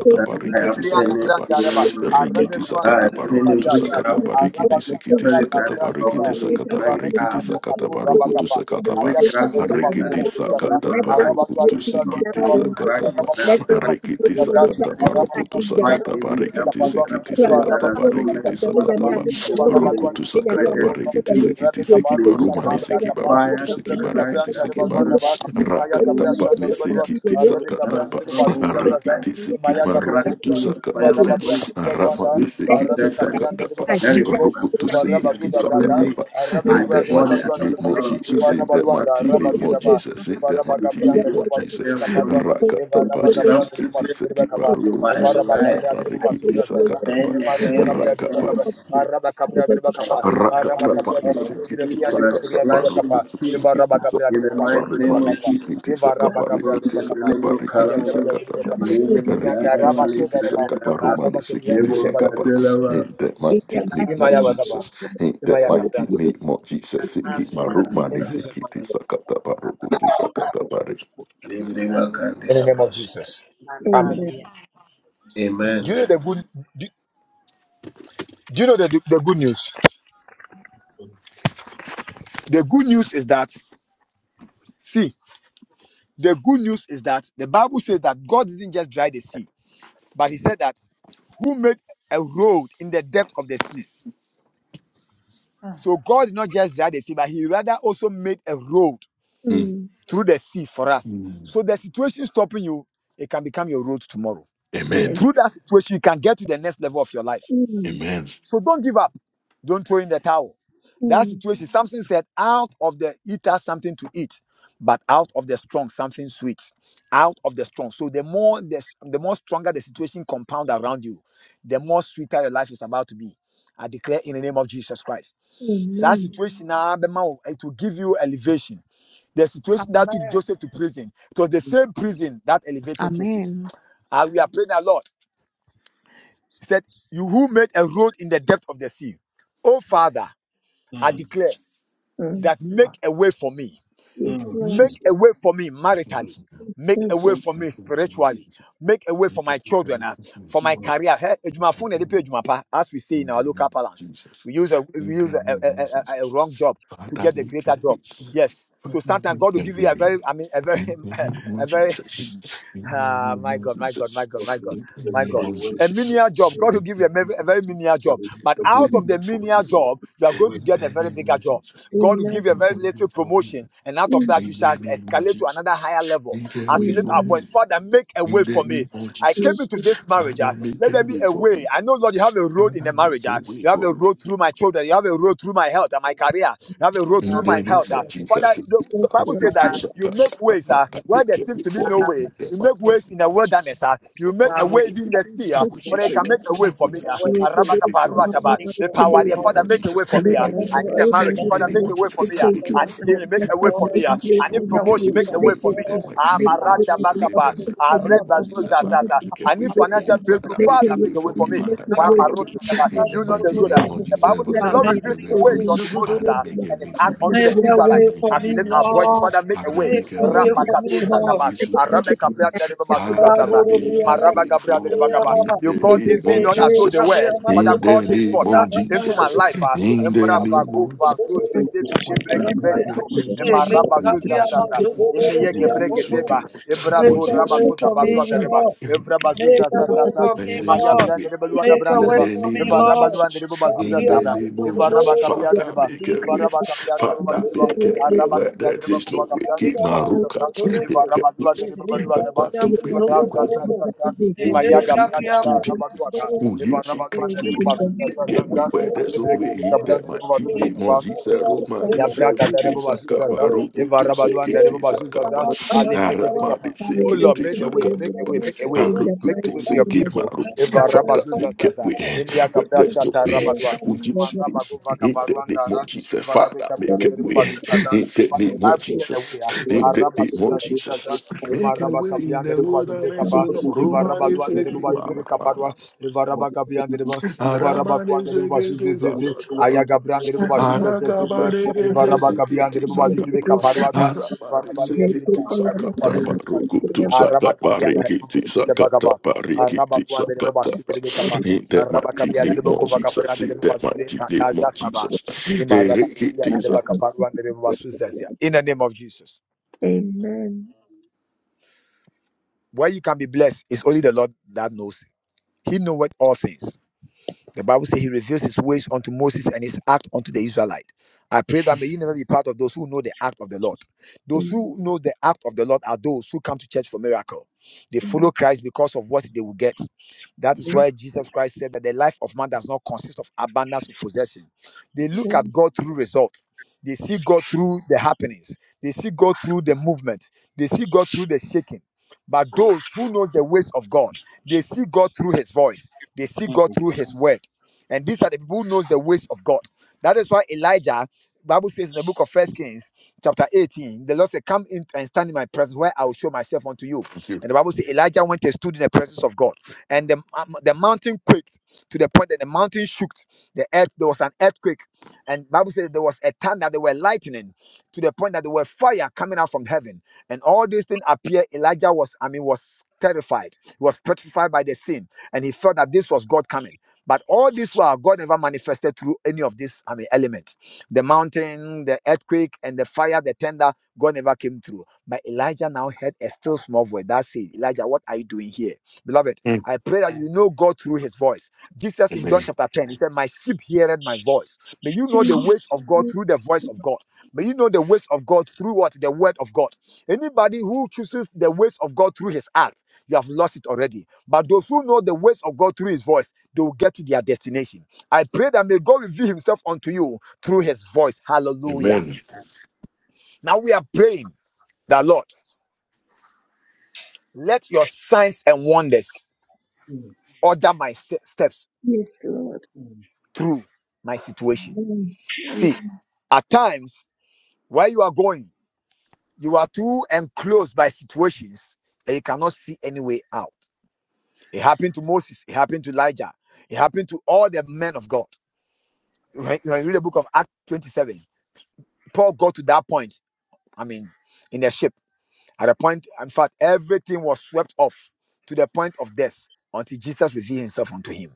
Speaker 10: I
Speaker 1: Imalimria na
Speaker 10: append
Speaker 2: katapa
Speaker 10: it in
Speaker 1: branda
Speaker 10: the
Speaker 1: raba.
Speaker 10: name of my
Speaker 2: rikitisa
Speaker 1: Arabezwan
Speaker 10: life.
Speaker 1: zazim
Speaker 10: Any
Speaker 2: kataparokutusa
Speaker 1: zazaza.
Speaker 10: witchcraft
Speaker 2: kataparikitisa
Speaker 1: Arabalua na
Speaker 2: kitisa
Speaker 10: spirit
Speaker 1: branda
Speaker 10: that is
Speaker 1: branda ba.
Speaker 10: troubling
Speaker 2: kataparikitisa
Speaker 10: me, cry
Speaker 1: Ivarebe na
Speaker 10: out.
Speaker 2: kataparikitisa
Speaker 1: branda du
Speaker 2: kataparokutusa
Speaker 1: rabakapa.
Speaker 10: The
Speaker 2: katapa
Speaker 1: Aya
Speaker 10: witchcraft
Speaker 1: branda rebu
Speaker 10: spirit
Speaker 1: basu
Speaker 10: that is the
Speaker 2: rikitisa
Speaker 3: the
Speaker 1: zazaza.
Speaker 10: problem in my life.
Speaker 1: Arabalua
Speaker 10: Will
Speaker 1: de
Speaker 10: you
Speaker 1: rebu
Speaker 2: kataparokutusa
Speaker 10: come-
Speaker 1: alua de
Speaker 3: man
Speaker 10: will
Speaker 1: rebu.
Speaker 2: kitisa
Speaker 10: you
Speaker 3: and the people.
Speaker 10: crush it
Speaker 2: katapa
Speaker 10: now?
Speaker 3: Let the
Speaker 10: Crush the
Speaker 1: Ivaraba
Speaker 2: rikitisa
Speaker 10: witchcraft spirit.
Speaker 2: kataparokutusa
Speaker 10: Fight in me that
Speaker 2: kataparikitisa
Speaker 10: witchcraft
Speaker 2: kitisa
Speaker 10: spirit that has no length
Speaker 2: kataparikitisa
Speaker 10: what me
Speaker 2: katapa
Speaker 10: to be who
Speaker 2: Rokutu
Speaker 10: you
Speaker 2: sakata
Speaker 10: created me to
Speaker 2: barekiti
Speaker 10: be.
Speaker 2: sekiti
Speaker 1: Rebecca
Speaker 2: siki
Speaker 10: May
Speaker 2: baru
Speaker 10: you
Speaker 1: Barusha
Speaker 2: mani
Speaker 10: cause
Speaker 1: Kabra
Speaker 10: your
Speaker 2: siki baru
Speaker 1: Kapa,
Speaker 2: kutu
Speaker 10: fire to
Speaker 2: siki
Speaker 1: Rebecca
Speaker 10: crush
Speaker 1: Brand
Speaker 2: barekiti
Speaker 10: that
Speaker 2: siki
Speaker 1: Terebaluan
Speaker 2: baru
Speaker 10: witchcraft
Speaker 1: Nabas,
Speaker 10: spirit. that
Speaker 1: Imaya
Speaker 2: rakata
Speaker 10: You
Speaker 1: Gabra
Speaker 2: pa
Speaker 1: Shan
Speaker 2: ni
Speaker 1: Terebadua,
Speaker 10: witchcraft
Speaker 2: sikiti
Speaker 1: Rebecca
Speaker 10: that
Speaker 2: sakata
Speaker 1: Brand
Speaker 2: pa
Speaker 10: has
Speaker 1: Terebazu
Speaker 10: troubled my
Speaker 1: Zazaza,
Speaker 10: life.
Speaker 2: rekiti siki
Speaker 10: I
Speaker 1: Imaya
Speaker 2: maru
Speaker 1: Gabra
Speaker 10: crush
Speaker 2: kutu
Speaker 10: you
Speaker 1: Tereba,
Speaker 10: with the fire
Speaker 2: sakata
Speaker 10: of
Speaker 2: pa
Speaker 10: the
Speaker 1: Ivarabaduan
Speaker 10: Holy Ghost,
Speaker 2: rama
Speaker 1: Terebaduanta,
Speaker 2: ni
Speaker 10: which of
Speaker 2: sikiti
Speaker 1: Rebecca
Speaker 10: serpent
Speaker 1: Brian
Speaker 2: sakata pa
Speaker 1: Terebazu
Speaker 10: that is
Speaker 1: Terebo,
Speaker 10: in my
Speaker 2: rokutu
Speaker 10: body and
Speaker 1: Ivarabadu
Speaker 2: sikiti
Speaker 10: troubling
Speaker 1: Datata,
Speaker 2: sakata
Speaker 10: me.
Speaker 2: pa
Speaker 10: I
Speaker 2: in
Speaker 1: Rabadua
Speaker 2: that
Speaker 10: pour
Speaker 2: mighty
Speaker 10: the
Speaker 1: Terebaduan
Speaker 2: name
Speaker 1: Tereba,
Speaker 2: of
Speaker 10: blood of
Speaker 2: Jesus
Speaker 10: Jesus
Speaker 2: in that
Speaker 10: as
Speaker 1: Ivarabaduan
Speaker 10: I
Speaker 2: mighty
Speaker 10: feel on
Speaker 2: name
Speaker 1: Rabadu
Speaker 10: you
Speaker 2: of
Speaker 1: Daba,
Speaker 2: Jesus in that
Speaker 10: and
Speaker 2: mighty
Speaker 10: defeat
Speaker 1: Ivarabagabian
Speaker 2: name
Speaker 10: you by
Speaker 2: of
Speaker 10: the
Speaker 1: Terebadu
Speaker 2: Jesus
Speaker 10: fire of the Holy
Speaker 1: Kaparua,
Speaker 10: Ghost.
Speaker 2: rakata pa
Speaker 1: Evaraba
Speaker 2: ni
Speaker 1: Gabriel
Speaker 10: Witchcraft
Speaker 1: de
Speaker 2: sikiti
Speaker 1: Masu
Speaker 10: serpent,
Speaker 1: de
Speaker 2: siki
Speaker 1: Bacapa,
Speaker 2: baru
Speaker 10: you
Speaker 2: kutu
Speaker 10: are a
Speaker 1: Evaraba
Speaker 2: sakata
Speaker 10: liar.
Speaker 1: Gabriel
Speaker 2: pa
Speaker 1: de
Speaker 10: I
Speaker 1: Masu
Speaker 2: rekiti
Speaker 1: Zazaza,
Speaker 2: sakata
Speaker 10: bend your
Speaker 1: Emarebo
Speaker 10: hand with
Speaker 1: Gabriel de
Speaker 10: the sword
Speaker 2: pa
Speaker 1: Bacapa,
Speaker 10: of the spirit.
Speaker 1: Araba Cabria
Speaker 3: Thank
Speaker 1: de
Speaker 3: you.
Speaker 10: I
Speaker 1: Bacapa,
Speaker 2: in
Speaker 10: take,
Speaker 2: that
Speaker 10: I
Speaker 1: Araba
Speaker 10: take the
Speaker 1: Cabria de
Speaker 10: sword of the
Speaker 1: Bacapa,
Speaker 10: spirit
Speaker 1: and
Speaker 10: and
Speaker 1: de
Speaker 10: I
Speaker 1: Bacapia de
Speaker 10: slash you to
Speaker 1: Bacapa,
Speaker 10: pieces.
Speaker 1: Evaraba Gabriel
Speaker 10: In
Speaker 1: de
Speaker 10: the
Speaker 1: Masu
Speaker 10: mighty
Speaker 1: de
Speaker 10: name of
Speaker 1: Bacapa,
Speaker 10: Jesus.
Speaker 1: Evaraba Gabriel de
Speaker 10: Divorce in the
Speaker 1: Bacapa,
Speaker 10: libro
Speaker 1: Aya Cabria
Speaker 10: calamo,
Speaker 1: de Bacapia de
Speaker 10: living
Speaker 1: Bacapia, and Araba
Speaker 10: caravali
Speaker 1: Sodareba,
Speaker 10: candelava,
Speaker 1: Araba Cabria de
Speaker 10: nebo
Speaker 1: Babali de Bacapa,
Speaker 10: candelava,
Speaker 2: mighty name of
Speaker 1: Imaya Bacapa,
Speaker 2: Jesus, in that
Speaker 1: Imaya
Speaker 2: mighty
Speaker 1: Cabria,
Speaker 2: name of Jesus, Siki
Speaker 10: was in the
Speaker 1: in
Speaker 2: Marumani
Speaker 1: Jesus'
Speaker 2: Sikiti
Speaker 1: mighty name,
Speaker 2: Sakata Barukutu Sakata Bari.
Speaker 5: Ah,
Speaker 10: libre
Speaker 1: in the name of
Speaker 10: candelabros.
Speaker 1: Jesus. Amen.
Speaker 3: Amen.
Speaker 10: Amen.
Speaker 1: Do you know the good? Do, do you know the, the good news? The good news is that, see, the good news is that the Bible says that God didn't just dry the sea, but He said that who made a road in the depth of the sea. So God did not just dry the sea, but He rather also made a road
Speaker 2: Mm.
Speaker 3: Mm.
Speaker 1: through the sea for us.
Speaker 2: Mm.
Speaker 1: So the situation stopping you, it can become your road tomorrow.
Speaker 2: Amen.
Speaker 3: Yes.
Speaker 1: Through that situation, you can get to the next level of your life.
Speaker 3: Mm.
Speaker 2: Amen.
Speaker 1: So don't give up. Don't throw in the towel. That
Speaker 3: Mm.
Speaker 1: situation, Samson said, out of the eater, something to eat, but out of the strong, something sweet. Out of the strong. So the more the, the more stronger the situation compound around you, the more sweeter your life is about to be. I declare in the name of Jesus Christ. So That
Speaker 3: Amen.
Speaker 1: situation, ah, it will give you elevation. The situation that took Joseph to prison, it was the same prison that elevated Joseph.
Speaker 4: Amen.
Speaker 1: And we are praying a lot. He said, You who made a road in the depth of the sea. Oh, Father. I
Speaker 3: Mm,
Speaker 1: declare
Speaker 3: Mm.
Speaker 1: that make a way for me.
Speaker 3: Yes, mm, Lord. Jesus.
Speaker 1: Make a way for me maritally. Make a
Speaker 3: Yes,
Speaker 1: way for me spiritually. Make a way for my children, ah, for my
Speaker 3: Mm,
Speaker 1: career. Hey, ejumafo na yɛde pɛ ejuma as we say in
Speaker 2: In the
Speaker 1: our
Speaker 2: name
Speaker 1: local
Speaker 2: of
Speaker 1: parlance,
Speaker 2: Jesus.
Speaker 1: we use a
Speaker 2: In
Speaker 1: we
Speaker 2: the
Speaker 1: use a, a,
Speaker 2: name of
Speaker 1: a, a- a
Speaker 2: Jesus.
Speaker 1: wrong job to
Speaker 2: Father,
Speaker 1: get the
Speaker 2: make a
Speaker 1: greater
Speaker 2: way.
Speaker 1: job. Yes. So
Speaker 2: Father,
Speaker 1: sometimes
Speaker 2: make
Speaker 1: God will
Speaker 2: a
Speaker 1: give you a
Speaker 2: way.
Speaker 1: very, I mean, a very,
Speaker 2: In the name
Speaker 1: <laughs>
Speaker 2: of
Speaker 1: a very,
Speaker 2: Jesus.
Speaker 1: <laughs>
Speaker 2: In the
Speaker 1: ah,
Speaker 2: name
Speaker 1: my
Speaker 2: of
Speaker 1: God, my God, my
Speaker 2: Jesus.
Speaker 1: God, my God,
Speaker 2: In the
Speaker 3: the
Speaker 1: my
Speaker 2: name
Speaker 1: God,
Speaker 3: very
Speaker 2: of
Speaker 3: way,
Speaker 1: a
Speaker 2: Jesus.
Speaker 1: menial job. God will
Speaker 2: In
Speaker 1: give
Speaker 2: the
Speaker 1: you a very,
Speaker 2: name
Speaker 1: a
Speaker 2: of
Speaker 1: very menial job,
Speaker 2: Jesus.
Speaker 1: but
Speaker 3: the
Speaker 2: Make
Speaker 3: way,
Speaker 1: out
Speaker 2: a
Speaker 3: Lord.
Speaker 1: of the
Speaker 2: way for me,
Speaker 1: menial job, you are
Speaker 3: the
Speaker 1: going
Speaker 3: way,
Speaker 1: to
Speaker 2: In
Speaker 1: get a
Speaker 2: the
Speaker 1: very
Speaker 2: name
Speaker 1: bigger
Speaker 2: of
Speaker 1: job.
Speaker 2: Jesus.
Speaker 1: God will
Speaker 3: Amen.
Speaker 1: give you a very
Speaker 2: Make a
Speaker 1: little
Speaker 2: way for me.
Speaker 1: promotion, and out of
Speaker 3: Mm.
Speaker 1: that, you
Speaker 2: In
Speaker 1: shall
Speaker 2: the name of
Speaker 1: escalate to
Speaker 2: Jesus.
Speaker 1: another higher level.
Speaker 2: Make a
Speaker 1: As we
Speaker 2: way
Speaker 3: Mm.
Speaker 1: lift
Speaker 2: for
Speaker 1: our voice,
Speaker 2: me.
Speaker 1: Father, make a
Speaker 2: In
Speaker 1: way
Speaker 2: the
Speaker 1: for me.
Speaker 2: name of
Speaker 1: I came
Speaker 3: Yes.
Speaker 2: Jesus.
Speaker 1: into this marriage.
Speaker 2: Father,
Speaker 1: ah,
Speaker 2: make
Speaker 1: let
Speaker 2: a
Speaker 1: there be
Speaker 2: way
Speaker 1: a
Speaker 2: for me.
Speaker 1: way. I know, Lord, you have a road in
Speaker 2: Father,
Speaker 1: the
Speaker 2: make
Speaker 1: marriage.
Speaker 2: a
Speaker 1: ah.
Speaker 2: way
Speaker 1: you have
Speaker 2: for
Speaker 1: a
Speaker 2: me.
Speaker 1: road through my children. You have a road through my health and my career. You have a road
Speaker 2: In
Speaker 1: through my
Speaker 2: the name
Speaker 1: health. ah.
Speaker 2: of
Speaker 1: Father,
Speaker 2: Jesus,
Speaker 1: the,
Speaker 2: I
Speaker 1: the
Speaker 2: hope
Speaker 1: Bible
Speaker 2: to
Speaker 1: says
Speaker 2: do
Speaker 1: that
Speaker 2: some
Speaker 1: you
Speaker 2: kind
Speaker 1: make
Speaker 2: of- I
Speaker 1: ways
Speaker 2: find
Speaker 1: ah,
Speaker 2: that they
Speaker 1: where there
Speaker 2: kept
Speaker 1: seems to
Speaker 2: it
Speaker 1: be
Speaker 2: for
Speaker 1: no
Speaker 2: me
Speaker 1: way.
Speaker 2: in the mighty
Speaker 1: You make
Speaker 2: name
Speaker 1: ways in the
Speaker 2: of Jesus.
Speaker 5: Amen.
Speaker 1: wilderness. ah. you make
Speaker 2: What
Speaker 1: a
Speaker 2: we
Speaker 5: Bible
Speaker 1: way
Speaker 2: need.
Speaker 1: in the sea. ah.
Speaker 2: When you
Speaker 1: Father, you can
Speaker 3: Mm.
Speaker 2: speak,
Speaker 1: make a way for
Speaker 2: when
Speaker 1: me.
Speaker 2: you
Speaker 1: ah.
Speaker 3: Yes,
Speaker 5: ways
Speaker 3: the
Speaker 2: speak,
Speaker 3: very-
Speaker 2: make a
Speaker 5: for
Speaker 2: way for
Speaker 5: the
Speaker 2: me
Speaker 1: Arabakaparuataba. The
Speaker 5: people
Speaker 3: the
Speaker 2: in
Speaker 1: power,
Speaker 2: the
Speaker 5: in
Speaker 3: very-
Speaker 1: there.
Speaker 2: name
Speaker 5: law.
Speaker 1: Father,
Speaker 2: of
Speaker 1: make a way
Speaker 2: Jesus.
Speaker 1: for
Speaker 3: I
Speaker 5: Make a
Speaker 1: me.
Speaker 3: don't
Speaker 2: Make
Speaker 1: ah.
Speaker 3: know
Speaker 2: a way
Speaker 3: how
Speaker 5: way
Speaker 1: I
Speaker 2: for
Speaker 3: to-
Speaker 2: me
Speaker 1: need
Speaker 3: I
Speaker 5: for
Speaker 1: a
Speaker 5: me,
Speaker 1: marriage.
Speaker 2: in
Speaker 3: remember
Speaker 2: the
Speaker 1: Father,
Speaker 3: that
Speaker 2: name
Speaker 1: make
Speaker 2: of
Speaker 5: Lord.
Speaker 1: a way
Speaker 3: it-
Speaker 1: for
Speaker 2: Jesus.
Speaker 3: it
Speaker 1: me.
Speaker 5: Make
Speaker 1: ah.
Speaker 3: was-
Speaker 5: a
Speaker 2: Make a way
Speaker 1: I
Speaker 5: way
Speaker 1: need
Speaker 2: for me.
Speaker 5: for
Speaker 1: healing. Make
Speaker 5: me,
Speaker 1: a way
Speaker 5: Lord.
Speaker 1: for me.
Speaker 2: Business
Speaker 1: ah.
Speaker 2: rush,
Speaker 5: Make
Speaker 1: I
Speaker 3: you-
Speaker 1: need
Speaker 2: Lord,
Speaker 3: you-
Speaker 5: a
Speaker 2: make a
Speaker 5: way
Speaker 1: promotion.
Speaker 2: way
Speaker 1: Make
Speaker 3: you-
Speaker 5: for
Speaker 1: a
Speaker 2: for
Speaker 3: you-
Speaker 1: way
Speaker 2: me
Speaker 5: me,
Speaker 1: for
Speaker 2: in
Speaker 1: me.
Speaker 2: the
Speaker 5: Lord.
Speaker 2: mighty
Speaker 3: make
Speaker 2: name of
Speaker 5: Bible
Speaker 2: Jesus.
Speaker 5: says,
Speaker 2: In the
Speaker 1: Bakapa,
Speaker 5: "Look
Speaker 2: mighty
Speaker 3: a
Speaker 5: up
Speaker 2: name
Speaker 3: live
Speaker 1: Areba
Speaker 2: of
Speaker 5: above
Speaker 2: Jesus,
Speaker 3: and
Speaker 2: Father,
Speaker 1: Zozazata.
Speaker 5: I'm
Speaker 2: make a
Speaker 1: I
Speaker 2: way
Speaker 1: need
Speaker 2: for
Speaker 5: happy I'm
Speaker 1: financial
Speaker 2: me.
Speaker 5: with
Speaker 1: breakthrough.
Speaker 5: you.
Speaker 2: Father,
Speaker 3: make them make a
Speaker 2: make
Speaker 1: Father,
Speaker 2: a
Speaker 3: live
Speaker 1: make
Speaker 2: way
Speaker 1: a way
Speaker 2: for
Speaker 1: for
Speaker 2: me.
Speaker 1: me.
Speaker 3: make
Speaker 2: Father, shall
Speaker 1: Find
Speaker 5: i
Speaker 1: my
Speaker 2: bring
Speaker 1: road,
Speaker 5: you.
Speaker 1: Sakaba.
Speaker 5: I'm
Speaker 2: In the
Speaker 1: You
Speaker 3: a live
Speaker 1: know the
Speaker 2: mighty
Speaker 1: road that
Speaker 2: name
Speaker 5: with
Speaker 2: of
Speaker 5: you.
Speaker 1: the
Speaker 2: Jesus,
Speaker 1: Bible says
Speaker 3: that
Speaker 1: the
Speaker 2: Father,
Speaker 5: I'm
Speaker 1: Lord
Speaker 5: not
Speaker 3: money
Speaker 2: make a
Speaker 1: revealed his
Speaker 2: way
Speaker 3: for
Speaker 2: for
Speaker 1: ways
Speaker 2: me.
Speaker 1: unto
Speaker 5: the
Speaker 1: Moses
Speaker 2: Father,
Speaker 5: good.
Speaker 1: ah,
Speaker 2: make a
Speaker 1: and his
Speaker 2: way for
Speaker 1: act
Speaker 2: me.
Speaker 1: unto the
Speaker 5: Make a
Speaker 2: In the
Speaker 1: Israelites.
Speaker 5: way for
Speaker 2: mighty
Speaker 1: As
Speaker 5: me,
Speaker 1: we lift
Speaker 2: name of
Speaker 1: our voices,
Speaker 2: Jesus,
Speaker 5: Lord.
Speaker 1: Father, make a
Speaker 2: Father,
Speaker 1: way.
Speaker 5: Make
Speaker 2: make a
Speaker 5: a
Speaker 2: way
Speaker 5: way
Speaker 2: for me.
Speaker 5: for me,
Speaker 1: Rapakatu
Speaker 2: In
Speaker 5: Lord.
Speaker 1: Sataba,
Speaker 2: Jesus
Speaker 1: Arabe
Speaker 2: Christ,
Speaker 1: Gabriel, Dereba
Speaker 2: Father,
Speaker 1: Suzazaza,
Speaker 5: Kaburu
Speaker 2: make a
Speaker 5: briada,
Speaker 1: Imaraba
Speaker 2: way
Speaker 1: Gabriel,
Speaker 2: for
Speaker 1: Dereba
Speaker 2: me
Speaker 1: Gaba.
Speaker 2: in
Speaker 1: You
Speaker 2: the
Speaker 1: call
Speaker 2: name
Speaker 1: things be
Speaker 2: of
Speaker 5: Make
Speaker 1: not as though
Speaker 2: Jesus.
Speaker 1: they
Speaker 5: a way
Speaker 1: were.
Speaker 5: for me,
Speaker 1: Father,
Speaker 2: In
Speaker 5: Lord.
Speaker 1: call
Speaker 2: the
Speaker 1: things
Speaker 2: name
Speaker 1: forth ah,
Speaker 2: of
Speaker 1: into
Speaker 2: Jesus.
Speaker 1: my life. ah.
Speaker 2: In
Speaker 5: Make a
Speaker 2: the
Speaker 1: Emraba
Speaker 2: name of
Speaker 1: Guba
Speaker 2: Jesus.
Speaker 1: Zuzedebe
Speaker 2: Was
Speaker 1: Gebre Gebre Godo, Imaraba
Speaker 2: it
Speaker 1: Suzazaza,
Speaker 2: Sudan?
Speaker 1: Emeye
Speaker 2: Was
Speaker 1: Gebre
Speaker 2: it
Speaker 1: Gedeba,
Speaker 2: Sudan?
Speaker 1: Ebra to
Speaker 2: Was it
Speaker 1: raba to
Speaker 2: Sudan?
Speaker 1: taba da reba. Evra bazu za za
Speaker 5: way
Speaker 1: za za.
Speaker 5: for me,
Speaker 2: Where
Speaker 1: Ema
Speaker 2: there's
Speaker 1: ya
Speaker 2: no
Speaker 5: Lord.
Speaker 2: way.
Speaker 1: branda reba luwa da
Speaker 5: Make a
Speaker 2: In
Speaker 5: way
Speaker 1: reba.
Speaker 2: the
Speaker 5: for me,
Speaker 2: name
Speaker 1: Eva
Speaker 2: of
Speaker 1: raba
Speaker 5: Lord.
Speaker 1: luwa da reba
Speaker 2: Jesus.
Speaker 1: bazu za
Speaker 2: In
Speaker 1: za
Speaker 5: Gabriel
Speaker 2: the
Speaker 1: za.
Speaker 2: name of
Speaker 1: Eva raba
Speaker 2: Jesus.
Speaker 1: kapia da
Speaker 2: Father,
Speaker 1: reba.
Speaker 2: make a
Speaker 1: Eva
Speaker 2: way.
Speaker 1: raba kapia da reba balu
Speaker 2: Father,
Speaker 1: reba.
Speaker 2: make a way.
Speaker 1: Araba
Speaker 2: Where there
Speaker 1: kapia da reba
Speaker 2: is
Speaker 1: kuba
Speaker 2: no way.
Speaker 1: kapia da
Speaker 2: Keep
Speaker 1: reba
Speaker 2: my
Speaker 1: bazu za
Speaker 2: rook up.
Speaker 1: za.
Speaker 2: Make
Speaker 1: Eva
Speaker 2: a
Speaker 1: raba
Speaker 2: way.
Speaker 1: luwa da reba balu da reba.
Speaker 2: Papa, to
Speaker 1: Eva ra
Speaker 2: baby,
Speaker 3: Make a
Speaker 2: wo Yesu
Speaker 1: gabra
Speaker 2: Kristo
Speaker 1: kata
Speaker 2: din.
Speaker 1: raba luwa ka.
Speaker 5: Mazugororo.
Speaker 2: O
Speaker 1: Eva
Speaker 2: Jesus
Speaker 1: raba
Speaker 5: Thank
Speaker 1: luwa da
Speaker 2: Cristo
Speaker 1: reba
Speaker 2: de
Speaker 1: bazu za za
Speaker 2: que
Speaker 1: za
Speaker 2: we
Speaker 1: za.
Speaker 2: where there's
Speaker 1: Alle
Speaker 2: no
Speaker 1: breki
Speaker 2: way he
Speaker 1: pika
Speaker 2: that
Speaker 1: branda
Speaker 2: my
Speaker 1: reba balu
Speaker 2: tine
Speaker 1: breka
Speaker 2: monziza roma de
Speaker 1: Ya braga da
Speaker 2: sekete
Speaker 1: rebo basu
Speaker 2: sakaba
Speaker 1: zaza.
Speaker 2: ruku
Speaker 1: Eva
Speaker 2: to
Speaker 1: rabalu rebo
Speaker 2: sekete
Speaker 1: basu
Speaker 2: sakaba
Speaker 1: Ali breke
Speaker 2: arama de
Speaker 1: bekapa. Oh Lord,
Speaker 2: sekete
Speaker 1: make a way, make a
Speaker 2: sakaba
Speaker 1: way, make a way,
Speaker 2: aruku
Speaker 1: make a
Speaker 2: te
Speaker 1: way for your
Speaker 2: sekete
Speaker 1: people.
Speaker 2: maru
Speaker 1: Eva
Speaker 2: fata
Speaker 1: rabasu
Speaker 2: me que
Speaker 1: zaza.
Speaker 2: we
Speaker 1: Emiya
Speaker 2: where
Speaker 1: gabra
Speaker 2: there's no
Speaker 1: shata
Speaker 2: way
Speaker 1: rabadwa.
Speaker 2: O
Speaker 1: Ema
Speaker 2: Jesus
Speaker 3: you.
Speaker 1: rabago vaga
Speaker 2: in the name of
Speaker 1: baruandara.
Speaker 2: Jesus
Speaker 1: Eva rabe
Speaker 2: Father
Speaker 1: gabra
Speaker 2: make a
Speaker 1: rebo
Speaker 2: way
Speaker 1: basu
Speaker 2: in the
Speaker 1: Father,
Speaker 2: name
Speaker 1: I
Speaker 2: of
Speaker 1: make a
Speaker 2: Jesus
Speaker 1: way.
Speaker 2: in the
Speaker 1: Araba
Speaker 2: name of
Speaker 1: suza suza sa.
Speaker 2: Jesus
Speaker 1: Ema
Speaker 2: make a way in the
Speaker 1: rebo basu
Speaker 2: wilderness O
Speaker 1: brekapa.
Speaker 2: Lord
Speaker 1: Eva
Speaker 2: Roma de
Speaker 1: rabalu and rebo
Speaker 2: sekete
Speaker 1: basu brekaparwa. Eva raba kapiyan rebo. Eva raba kuan rebo basu
Speaker 2: Arabanezegetezakakaba.
Speaker 1: Ayaga brand de rebo basu Ivarabagabian, the Bali
Speaker 2: Arakabaregetezikitisakaba.
Speaker 1: Rebecca Paruada, Ivarabalia, the Rebecca
Speaker 2: Arabanezekitisakataba.
Speaker 1: Paruada, Arabakabian, the Rebecca Bagaba,
Speaker 2: Rukutusakabarekitisakataba.
Speaker 1: Arabaguan, the Rebashi, the
Speaker 2: Rikitisakataba.
Speaker 1: Rebecca,
Speaker 2: In the mighty
Speaker 1: Arabakabia, the
Speaker 2: name of
Speaker 1: Rebecca Vagabra,
Speaker 2: Jesus,
Speaker 1: the
Speaker 2: in the mighty
Speaker 1: Rebecca
Speaker 2: name
Speaker 1: Tazia
Speaker 2: of
Speaker 1: Saba,
Speaker 2: Jesus.
Speaker 1: Imarabakabia, the
Speaker 2: Erikitisa-
Speaker 1: Rebecca Paruan, the Rebashi Zazia. In the name of Jesus,
Speaker 3: Amen.
Speaker 1: where you is God that knows what all things. The Bible says. ways unto Moses and his act unto the Israelite. I pray that may you never be part of those who know the act of the Lord. Those who know the act of the Lord are those who come to church for miracle. They follow Christ because of what they will get. That is why Jesus Christ said that the life of man does not consist of abundance of possession. They look at God through results. They see God through the happenings. They see God through the movement. They see God through the shaking. But those who know the ways of God, they see God through his voice, they see God through his word. And these are the people who knows the ways of God. That is why Elijah, Bible says in the book of First Kings, chapter 18, the Lord said, Come in and stand in my presence where I will show myself unto you. And the Bible says Elijah went and stood in the presence of God. And the, um, the mountain quaked to the point that the mountain shook. The earth, there was an earthquake. And Bible says there was a thunder, there were lightning to the point that there were fire coming out from heaven. And all these things appeared. Elijah was, I mean, was terrified. He was petrified by the scene. And he thought that this was God coming. But all this while, God never manifested through any of these, I mean, elements. The mountain, the earthquake, and the fire, the tender, God never came through. But Elijah now heard a still small voice. That said, Elijah, what are you doing here? Beloved,
Speaker 2: Mm.
Speaker 1: I pray that you know God through his voice. Jesus in John
Speaker 2: Amen.
Speaker 1: chapter 10, he said, My sheep heareth my voice. May you know the ways of God through the voice of God. May you know the ways of God through what? The word of God. Anybody who chooses the ways of God through his act, you have lost it already. But those who know the ways of God through his voice, they will get to their destination. I pray that may God reveal himself unto you through his voice.
Speaker 2: Amen.
Speaker 1: Hallelujah. Now we are praying that, Lord, let your signs and wonders order my se- steps
Speaker 3: Yes, Lord.
Speaker 1: through my situation.
Speaker 3: Amen.
Speaker 1: See, at times where you are going, you are too enclosed by situations that you cannot see any way out. It happened to Moses. It happened to Elijah. It happened to all the men of God. When when you read the book of Acts 27, Paul got to that point. I mean, in the ship. At a point, in fact, everything was swept off to the point of death until Jesus revealed himself unto him.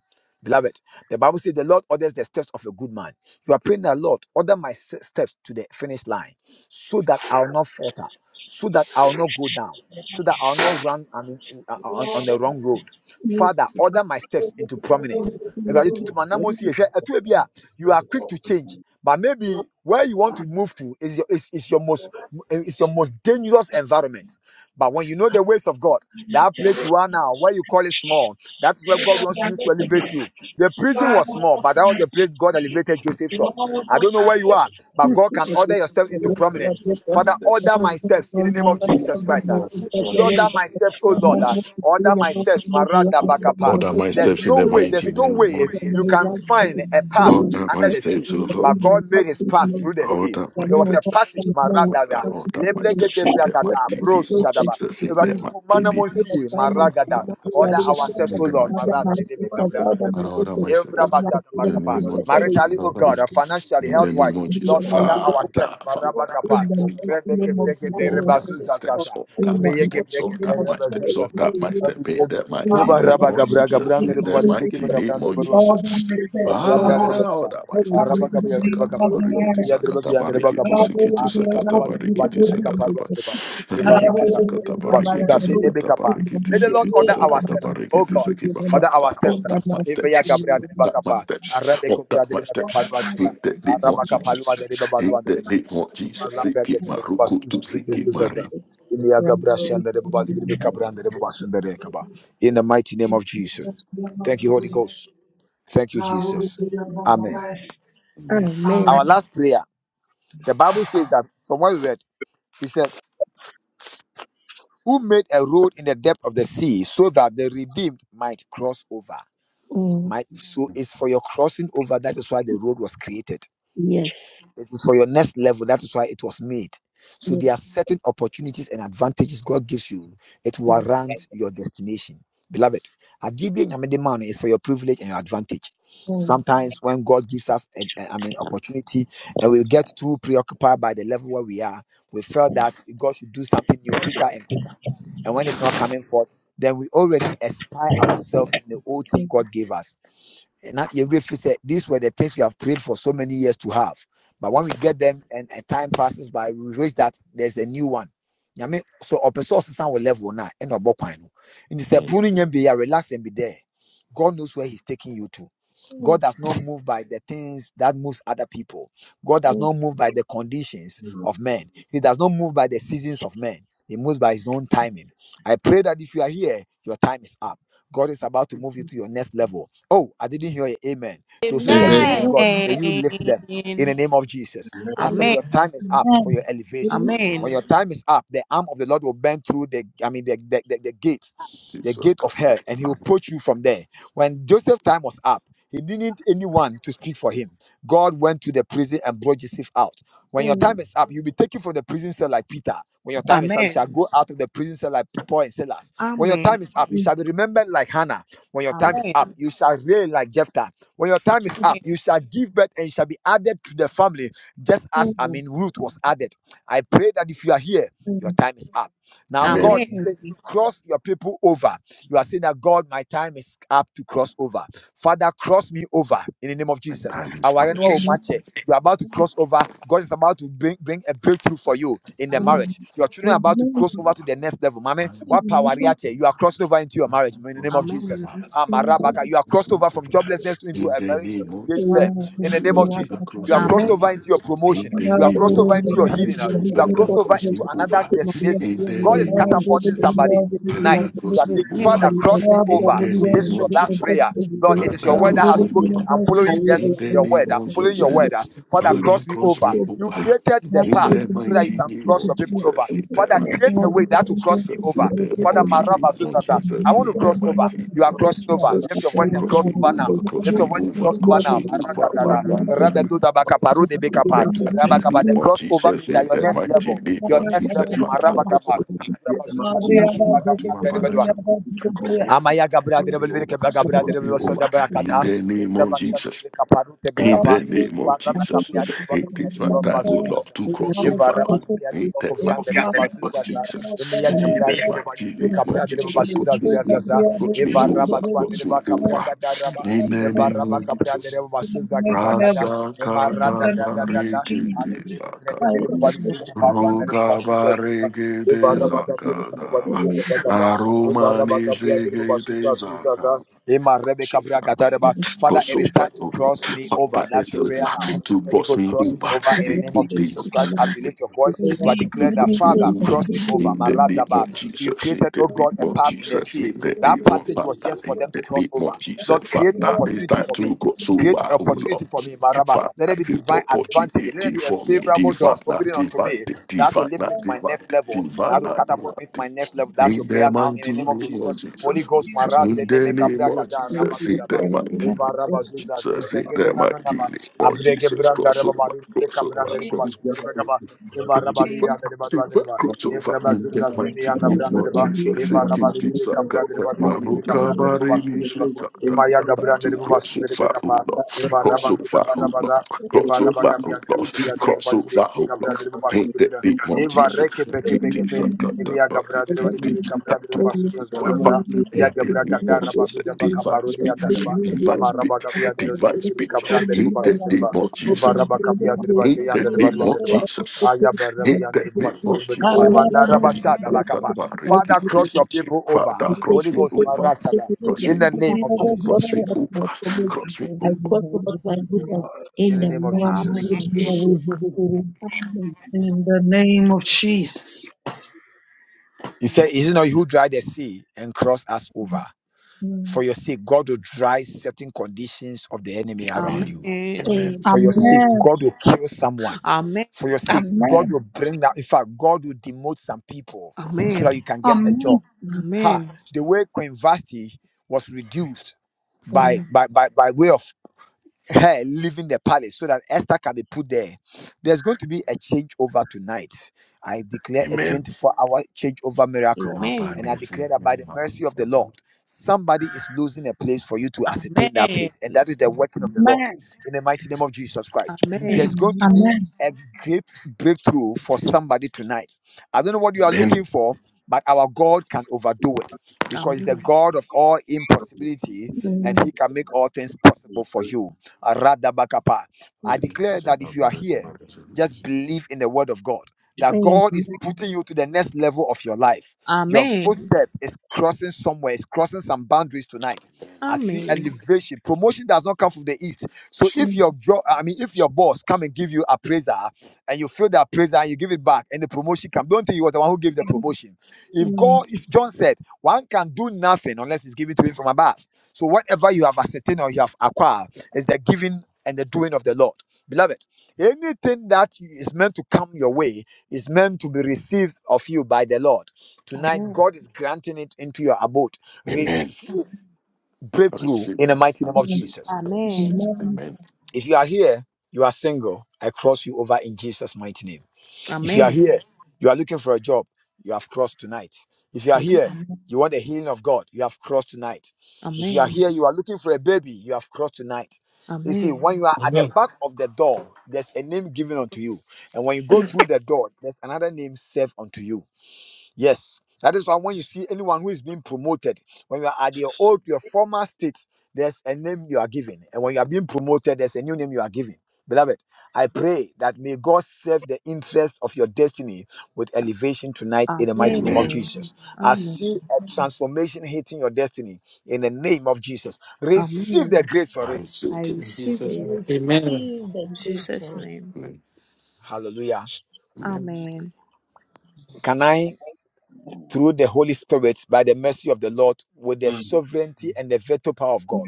Speaker 1: Beloved, the Bible says the Lord orders the steps of a good man. You are praying that Lord, order my se- steps to the finish line so that I'll not falter, so that I'll not go down, so that I'll not run I mean, uh, uh, on, on the wrong road. Father, order my steps into prominence. Awurade, tutu m'anan mu si ehwɛ. Ɛtoa bi a, You are quick to change, but maybe where you want to move to is your, is, is your most is your most dangerous environment. But when you know the ways of God, that place you are now, where you call it small, that's where God wants to use to elevate you. The prison was small, but that was the place God elevated Joseph from. I don't know where you are, but God can order your steps into prominence.
Speaker 3: Amen.
Speaker 1: Father, order my steps in the
Speaker 3: from
Speaker 1: name of
Speaker 3: members
Speaker 1: Jesus
Speaker 3: of the
Speaker 1: Christ. ah.
Speaker 3: more
Speaker 1: Lord,
Speaker 3: effective
Speaker 1: order my steps, oh Lord,
Speaker 3: government
Speaker 1: ah. order
Speaker 3: in a
Speaker 1: my steps,
Speaker 3: possible way
Speaker 1: Marada Bakapa.
Speaker 2: Order my
Speaker 1: There's
Speaker 2: steps in
Speaker 1: no
Speaker 2: the
Speaker 3: to
Speaker 1: way,
Speaker 3: the
Speaker 1: there's
Speaker 2: mighty
Speaker 1: no
Speaker 2: name of
Speaker 1: way
Speaker 3: external
Speaker 1: you
Speaker 2: Jesus.
Speaker 1: can
Speaker 3: world and
Speaker 1: find a
Speaker 3: to the
Speaker 1: path
Speaker 2: Order my
Speaker 1: under
Speaker 3: rest
Speaker 1: the sea.
Speaker 2: steps, O
Speaker 3: of the
Speaker 1: But
Speaker 2: Lord.
Speaker 1: God made his path
Speaker 3: kingdom.
Speaker 1: through the sea.
Speaker 2: Order
Speaker 3: The
Speaker 2: my
Speaker 1: There was
Speaker 3: real
Speaker 2: steps.
Speaker 1: a
Speaker 3: God
Speaker 1: passage,
Speaker 3: knows
Speaker 2: Father,
Speaker 1: Maragada,
Speaker 3: if
Speaker 2: order
Speaker 3: you
Speaker 2: my
Speaker 3: can
Speaker 2: steps
Speaker 1: Lebregede
Speaker 2: in the
Speaker 3: work
Speaker 1: Bragada,
Speaker 2: mighty
Speaker 1: Bro
Speaker 2: name
Speaker 3: close
Speaker 2: of
Speaker 3: and
Speaker 1: Shadaba,
Speaker 3: see
Speaker 2: Jesus,
Speaker 3: the
Speaker 2: in
Speaker 1: Everybody
Speaker 2: the
Speaker 3: truth
Speaker 1: to
Speaker 3: in
Speaker 2: mighty name of
Speaker 1: Manamonsi,
Speaker 3: the
Speaker 2: Jesus,
Speaker 3: time
Speaker 1: Maragada,
Speaker 2: my
Speaker 3: of
Speaker 1: order
Speaker 3: rather than
Speaker 2: steps,
Speaker 1: ourselves,
Speaker 2: in
Speaker 1: O
Speaker 2: the
Speaker 1: Lord,
Speaker 2: mighty
Speaker 3: other
Speaker 2: name of
Speaker 3: hands,
Speaker 1: Marazi
Speaker 2: Jesus,
Speaker 1: de
Speaker 3: that's all
Speaker 1: Bragada.
Speaker 3: that
Speaker 2: Father,
Speaker 3: I
Speaker 2: order my
Speaker 3: also
Speaker 1: Evra
Speaker 2: steps,
Speaker 1: Bazada
Speaker 2: in
Speaker 3: then
Speaker 2: the
Speaker 1: Bagapa,
Speaker 2: name
Speaker 3: take
Speaker 2: of
Speaker 3: it
Speaker 2: Jesus,
Speaker 3: away
Speaker 1: maritally,
Speaker 2: Father,
Speaker 1: O
Speaker 2: order my
Speaker 1: God,
Speaker 2: steps,
Speaker 1: financially,
Speaker 2: in
Speaker 1: health
Speaker 2: the
Speaker 1: wise,
Speaker 2: name of
Speaker 3: in the
Speaker 1: Lord,
Speaker 2: Jesus,
Speaker 3: Lord.
Speaker 1: order our
Speaker 2: Father,
Speaker 1: steps, Marabakapa,
Speaker 3: In the
Speaker 2: Father,
Speaker 3: mighty
Speaker 1: Rebeke
Speaker 3: name of
Speaker 1: Bregede
Speaker 3: Jesus,
Speaker 2: Lord
Speaker 3: Lord.
Speaker 2: that my
Speaker 1: Rebazuza,
Speaker 2: steps, Lord
Speaker 3: in
Speaker 2: that
Speaker 3: the
Speaker 2: my
Speaker 1: Emeyeke
Speaker 2: steps,
Speaker 3: mighty
Speaker 2: Lord
Speaker 1: Bregede
Speaker 3: name
Speaker 2: that
Speaker 3: of Jesus,
Speaker 2: my steps, Lord
Speaker 3: we
Speaker 1: Rebazuza,
Speaker 2: that
Speaker 3: pray.
Speaker 2: my step in that
Speaker 3: We
Speaker 2: mighty
Speaker 3: thank you
Speaker 2: name of
Speaker 1: Rebarabagabraga,
Speaker 2: Jesus,
Speaker 1: Branga,
Speaker 2: in that mighty name
Speaker 3: for
Speaker 2: of
Speaker 3: the
Speaker 1: everybody,
Speaker 2: Jesus.
Speaker 3: gift of life.
Speaker 1: Ayabra de
Speaker 2: Father, all
Speaker 1: Rebecaba,
Speaker 2: that
Speaker 3: I
Speaker 2: my
Speaker 3: will
Speaker 2: steps,
Speaker 3: give
Speaker 2: Sikiti
Speaker 1: Arabacabia de
Speaker 2: Sakata
Speaker 3: so
Speaker 1: Rebecaba,
Speaker 3: much to
Speaker 2: Barikiti
Speaker 1: Ria de
Speaker 2: Sakata
Speaker 1: Rebecia de
Speaker 2: Barikiti
Speaker 1: Rebecaba,
Speaker 2: Sikiti Sakata
Speaker 1: Arabasua de Rebali
Speaker 2: Barikiti
Speaker 1: de
Speaker 2: Sakata
Speaker 1: Caparua de Reba, Eva
Speaker 3: whatever
Speaker 2: Barikiti
Speaker 1: Rabacapia de
Speaker 2: Sakata
Speaker 3: Barbara
Speaker 2: Barikiti
Speaker 1: Rebasuza,
Speaker 3: can do
Speaker 1: Sine
Speaker 2: Sakata
Speaker 1: Becapa.
Speaker 3: in the
Speaker 2: Barikiti
Speaker 1: May
Speaker 3: name of
Speaker 1: the Lord
Speaker 2: Sikiti
Speaker 1: order our
Speaker 2: Sakata
Speaker 1: steps, oh
Speaker 2: Barikiti
Speaker 3: Jesus,
Speaker 1: God,
Speaker 3: in the
Speaker 2: Sakata
Speaker 3: name
Speaker 1: order
Speaker 2: Father,
Speaker 1: our
Speaker 2: all
Speaker 1: steps,
Speaker 2: that my
Speaker 3: of Jesus,
Speaker 1: Evea
Speaker 2: steps,
Speaker 1: Gabria de
Speaker 2: that my
Speaker 1: Rebecapa,
Speaker 2: steps, all that
Speaker 1: Arabecopra de
Speaker 2: my
Speaker 1: Rebecaparua de
Speaker 2: steps,
Speaker 1: Reba,
Speaker 2: in the name of Jesus.
Speaker 1: Arabacapalua de
Speaker 2: In
Speaker 1: Rebabadua de
Speaker 2: the
Speaker 1: Reba,
Speaker 2: name of Jesus,
Speaker 1: Labra de
Speaker 2: Siki Maruku to Siki Mari.
Speaker 1: Rebasuza, Ilia
Speaker 3: right
Speaker 1: Gabrashan de Rebabadi de Cabran de Rebasun de Recaba. In the mighty name of Jesus. Thank you, Holy Ghost. Thank you, Jesus. Amen.
Speaker 5: you.
Speaker 2: Amen.
Speaker 1: Our
Speaker 3: Amen.
Speaker 5: Amen.
Speaker 1: last prayer, the Bible says that from what we read, he said, Who made a road in the depth of the sea so that the redeemed might cross over?
Speaker 3: Oh,
Speaker 1: Might so it's for your crossing over that is why the road was created.
Speaker 3: yes.
Speaker 1: It is for your next level. That is why it was made. So there
Speaker 3: Yes.
Speaker 1: are certain opportunities and advantages God gives you. It will warrant your destination. Beloved, Adibi Nyamede Man is for your privilege and your advantage.
Speaker 3: Amen.
Speaker 1: Sometimes when God gives us, a- a- I mean, opportunity, and we get too preoccupied by the level where we are, we feel that God should do something new quicker and quicker. And when it's not coming forth, then we already expire ourselves in the old thing God gave us not every grief said these were the things you have prayed for so many years to have. But when we get them and a time passes by, we realize that there's a new one. I mean? so open source sound will level now and no book. In the
Speaker 2: Mm.
Speaker 1: pruning and be relax and be there. God knows where He's taking you to.
Speaker 3: Oh,
Speaker 1: God does not move by the things that moves other people. God does
Speaker 3: yes.
Speaker 1: not move by the conditions of men. He does not move by the seasons of men. He moves by his own timing. I pray that if you are here, your time is up. God is about to move you to your next level. Oh, I didn't hear your amen. Those who said
Speaker 3: Amen.
Speaker 2: Amen.
Speaker 4: Amen.
Speaker 1: amen,
Speaker 11: Amen.
Speaker 1: God, may you lift them in the name of Jesus. I said
Speaker 4: Amen.
Speaker 1: your time is up for your elevation. When your
Speaker 4: Amen.
Speaker 1: time is up, the arm of the Lord will bend through the, I mean, the, the, the, the gates the
Speaker 2: Jesus.
Speaker 1: gate of hell, and he will approach you from there. When Joseph's time was up, he didn't need anyone to speak for him. God went to the prison and brought Joseph out. When your
Speaker 3: Oh,
Speaker 1: time is up, you'll be taken from the prison cell like Peter. When your time is up, you shall
Speaker 4: Amen.
Speaker 1: go out of the prison cell like Paul and Silas. When your
Speaker 4: Amen.
Speaker 1: time is up, you
Speaker 3: Amen.
Speaker 1: shall be remembered like Hannah. When your time is
Speaker 4: Amen.
Speaker 1: up, you shall reign like Jephthah. When your time is up, you shall give birth and you shall be added to the family, just as I mean Ruth was added. I pray that if you are here your time is up. Now,
Speaker 3: Amen.
Speaker 1: God,
Speaker 2: Amen.
Speaker 4: Amen.
Speaker 1: He
Speaker 3: Amen.
Speaker 1: said, cross your people over. You are saying that God, my time is up to cross over. Father, cross me over in the name of
Speaker 2: My
Speaker 1: Jesus.
Speaker 2: time is
Speaker 1: Our
Speaker 2: up.
Speaker 1: renewal
Speaker 4: Amen.
Speaker 1: will match it. You're about to cross over. God is about to bring, bring a breakthrough for you in the
Speaker 4: Amen. Amen.
Speaker 1: marriage. Your children are
Speaker 3: Amen.
Speaker 1: about to cross over to the
Speaker 2: Yes.
Speaker 1: next level. Mami, what power you are crossing over into your marriage in the
Speaker 4: Amen. Amen.
Speaker 1: name
Speaker 4: Amen.
Speaker 2: Cross
Speaker 4: Amen.
Speaker 1: of
Speaker 2: me
Speaker 1: Jesus.
Speaker 2: over.
Speaker 1: Ah, Marabaka, You are
Speaker 2: Cross
Speaker 1: crossed
Speaker 2: me
Speaker 1: over from
Speaker 2: over.
Speaker 1: joblessness to into
Speaker 2: In
Speaker 1: a
Speaker 2: the
Speaker 1: very
Speaker 2: name of
Speaker 1: great
Speaker 2: Jesus.
Speaker 1: firm
Speaker 5: Thank
Speaker 1: in the name of Jesus.
Speaker 2: Father,
Speaker 1: You
Speaker 2: cross
Speaker 4: Amen.
Speaker 1: are
Speaker 2: me
Speaker 1: crossed over
Speaker 2: over.
Speaker 1: into your
Speaker 2: In
Speaker 1: promotion.
Speaker 2: the
Speaker 1: You are. You have crossed
Speaker 2: name of
Speaker 1: over into your
Speaker 2: Jesus.
Speaker 1: healing. uh, You have
Speaker 2: Father,
Speaker 1: crossed over
Speaker 2: cross me
Speaker 1: into another
Speaker 2: over.
Speaker 3: Amen.
Speaker 1: destination.
Speaker 2: In the
Speaker 1: God is
Speaker 3: Amen.
Speaker 2: name of
Speaker 1: catapulting
Speaker 2: Jesus.
Speaker 1: somebody tonight.
Speaker 2: Father,
Speaker 1: You are
Speaker 2: cross me
Speaker 1: saying, Father,
Speaker 2: over.
Speaker 1: cross me
Speaker 2: In
Speaker 1: over.
Speaker 2: the
Speaker 1: This
Speaker 2: name
Speaker 1: is
Speaker 2: of
Speaker 1: your last
Speaker 2: Jesus.
Speaker 1: prayer. Lord, it is your
Speaker 2: Father,
Speaker 1: word that
Speaker 2: cross
Speaker 1: has
Speaker 2: me
Speaker 1: spoken.
Speaker 2: over.
Speaker 1: I'm following just
Speaker 2: In the
Speaker 1: your word.
Speaker 2: name
Speaker 1: I'm
Speaker 2: of
Speaker 1: following your word. uh.
Speaker 2: Jesus.
Speaker 1: Father,
Speaker 2: Father,
Speaker 1: cross me
Speaker 2: cross
Speaker 1: over.
Speaker 2: me
Speaker 1: You
Speaker 2: over.
Speaker 1: created the
Speaker 2: In
Speaker 1: path
Speaker 2: the
Speaker 1: so that you
Speaker 2: mighty
Speaker 1: can
Speaker 2: name
Speaker 1: cross
Speaker 2: of
Speaker 1: your people over.
Speaker 2: Jesus. In the
Speaker 1: Father, create
Speaker 2: mighty
Speaker 1: a way
Speaker 2: name
Speaker 1: that
Speaker 2: of
Speaker 1: will cross me
Speaker 2: Jesus.
Speaker 1: over.
Speaker 2: In the
Speaker 1: Father,
Speaker 2: mighty
Speaker 1: marabazuzata.
Speaker 2: name of
Speaker 1: I
Speaker 2: Jesus.
Speaker 1: want to
Speaker 2: In the
Speaker 1: cross over.
Speaker 2: mighty
Speaker 1: You are
Speaker 2: name of
Speaker 1: crossing over. Lift your
Speaker 2: Jesus.
Speaker 1: voice and
Speaker 2: Cross
Speaker 1: cross
Speaker 2: me
Speaker 1: over
Speaker 2: over.
Speaker 1: now.
Speaker 2: Cross
Speaker 1: Lift your
Speaker 2: me
Speaker 1: voice and
Speaker 2: over.
Speaker 1: cross over
Speaker 2: Cross
Speaker 1: now.
Speaker 2: me over. Father,
Speaker 1: Maradadada,
Speaker 2: cross me.
Speaker 1: Rabedodabaka,
Speaker 2: In
Speaker 1: Parodebeka,
Speaker 2: the mighty
Speaker 1: Rabakaba.
Speaker 2: name
Speaker 1: The
Speaker 2: of
Speaker 1: crossover
Speaker 2: Jesus,
Speaker 1: means that
Speaker 2: in
Speaker 1: your
Speaker 2: the
Speaker 1: next
Speaker 2: mighty
Speaker 1: level,
Speaker 2: name
Speaker 1: your
Speaker 2: of
Speaker 1: next
Speaker 2: Jesus,
Speaker 1: level.
Speaker 2: Father, it's
Speaker 1: Marabakaba.
Speaker 2: my time. Please watch over to my financial. Close me,
Speaker 1: Amaya Gabra de
Speaker 2: close me
Speaker 1: Rebel
Speaker 2: over,
Speaker 1: Keba Gabra de
Speaker 2: close me
Speaker 1: Rebel
Speaker 2: over.
Speaker 1: Soda
Speaker 2: In
Speaker 1: Bracata,
Speaker 2: the name
Speaker 1: Evra
Speaker 2: of
Speaker 1: Bashan
Speaker 2: Jesus,
Speaker 1: de Caparu
Speaker 2: in
Speaker 1: Tebecapa,
Speaker 2: the name
Speaker 1: Eva
Speaker 2: of
Speaker 1: Rabba
Speaker 2: Jesus,
Speaker 1: Capia de
Speaker 2: it
Speaker 1: Bocapia
Speaker 2: is
Speaker 1: de
Speaker 2: my time, oh Lord,
Speaker 1: Bazuza,
Speaker 2: to cross
Speaker 1: Eva
Speaker 2: over.
Speaker 1: Rabba
Speaker 2: Oh,
Speaker 1: Capia de
Speaker 2: in the
Speaker 1: Bocovian de
Speaker 2: mighty name of
Speaker 1: Bazuza, Emia
Speaker 2: Jesus, in
Speaker 1: Gabra
Speaker 2: the
Speaker 1: de Bobali
Speaker 2: mighty
Speaker 1: de
Speaker 2: name of
Speaker 1: Capra de
Speaker 2: Jesus,
Speaker 1: Bazuza
Speaker 2: cross me over,
Speaker 1: Zaza,
Speaker 2: cross me
Speaker 1: Eva
Speaker 2: over,
Speaker 1: Rabba Tuan de
Speaker 2: cross me
Speaker 1: Bacapra
Speaker 2: over.
Speaker 1: Gadaraba,
Speaker 2: In the
Speaker 1: Eva
Speaker 2: name
Speaker 1: Rabba
Speaker 2: of
Speaker 1: Capra de
Speaker 2: Jesus.
Speaker 1: Bazuza Gibagada,
Speaker 2: Rasa
Speaker 1: Emma Rada
Speaker 2: kata
Speaker 1: da da da da.
Speaker 2: bariki di
Speaker 1: Alebre de Brega
Speaker 2: sakaba.
Speaker 1: de Bobali de Caparuan de
Speaker 2: Ruka
Speaker 1: Bazuza,
Speaker 2: bariki
Speaker 1: Eva
Speaker 2: di
Speaker 1: Rabba Gabia de Bobali
Speaker 2: sakaba.
Speaker 1: de Bagapa. Father,
Speaker 2: Aroma ni siki di sakaba.
Speaker 1: it is time to cross me
Speaker 2: Fakta
Speaker 1: over. That's your
Speaker 3: Thank
Speaker 1: prayer
Speaker 2: eselga
Speaker 1: now.
Speaker 2: to
Speaker 1: Holy
Speaker 2: cross
Speaker 1: Ghost,
Speaker 2: me
Speaker 1: cross me
Speaker 2: over.
Speaker 1: over in the
Speaker 2: It
Speaker 1: name
Speaker 2: do
Speaker 1: of
Speaker 2: the
Speaker 1: Jesus
Speaker 2: goes.
Speaker 1: Christ. As you lift your voice,
Speaker 5: In
Speaker 1: you
Speaker 2: It
Speaker 1: are
Speaker 5: the
Speaker 2: to
Speaker 1: declared that
Speaker 2: cross me
Speaker 3: you.
Speaker 1: Father,
Speaker 2: over.
Speaker 1: cross me over.
Speaker 2: In the name
Speaker 1: Marazaba,
Speaker 2: of
Speaker 1: you
Speaker 2: Jesus, in
Speaker 1: created,
Speaker 2: the
Speaker 1: oh God, a
Speaker 2: name of
Speaker 1: path in the
Speaker 2: Jesus, in
Speaker 1: sea.
Speaker 2: the
Speaker 1: That
Speaker 2: name of
Speaker 1: passage was
Speaker 2: Father,
Speaker 1: just for
Speaker 2: in
Speaker 1: them to
Speaker 2: the
Speaker 1: cross
Speaker 2: name
Speaker 1: over.
Speaker 2: of Jesus,
Speaker 1: Lord, create
Speaker 2: Father, it's
Speaker 1: opportunity
Speaker 2: time
Speaker 1: for
Speaker 2: to
Speaker 1: me.
Speaker 2: cross
Speaker 1: Create
Speaker 2: over, oh Lord.
Speaker 1: opportunity for me, Maraba.
Speaker 2: Father,
Speaker 1: Let there be
Speaker 2: this is the
Speaker 1: divine advantage. Let there
Speaker 2: opportunity
Speaker 1: be a
Speaker 2: for me.
Speaker 1: favorable door
Speaker 2: Divana,
Speaker 1: opening unto
Speaker 2: divine,
Speaker 1: me that will lift
Speaker 2: divana,
Speaker 1: me to my
Speaker 2: divine,
Speaker 1: next level. That will
Speaker 2: divana,
Speaker 1: catapult me to
Speaker 2: divine.
Speaker 1: my next level. That's your
Speaker 2: In the
Speaker 1: prayer now in
Speaker 2: mighty
Speaker 1: the name of
Speaker 2: name of
Speaker 1: Jesus. Holy
Speaker 2: Jesus.
Speaker 1: Ghost,
Speaker 2: In
Speaker 1: Maraze,
Speaker 2: the
Speaker 1: Neme
Speaker 2: name
Speaker 1: Kabra
Speaker 2: of
Speaker 1: Gada,
Speaker 2: Jesus. In
Speaker 1: Rabadudaba.
Speaker 2: the mighty name
Speaker 1: Eva
Speaker 2: of
Speaker 1: Rabazuza,
Speaker 2: Jesus. In the
Speaker 1: Zezegede
Speaker 2: mighty
Speaker 1: Nanonama,
Speaker 2: name of
Speaker 1: Abrege
Speaker 2: Jesus.
Speaker 1: Branda,
Speaker 2: Crossover,
Speaker 1: Rababaru,
Speaker 2: crossover, crossover,
Speaker 1: Deriba, Deribagaba, Eva
Speaker 2: Cross,
Speaker 1: Rabalia, Deriba,
Speaker 2: Crossover,
Speaker 1: Deriba,
Speaker 2: Cross,
Speaker 1: Evra
Speaker 2: crossover in the
Speaker 1: Bazuza Zimi
Speaker 2: mighty
Speaker 1: and Abran
Speaker 2: name of
Speaker 1: Deriba,
Speaker 2: Jesus.
Speaker 1: Eva
Speaker 2: It keeps
Speaker 1: Rabali,
Speaker 2: its
Speaker 1: Cabra,
Speaker 2: agata,
Speaker 1: Deriba,
Speaker 2: baruka,
Speaker 1: Cabran, Deriba,
Speaker 2: barini,
Speaker 1: Deriba,
Speaker 2: shikata,
Speaker 1: Imaya Gabran, Deriba,
Speaker 2: cross.
Speaker 1: Deriba
Speaker 2: crossover, oh
Speaker 1: Capa,
Speaker 2: Lord,
Speaker 1: Eva Rabadu,
Speaker 2: crossover, oh Lord,
Speaker 1: Rabada, Eva
Speaker 2: crossover, oh
Speaker 1: Rabagabia,
Speaker 2: Lord,
Speaker 1: Deriba,
Speaker 2: crossover,
Speaker 1: Deriba,
Speaker 2: oh Lord.
Speaker 1: Cabra, Deriba,
Speaker 2: In the
Speaker 1: Deriba,
Speaker 2: name of
Speaker 1: Eva Reke
Speaker 2: Jesus, it
Speaker 1: Peke
Speaker 2: keeps its
Speaker 1: Peke. Emi
Speaker 2: agata,
Speaker 1: ya gabra dere
Speaker 2: barini,
Speaker 1: wali biri
Speaker 2: Srikata,
Speaker 1: kabra dere
Speaker 2: to
Speaker 1: basu za za
Speaker 2: cross,
Speaker 1: za za.
Speaker 2: crossover,
Speaker 1: Ya
Speaker 2: in the
Speaker 1: gabra
Speaker 2: name
Speaker 1: gata
Speaker 2: of
Speaker 1: raba du
Speaker 2: Jesus,
Speaker 1: deba
Speaker 2: divine
Speaker 1: kaparo de ya
Speaker 2: speech,
Speaker 1: taraba.
Speaker 2: divine
Speaker 1: Ama raba
Speaker 2: speech,
Speaker 1: kapya dere wali
Speaker 2: divine
Speaker 1: biri kibri
Speaker 2: speech.
Speaker 1: kabra dere
Speaker 2: In
Speaker 1: basu
Speaker 2: the
Speaker 1: dere
Speaker 2: name
Speaker 1: ba.
Speaker 2: of
Speaker 1: Eva
Speaker 2: Jesus,
Speaker 1: raba kapya dere ba
Speaker 2: in
Speaker 1: ke yan
Speaker 2: the
Speaker 1: dere
Speaker 2: name
Speaker 1: duan
Speaker 2: of
Speaker 1: dere ba.
Speaker 2: Jesus.
Speaker 3: open
Speaker 1: Aya ba
Speaker 3: my
Speaker 1: rabi
Speaker 2: In
Speaker 1: yan
Speaker 2: the
Speaker 1: dere
Speaker 2: name
Speaker 1: basu
Speaker 2: of
Speaker 3: to
Speaker 1: dere ba kaparo
Speaker 3: all
Speaker 2: Jesus.
Speaker 3: this
Speaker 1: anda daba kapa.
Speaker 3: I take
Speaker 1: Father,
Speaker 3: to
Speaker 1: cross your people
Speaker 2: Father,
Speaker 1: over.
Speaker 3: take
Speaker 2: cross
Speaker 1: Holy
Speaker 2: me
Speaker 3: me
Speaker 1: Ghost,
Speaker 3: to
Speaker 2: over.
Speaker 3: my
Speaker 1: marasada.
Speaker 2: Cross
Speaker 3: children.
Speaker 1: In
Speaker 2: me
Speaker 1: the
Speaker 2: over.
Speaker 1: name of
Speaker 3: I thought
Speaker 1: Jesus.
Speaker 2: Cross me
Speaker 3: about
Speaker 2: over.
Speaker 3: my promotion.
Speaker 2: Cross me
Speaker 3: I
Speaker 2: over.
Speaker 3: thought about my good health
Speaker 1: In
Speaker 3: in
Speaker 1: the
Speaker 3: the
Speaker 1: name of
Speaker 3: mighty
Speaker 1: Jesus.
Speaker 3: name of Jesus. Amen.
Speaker 5: name of Jesus.
Speaker 1: He said, Is it not you who dry the sea and cross us over?
Speaker 3: Amen.
Speaker 1: For your sake, God will dry certain conditions of the enemy around you.
Speaker 2: Amen. Amen.
Speaker 3: Amen.
Speaker 1: For your sake, God will kill someone. For your sake, God
Speaker 5: Amen.
Speaker 2: Amen.
Speaker 1: will bring down. In fact, God will demote some people so
Speaker 4: Amen.
Speaker 1: that you can get a job.
Speaker 4: Amen. Amen. Amen.
Speaker 1: Ha! The way Queen Vashti was reduced by
Speaker 3: Amen.
Speaker 1: by by, by way of her leaving the palace so that Esther can be put there. There's going to be a changeover tonight. I declare a
Speaker 2: Amen.
Speaker 1: 24 hour changeover miracle.
Speaker 4: Amen.
Speaker 1: And I
Speaker 2: Abanese,
Speaker 1: declare that by the mercy of the Lord, somebody is losing a place for you to ascertain that place. And that is the working of the Lord
Speaker 5: Amen.
Speaker 1: in the mighty name of Jesus Christ. There's
Speaker 2: Amen.
Speaker 1: going to be
Speaker 5: Amen.
Speaker 1: a great breakthrough for somebody tonight. I don't know what you are looking
Speaker 2: Amen.
Speaker 1: for. But our God can overdo it because the
Speaker 4: Amen.
Speaker 1: God of all impossibility and
Speaker 3: Amen.
Speaker 1: He can make all things possible for you. Aradabakapa. I declare
Speaker 2: Jesus.
Speaker 1: that if you are here, just believe in the word of God, that
Speaker 3: Amen.
Speaker 1: God is putting you to the next level of your life. Your
Speaker 4: Amen.
Speaker 1: footstep is crossing somewhere, it's crossing some boundaries tonight. I see
Speaker 4: Amen. Amen.
Speaker 1: elevation. Promotion does not come from the east. So if your jo- I mean if your boss come and give you appraiser and you feel the appraiser and you give it back and the promotion come, don't think he was the one who gave the promotion. If God, if John said, one can do nothing unless it's given to him from above. So whatever you have ascertained or you have acquired is the giving and the doing of the Lord. Beloved, anything that is meant to come your way is meant to be received of you by the Lord. Tonight,
Speaker 4: Amen.
Speaker 1: God is granting it into your abode.
Speaker 2: Amen.
Speaker 1: Receive
Speaker 2: I
Speaker 1: breakthrough
Speaker 2: receive
Speaker 1: in the
Speaker 2: it.
Speaker 1: mighty
Speaker 2: I
Speaker 1: name of
Speaker 2: receive it.
Speaker 1: Jesus.
Speaker 2: I receive it.
Speaker 4: Amen.
Speaker 2: Amen.
Speaker 1: If you are here, you are single. I cross you over in Jesus' mighty name. If you are
Speaker 4: Amen.
Speaker 1: here, you are looking for a job, you have crossed tonight. If you are here,
Speaker 4: Amen.
Speaker 5: Amen.
Speaker 1: you want the healing of God, you have crossed tonight. If you are here,
Speaker 4: Amen.
Speaker 1: you are looking for a baby, you have crossed tonight. You see,
Speaker 4: Amen.
Speaker 1: when you are at the back of the door, there's a name given unto you. And when you go through the door, there's another name served unto you. Yes. That is why when you see anyone who is being promoted, when you are at your old, your former state, there's a name you are given. And when you are being promoted, there's a new name you are given. Beloved, I pray that may God serve the interest of your destiny with elevation tonight in the mighty name of
Speaker 2: Amen.
Speaker 4: Amen.
Speaker 1: Jesus. I
Speaker 4: Amen.
Speaker 1: see a transformation hitting your destiny in the name of Jesus. Receive the
Speaker 4: Amen.
Speaker 1: grace
Speaker 2: I
Speaker 1: for it.
Speaker 2: receive
Speaker 4: I
Speaker 2: it.
Speaker 4: receive
Speaker 5: I
Speaker 4: it
Speaker 9: Amen.
Speaker 5: receive the
Speaker 4: in
Speaker 5: grace
Speaker 4: Jesus'
Speaker 5: for it.
Speaker 4: name.
Speaker 1: Hallelujah.
Speaker 2: Amen.
Speaker 4: Amen.
Speaker 1: Can I, through the Holy Spirit, by the mercy of the Lord, with the sovereignty and the veto power of God?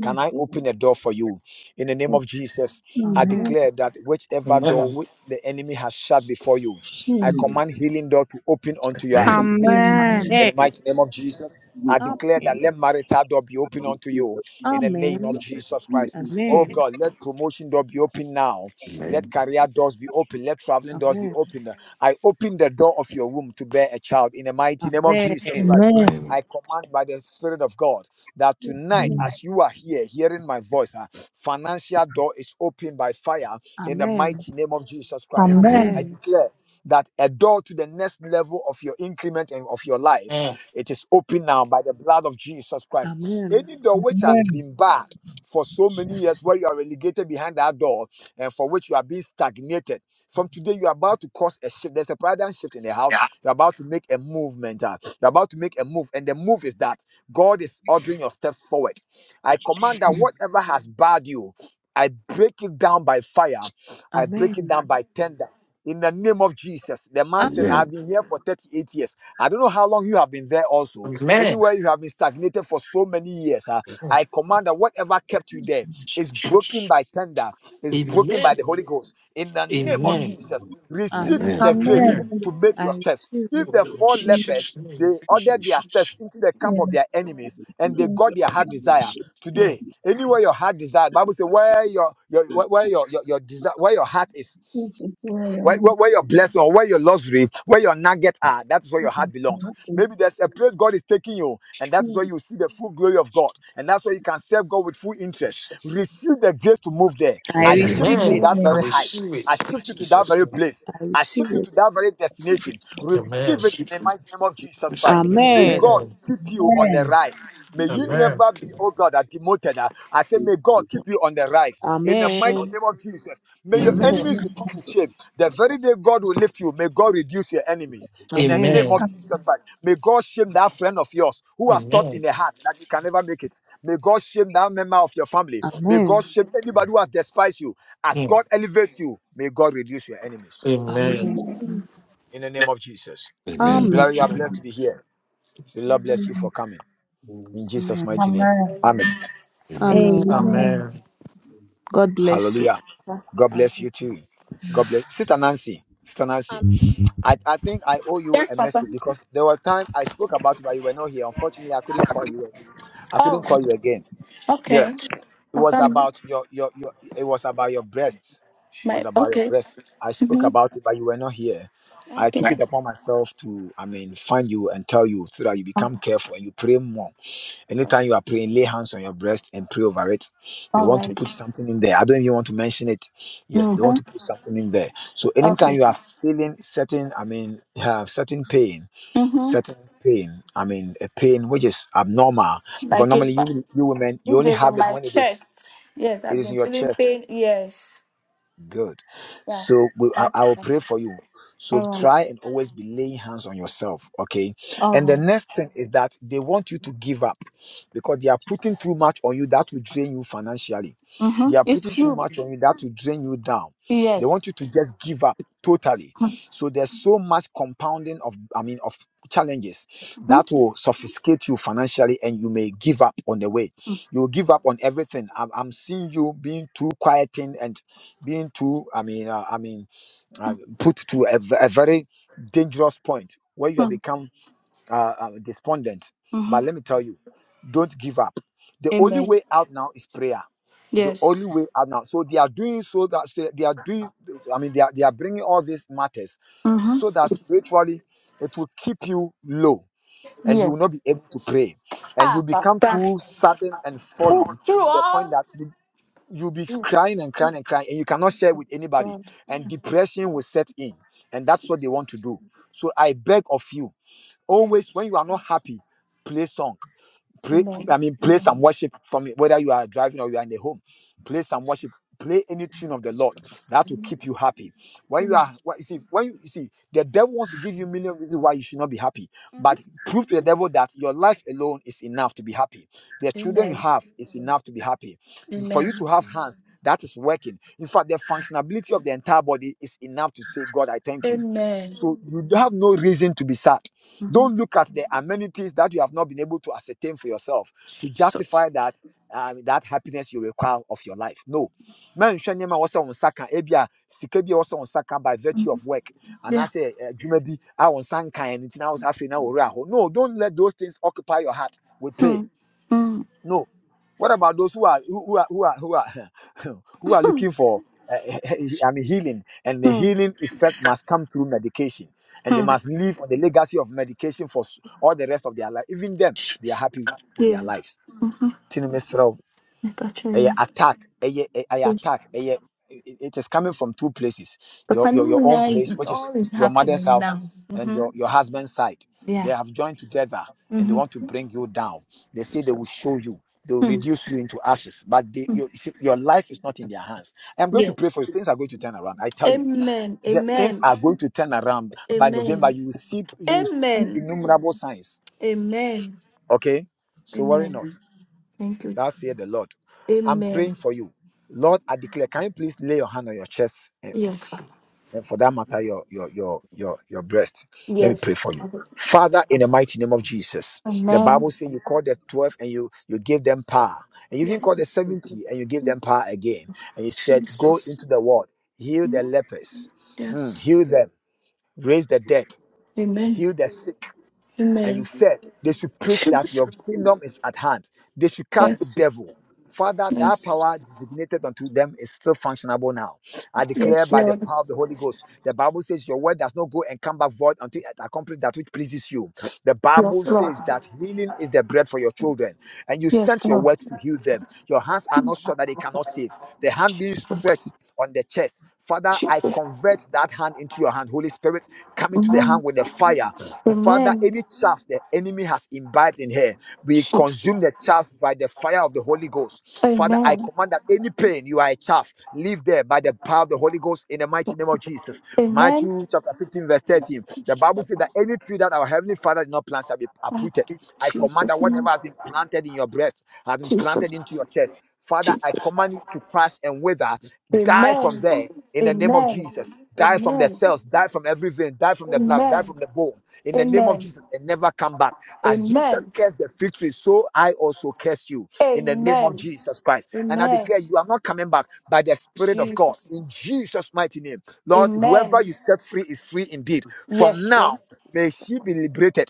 Speaker 1: Can I open a door for you? In the name of Jesus, I
Speaker 4: Amen.
Speaker 3: Amen.
Speaker 1: declare that whichever door
Speaker 9: Amen.
Speaker 1: which the enemy has shut before you, I command healing door to open unto your
Speaker 2: Amen.
Speaker 1: accessibility. In the
Speaker 4: Amen.
Speaker 1: mighty name of Jesus. I declare
Speaker 4: Amen.
Speaker 1: that let marital door be open unto you in the name of
Speaker 4: Amen.
Speaker 1: Jesus Christ. Oh
Speaker 4: Amen.
Speaker 1: God, let promotion door be open now. Let
Speaker 2: Amen.
Speaker 1: career doors be open. Let traveling doors be
Speaker 4: Amen.
Speaker 1: open. I open the door of your womb to bear a child in the mighty name of Jesus
Speaker 4: Amen.
Speaker 1: Christ.
Speaker 5: Amen.
Speaker 2: Amen.
Speaker 1: I command by the Spirit of God that tonight,
Speaker 3: Amen.
Speaker 1: as you are here hearing my voice, ah, financial door is opened by fire in the
Speaker 4: Amen. Amen.
Speaker 1: mighty name of Jesus Christ.
Speaker 2: Amen.
Speaker 1: I
Speaker 5: Amen.
Speaker 4: Amen.
Speaker 1: declare that a door to the next level of your increment and of your life,
Speaker 9: Amen.
Speaker 1: it is open now by the blood of Jesus Christ. Any door which has
Speaker 5: Amen.
Speaker 1: been barred for so many years, where you are relegated behind that door, and for which you are being stagnated. From today, you're about to cause a shift. There's a paradigm shift in the house.
Speaker 2: Yeah.
Speaker 1: You're about to make a movement. ah. you're about to make a move. And the move is that God is ordering your steps forward. I command that whatever has barred you, I break it down by fire. I break it
Speaker 4: Amen.
Speaker 1: down by tender. In the name of Jesus, the man said,
Speaker 4: Amen.
Speaker 1: I've
Speaker 2: Amen.
Speaker 1: been here for 38 years. I don't know how long you have been there, also.
Speaker 9: Amen.
Speaker 1: Anywhere you have been stagnated for so many years, ah,
Speaker 9: Oh,
Speaker 1: I command that whatever kept you there is broken
Speaker 9: Jesus.
Speaker 1: by tender, is broken by
Speaker 9: Amen.
Speaker 1: the Holy Ghost. In the name of
Speaker 4: Amen.
Speaker 9: Amen.
Speaker 1: Jesus, receive
Speaker 4: Amen.
Speaker 2: Amen.
Speaker 1: the grace,
Speaker 9: Amen.
Speaker 1: to make
Speaker 4: I
Speaker 1: your steps.
Speaker 4: receive
Speaker 1: If
Speaker 4: it.
Speaker 1: the
Speaker 9: Oh, In
Speaker 1: four lepers
Speaker 9: Jesus'
Speaker 1: they
Speaker 9: name.
Speaker 1: ordered their
Speaker 9: Jesus.
Speaker 1: steps into the camp
Speaker 3: Yeah,
Speaker 1: of their enemies and they got their heart desire
Speaker 9: Mm.
Speaker 1: today anywhere your heart desire bible says where your, your
Speaker 3: yeah.
Speaker 1: where your, your your desire where your heart is
Speaker 3: It's a play
Speaker 1: where,
Speaker 3: on
Speaker 1: where, where your blessing or where your luxury where your nugget are that's where your heart
Speaker 3: my
Speaker 1: belongs
Speaker 3: pockets.
Speaker 1: maybe there's a place god is taking you and that's
Speaker 3: Yeah,
Speaker 1: where you see the full glory of god and that's where you can serve god with full interest receive the grace to move there
Speaker 4: I
Speaker 1: i
Speaker 2: Amen.
Speaker 1: shift you
Speaker 4: receive
Speaker 3: and
Speaker 1: to
Speaker 3: more.
Speaker 9: Amen.
Speaker 1: that
Speaker 4: it.
Speaker 9: I
Speaker 1: very height
Speaker 9: receive
Speaker 1: i
Speaker 9: it. In
Speaker 1: shift you to that
Speaker 9: Jesus'
Speaker 1: very
Speaker 9: name.
Speaker 1: place
Speaker 4: I
Speaker 1: I
Speaker 4: receive
Speaker 1: shift you to
Speaker 4: it.
Speaker 1: that very
Speaker 2: Receive
Speaker 1: destination.
Speaker 2: it.
Speaker 1: Receive
Speaker 9: Amen.
Speaker 1: it in
Speaker 2: Receive
Speaker 1: the
Speaker 2: it.
Speaker 1: mighty name of Jesus
Speaker 2: Receive
Speaker 1: Christ.
Speaker 2: it.
Speaker 1: May
Speaker 4: Amen.
Speaker 1: God
Speaker 9: Amen.
Speaker 1: keep you on the rise. May you
Speaker 9: Amen.
Speaker 1: never be, oh God, uh, demoted. uh. I say, may God keep you on the rise. In the mighty
Speaker 4: Amen.
Speaker 1: name of Jesus. May your
Speaker 4: Amen.
Speaker 9: Amen.
Speaker 2: Amen.
Speaker 1: enemies be put to shame. The very day God will lift you, may God reduce your enemies. In the
Speaker 4: Amen.
Speaker 1: name of
Speaker 9: Amen.
Speaker 1: Jesus Christ. May God shame that friend of yours who has thought in
Speaker 9: Amen.
Speaker 1: the heart that you can never make it. May God shame that member of your family. May God
Speaker 4: Amen.
Speaker 1: shame anybody who has despised you. As
Speaker 9: Mm.
Speaker 1: God elevates you, may God reduce your enemies
Speaker 9: Amen.
Speaker 4: Amen.
Speaker 1: in the name of Jesus.
Speaker 2: Amen.
Speaker 3: And
Speaker 4: Amen.
Speaker 1: Beloved, you are blessed to be here. The Lord bless you for coming in Jesus'
Speaker 4: Amen.
Speaker 1: mighty name. Amen.
Speaker 2: Amen.
Speaker 4: Amen.
Speaker 3: amen. Amen.
Speaker 9: Amen.
Speaker 4: God bless you.
Speaker 1: Hallelujah. God bless you too. God bless Sister Nancy. Sister Nancy, I, I think I owe you
Speaker 11: Yes,
Speaker 1: a
Speaker 11: Papa.
Speaker 1: message because there were time I spoke about it, but you were not here. Unfortunately, I couldn't call you. I
Speaker 11: Oh,
Speaker 1: couldn't call you again.
Speaker 11: okay.
Speaker 1: Yes. it was
Speaker 11: Papa,
Speaker 1: about your your your it was about your breasts it
Speaker 11: my
Speaker 1: was about your
Speaker 11: okay.
Speaker 1: breast i spoke
Speaker 11: Mm-hmm.
Speaker 1: about it but you were not here i took
Speaker 11: Okay.
Speaker 1: it upon myself to i mean find you and tell you so that you become careful and you pray more anytime you are praying lay hands on your breast and pray over it they
Speaker 11: All
Speaker 1: want to
Speaker 11: right.
Speaker 1: put something in there i don't even want to mention it yes they
Speaker 11: Mm-hmm.
Speaker 1: want to put something in there so anytime
Speaker 11: Okay.
Speaker 1: you are feeling certain i mean uh, certain pain
Speaker 11: Mm-hmm.
Speaker 1: certain pain i mean a pain which is abnormal because
Speaker 11: Like
Speaker 1: normally
Speaker 11: it,
Speaker 1: you
Speaker 11: but
Speaker 1: you women you
Speaker 11: this
Speaker 1: only
Speaker 11: is in
Speaker 1: have it
Speaker 11: my
Speaker 1: when it is
Speaker 11: chest. Yes,
Speaker 1: it
Speaker 11: I've
Speaker 1: is
Speaker 11: been
Speaker 1: in your
Speaker 11: feeling
Speaker 1: chest.
Speaker 11: pain. Yes.
Speaker 1: Good.
Speaker 11: Yeah.
Speaker 1: So we, I,
Speaker 11: Left
Speaker 1: I will
Speaker 11: side.
Speaker 1: pray for you. So
Speaker 11: All right.
Speaker 1: try and always be laying hands on yourself. Okay.
Speaker 11: All
Speaker 1: And the
Speaker 11: right.
Speaker 1: next thing is that they want you to give up because they are putting too much on you that will drain you financially.
Speaker 11: Mm-hmm.
Speaker 1: They are
Speaker 11: It's
Speaker 1: putting too
Speaker 11: true.
Speaker 1: much on you that will drain you down. They want you
Speaker 11: Yes.
Speaker 1: to just give up totally. So there's so much compounding of, I mean, of challenges
Speaker 11: Mm-hmm.
Speaker 1: that will sophisticate you financially and you may give up on the way you will give up on everything i'm, I'm seeing you being too quieting and being too i mean uh, i mean uh, put to a, v- a very dangerous point where you have
Speaker 11: Mm-hmm.
Speaker 1: become uh, uh, despondent
Speaker 11: Mm-hmm.
Speaker 1: but let me tell you don't give up the only
Speaker 11: Amen.
Speaker 1: way out now is prayer the only
Speaker 11: Yes.
Speaker 1: way out now so they are doing so that so they are doing i mean they are, they are bringing all these matters so that
Speaker 11: Mm-hmm.
Speaker 1: spiritually it will keep you low and you will
Speaker 11: Yes.
Speaker 1: not be able to pray and you
Speaker 11: Ah,
Speaker 1: become
Speaker 11: Papa.
Speaker 1: too sudden and
Speaker 11: Oh,
Speaker 1: fallen
Speaker 11: true.
Speaker 1: to the point
Speaker 11: Oh,
Speaker 1: that you you'll be crying and
Speaker 11: Jesus.
Speaker 1: crying and crying, and you cannot share with anybody,
Speaker 11: God.
Speaker 1: and depression will set in, and that's what they want to do. So I beg of you,
Speaker 11: Amen.
Speaker 1: always when you are not happy, play song. Play,
Speaker 11: Amen.
Speaker 1: I mean, play some worship from it, whether you are driving or you are in the home play some worship play any tune of the lord that will
Speaker 11: Amen.
Speaker 1: keep you happy when you are
Speaker 11: hmm
Speaker 1: you see when you, you see the devil wants to give you a million reasons why you should not be happy but prove to the devil that your life alone is enough to be happy the children you
Speaker 11: Amen.
Speaker 1: have is enough to be happy for you
Speaker 11: Amen.
Speaker 1: to have hands that is working in fact the functionability of the entire body is enough to say god i thank you
Speaker 11: Amen.
Speaker 1: so you have no reason to be sad.
Speaker 11: hmm
Speaker 1: Don't look at the amenities that you have not been able to ascertain for yourself to
Speaker 11: Jesus.
Speaker 1: justify that um, that happiness you require of your life. No. man, nneɛma a on saka ebia sikebi ebi on saka by virtue
Speaker 11: Mhm.
Speaker 1: of work, And I
Speaker 11: Yeah.
Speaker 1: say, bi a wo nsa nkaeɛ no nti na wo sɛ afei No, don't let those things occupy your heart with pain.
Speaker 11: Hmm. Hmm.
Speaker 1: No. What about those who are who who are who are who are, <laughs> who are looking for? Uh, <laughs> I mean, healing, and the
Speaker 11: Hmm.
Speaker 1: healing effect must come through medication, and they
Speaker 11: Hmm.
Speaker 1: must live on the legacy of medication for s- all the rest of their life. Even them, they are
Speaker 11: Jesus.
Speaker 1: happy with their
Speaker 11: Yes.
Speaker 1: lives. Tini mesrɛ wo a
Speaker 11: Gotcha.
Speaker 1: attack a,
Speaker 11: Yes.
Speaker 1: attack ɛyɛ- i- it is coming from two places
Speaker 11: But
Speaker 1: your, your your own
Speaker 11: finally,
Speaker 1: place
Speaker 11: it
Speaker 1: which is
Speaker 11: all is
Speaker 1: your mother's
Speaker 11: happening
Speaker 1: house
Speaker 11: now.
Speaker 1: and
Speaker 11: Mm-hmm.
Speaker 1: your your husband's side they
Speaker 11: Yeah.
Speaker 1: have joined together and they
Speaker 11: Mm-hmm.
Speaker 1: want to bring you down they say they will show you they will
Speaker 11: Hmm.
Speaker 1: reduce you into ashes but they, your, you see, your life is not in their hands i'm going to pray for
Speaker 11: Yes.
Speaker 1: you things are going to turn around i tell you
Speaker 11: Amen.
Speaker 1: yeah, things
Speaker 11: Amen.
Speaker 1: are going to turn around by november
Speaker 11: Amen.
Speaker 1: you will see you will see
Speaker 11: Amen.
Speaker 1: innumerable signs
Speaker 11: Amen.
Speaker 1: okay so worry not
Speaker 11: Amen. Thank you.
Speaker 1: that's here the Lord. I'm praying
Speaker 11: Amen.
Speaker 1: for you. Lord, I declare, can you please lay your hand on your chest and,
Speaker 11: Yes.
Speaker 1: and for that matter, your your your your your breast. Let me pray
Speaker 11: Yes.
Speaker 1: for you. Father, in the mighty name of Jesus, the
Speaker 11: Amen.
Speaker 1: Bible says you called the 12 and you you gave them power. And you even called
Speaker 11: Yes.
Speaker 1: the 70 and you gave them power again. And you said, Go
Speaker 11: Jesus.
Speaker 1: into the world, heal the lepers, mm,
Speaker 11: Yes.
Speaker 1: heal them, raise the dead,
Speaker 11: Amen.
Speaker 1: heal the sick and you
Speaker 11: Amen.
Speaker 1: said they should preach that your
Speaker 11: Jesus.
Speaker 1: kingdom is at hand. They should cast
Speaker 11: Yes.
Speaker 1: devil. Father, that
Speaker 11: Yes.
Speaker 1: power designated unto them is still functionable now. I declare
Speaker 11: Yes,
Speaker 1: by the
Speaker 11: Lord.
Speaker 1: power of the Holy Ghost, the Bible says your word does not go and come back void until it accomplishes that which pleases you. The Bible
Speaker 11: Yes, Lord.
Speaker 1: says that healing is the bread for your children, and you
Speaker 11: Yes,
Speaker 1: sent your
Speaker 11: Lord.
Speaker 1: word to heal them. Your hands are not sure that they cannot save. The hand being
Speaker 11: Jesus.
Speaker 1: stretched on the chest. Father, I
Speaker 11: Jesus.
Speaker 1: convert that hand into your hand. Holy Spirit, come into the
Speaker 11: Amen.
Speaker 1: hand with the fire. Father,
Speaker 11: Amen.
Speaker 1: any chaff the enemy has imbibed in here, we
Speaker 11: Jesus.
Speaker 1: consume the chaff by the fire of the Holy Ghost. Father, I
Speaker 11: Amen.
Speaker 1: command that any pain you are a chaff, leave there by the power of the Holy Ghost in the mighty name
Speaker 11: Yes.
Speaker 1: of Jesus.
Speaker 11: Amen.
Speaker 1: Matthew chapter 15, verse 13. The Bible says that any tree that our heavenly Father did not plant shall be
Speaker 11: Ah,
Speaker 1: uprooted. I command that
Speaker 11: Jesus. name.
Speaker 1: whatever has been planted in your breast has been planted
Speaker 11: Jesus.
Speaker 1: into your chest. Father, I
Speaker 11: Jesus.
Speaker 1: command you to crash and wither, die from
Speaker 11: Amen.
Speaker 1: there in the name of
Speaker 11: Amen.
Speaker 1: Jesus. Die from the
Speaker 11: Amen.
Speaker 1: cells, die from every vein, die from the blood, die
Speaker 11: Amen.
Speaker 1: from the bone. In the name of
Speaker 11: Amen.
Speaker 1: Jesus, and never come back. As Jesus
Speaker 11: Amen.
Speaker 1: cursed the fig tree, so I also curse you. In the name of
Speaker 11: Amen.
Speaker 1: Jesus Christ. And I
Speaker 11: Amen.
Speaker 1: declare you are not coming back by the Spirit of God.
Speaker 11: Jesus.
Speaker 1: In Jesus' mighty name. Lord, whoever
Speaker 11: Amen.
Speaker 1: you set free is free indeed. From
Speaker 11: Yes, Lord.
Speaker 1: now, may she be liberated